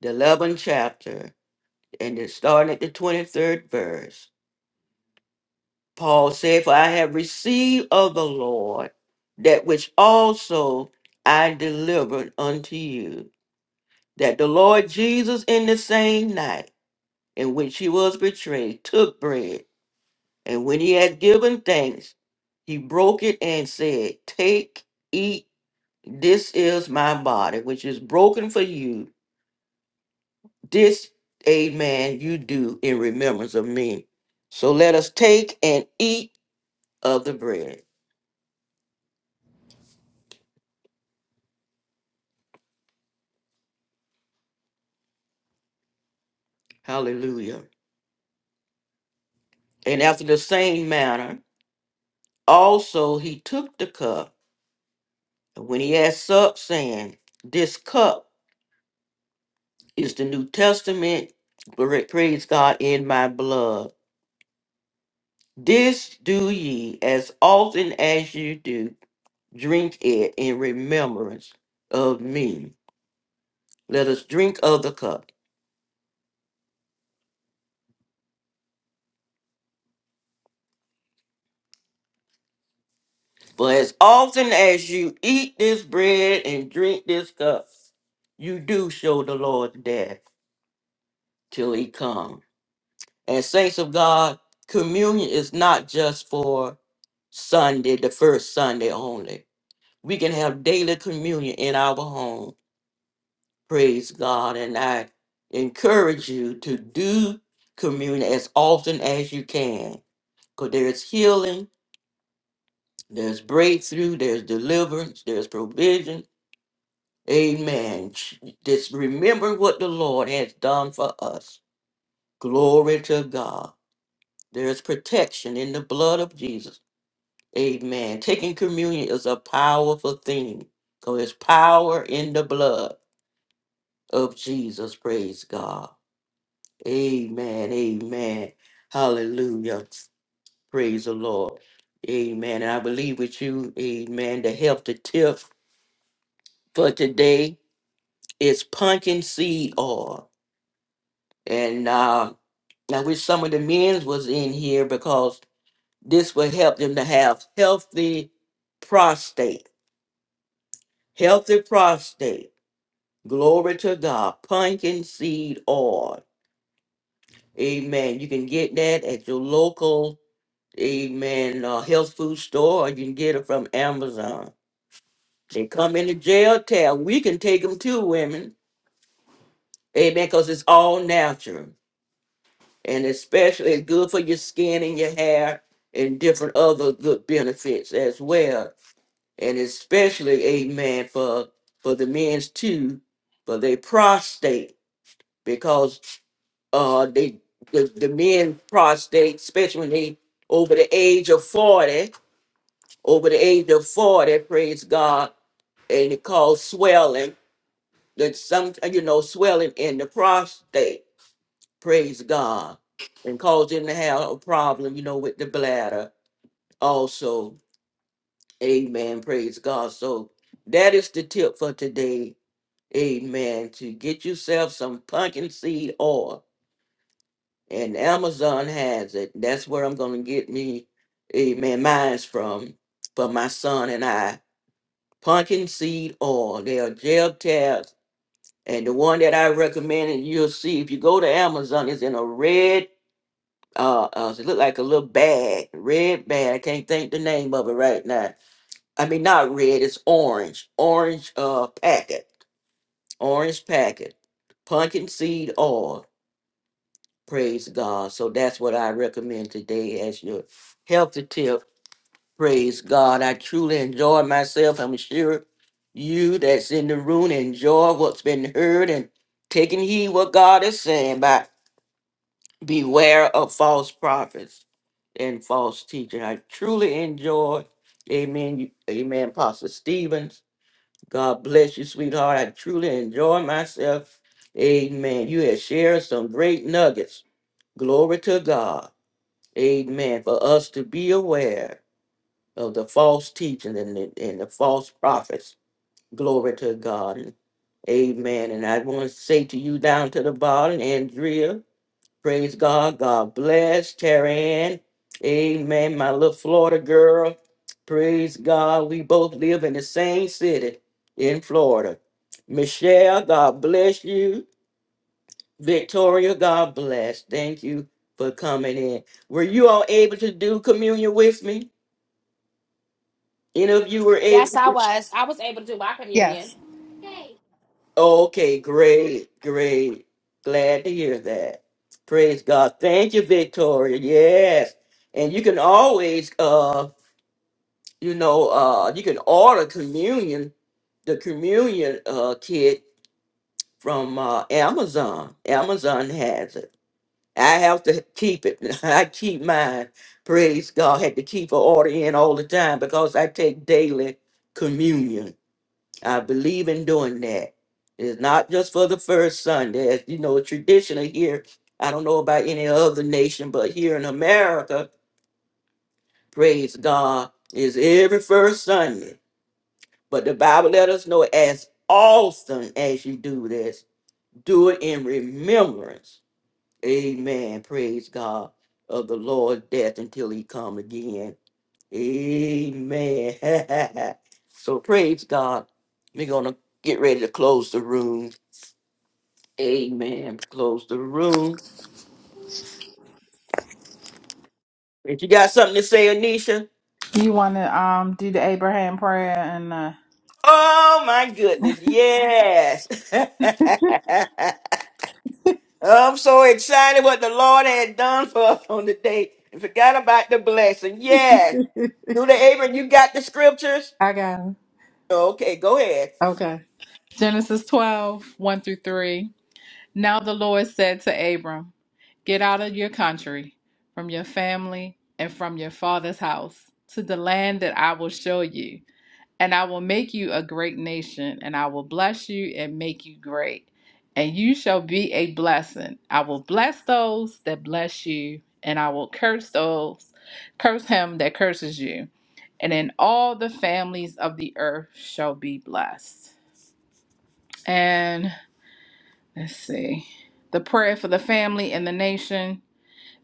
the 11th chapter, and it's starting at the 23rd verse. Paul said, For I have received of the Lord that which also I delivered unto you, that the Lord Jesus in the same night in which he was betrayed took bread. And when he had given thanks, he broke it and said, Take, eat, this is my body, which is broken for you. This, amen, you do in remembrance of me. So let us take and eat of the bread. Hallelujah. And after the same manner, also he took the cup. And when he had supped, saying, This cup is the New Testament, pra- praise God, in my blood. This do ye as often as you do, drink it in remembrance of me. Let us drink of the cup. For as often as you eat this bread and drink this cup, you do show the Lord's death till he come. And saints of God, communion is not just for Sunday, the first Sunday only. We can have daily communion in our home Praise God. And I encourage you to do communion as often as you can because there's healing, there's breakthrough, there's deliverance, there's provision. Amen. Ch- Just remember what the Lord has done for us. Glory to God. There's protection in the blood of Jesus. Amen. Taking communion is a powerful thing because there's power in the blood of Jesus. Praise God. Amen. Amen. Hallelujah. Praise the Lord. Amen. And I believe with you, amen. The help the tip for today is pumpkin seed oil. And uh, I wish some of the men's was in here because this will help them to have healthy prostate. Healthy prostate. Glory to God. Pumpkin seed oil. Amen. You can get that at your local Amen. Uh, health food store, or you can get it from Amazon. They come in the jail tab. We can take them too, women. Amen. Because it's all natural. And especially it's good for your skin and your hair and different other good benefits as well. And especially, amen, for for the men's too, for their prostate. Because uh they the, the men prostate, especially when they over the age of 40, over the age of 40, praise God and it caused swelling. That some you know swelling in the prostate. Praise God, and caused him to have a problem. You know with the bladder also. Amen. Praise God. So that is the tip for today. Amen. To get yourself some pumpkin seed oil, and Amazon has it. That's where I'm gonna get me, amen, mine's from for my son and I. Pumpkin seed oil. They are gel tabs And the one that I recommend, and you'll see if you go to Amazon, it's in a red, uh, uh it look like a little bag, red bag. I can't think the name of it right now. I mean, not red, it's orange, orange uh packet, orange packet, pumpkin seed oil. Praise God. So that's what I recommend today as your healthy tip. Praise God. I truly enjoy myself. I'm sure you that's in the room enjoy what's been heard and taking heed what God is saying by Beware of false prophets and false teachers. I truly enjoyed. Amen. you- Amen. Pastor Stevens. God bless you, sweetheart. I truly enjoy myself. Amen. You have shared some great nuggets. Glory to God. Amen. For us to be aware of the false teaching and the, and the false prophets. Glory to God. Amen. And I want to say to you down to the bottom, Andrea. Praise God. God bless. Terry Ann. Amen. My little Florida girl. Praise God. We both live in the same city in Florida. Michelle, God bless you. Victoria, God bless. Thank you for coming in. Were you all able to do communion with me? Any of you were
Yes,
able?
I was. I was able to do my communion.
Yes.
Okay, great, great. Glad to hear that. Praise God. Thank you, Victoria. Yes. And you can always uh you know, uh, you can order communion, the communion uh, kit from uh, Amazon. Amazon has it. I have to keep it. *laughs* I keep mine. Praise God. Had to keep an order in all the time because I take daily communion. I believe in doing that. It's not just for the first Sunday. As you know, traditional here, I don't know about any other nation, but here in America, praise God, is every first Sunday. But the Bible let us know as often as you do this, do it in remembrance. Amen. Praise God of the Lord's death until he come again. Amen. *laughs* so praise God. We're gonna get ready to close the room. Amen. Close the room. If you got something to say, Anisha.
You want to um do the Abraham prayer and uh,
Oh my goodness. Yes. *laughs* I'm so excited what the Lord had done for us on the day and forgot about the blessing. Yeah.
*laughs*
Do the Abram, you got the scriptures?
I got him.
Okay, go ahead.
Okay. Genesis 12, one through 3. Now the Lord said to Abram, Get out of your country, from your family, and from your father's house, to the land that I will show you. And I will make you a great nation, and I will bless you and make you great. And you shall be a blessing. I will bless those that bless you, and I will curse those, curse him that curses you. And in all the families of the earth shall be blessed. And let's see. The prayer for the family and the nation.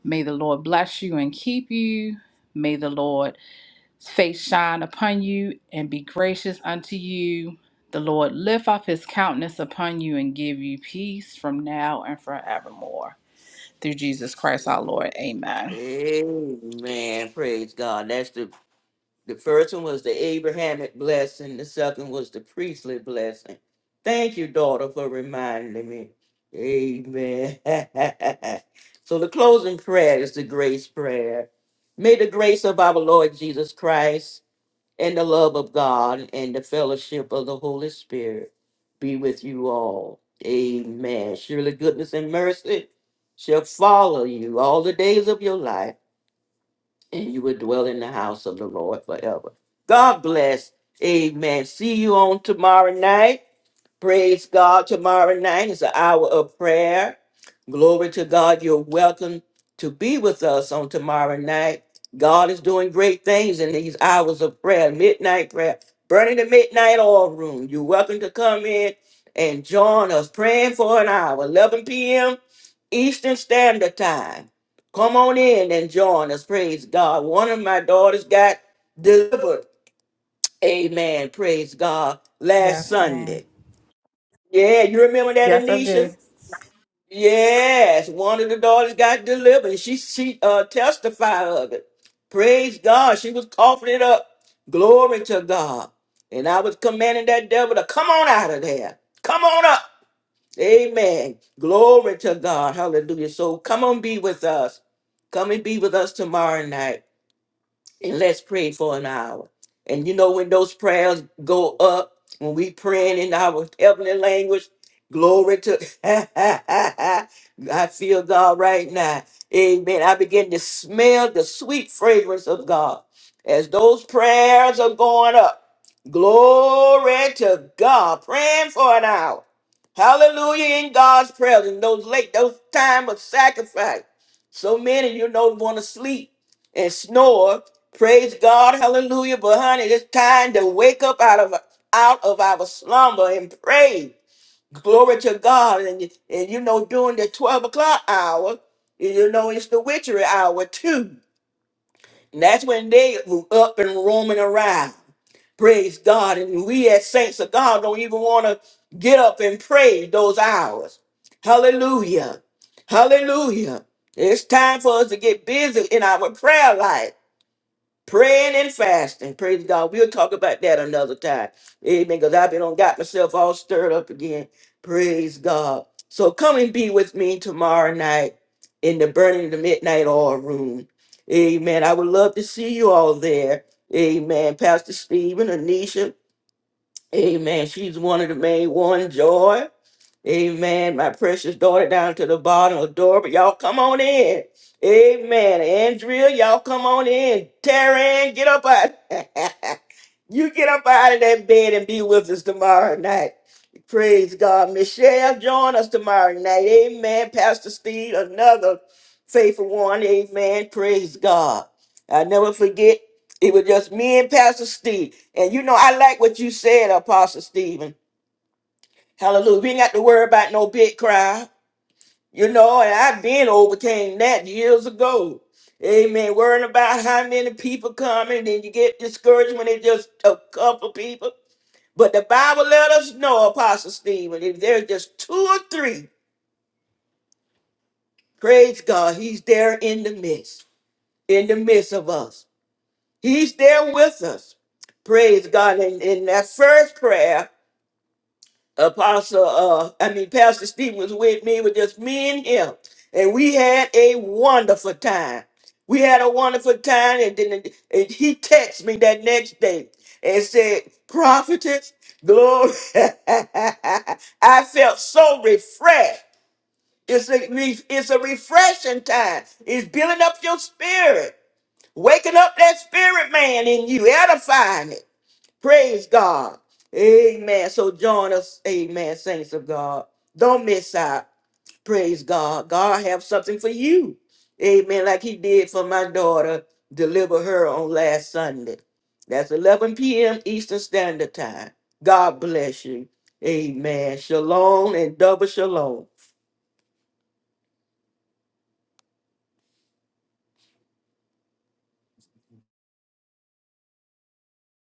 May the Lord bless you and keep you. May the Lord face shine upon you and be gracious unto you. The Lord lift up his countenance upon you and give you peace from now and forevermore. Through Jesus Christ our Lord. Amen.
Amen. Praise God. That's the the first one was the Abrahamic blessing. The second was the priestly blessing. Thank you, daughter, for reminding me. Amen. *laughs* so the closing prayer is the grace prayer. May the grace of our Lord Jesus Christ and the love of God and the fellowship of the Holy Spirit be with you all. Amen. Surely goodness and mercy shall follow you all the days of your life, and you will dwell in the house of the Lord forever. God bless. Amen. See you on tomorrow night. Praise God. Tomorrow night is an hour of prayer Glory to God. You're welcome to be with us on tomorrow night. God is doing great things in these hours of prayer, midnight prayer, burning the midnight oil room. You're welcome to come in and join us praying for an hour, 11 p.m. Eastern Standard Time. Come on in and join us. Praise God. One of my daughters got delivered. Amen. Praise God. Last
Yes, ma'am.
Sunday. Yeah, you remember that,
Yes, I do.
Anisha? Yes, one of the daughters got delivered. She she uh testified of it. Praise God. She was coughing it up. Glory to God. And I was commanding that devil to come on out of there. Come on up. Amen. Glory to God. Hallelujah. So come on be with us. Come and be with us tomorrow night and let's pray for an hour. And you know, when those prayers go up, when we praying in our heavenly language, glory to *laughs* I feel God right now. Amen. I begin to smell the sweet fragrance of God as those prayers are going up. Glory to God. Praying for an hour. Hallelujah in God's presence. In those late, those time of sacrifice. So many, you know, want to sleep and snore. Praise God, hallelujah. But honey, it's time to wake up out of out of our slumber and pray. Glory to God. And, and you know, during the 12 o'clock hour, you know, it's the witchery hour too. And that's when they up and roaming around. Praise God. And we as saints of God don't even want to get up and pray those hours. Hallelujah. Hallelujah. It's time for us to get busy in our prayer life, praying and fasting. Praise God. We'll talk about that another time. Amen. Because I've been on got myself all stirred up again. Praise God. So come and be with me tomorrow night in the burning the midnight oil room. Amen. I would love to see you all there. Amen. Pastor Stephen, Anisha, Amen. She's one of the main one, Joy. Amen. My precious daughter down to the bottom of the door. But y'all come on in. Amen. Andrea, y'all come on in. Taryn, get up out. *laughs* You get up out of that bed and be with us tomorrow night. Praise God. Michelle, join us tomorrow night. Amen. Pastor Steve, another faithful one. Amen. Praise God. I never forget. It was just me and Pastor Steve. And you know, I like what you said, Apostle Stephen. Hallelujah. We ain't got to worry about no big crowd. You know, and I've been overcame that years ago. Amen. Worrying about how many people coming, then you get discouraged when it's just a couple people. But the Bible let us know, Apostle Stephen, if there's just two or three, praise God, he's there in the midst, in the midst of us. He's there with us. Praise God. And in that first prayer, Apostle, uh, I mean, Pastor Stephen was with me, with just me and him. And we had a wonderful time. We had a wonderful time. And then and he texted me that next day and said, Prophetess, glory. *laughs* I felt so refreshed. It's a, re- it's a refreshing time. It's building up your spirit, waking up that spirit man in you, edifying it. Praise God. Amen. So join us, amen, saints of God. Don't miss out. Praise God. God have something for you. Amen. Like he did for my daughter, deliver her on last Sunday. That's 11 p.m. Eastern Standard Time. God bless you. Amen. Shalom and double shalom.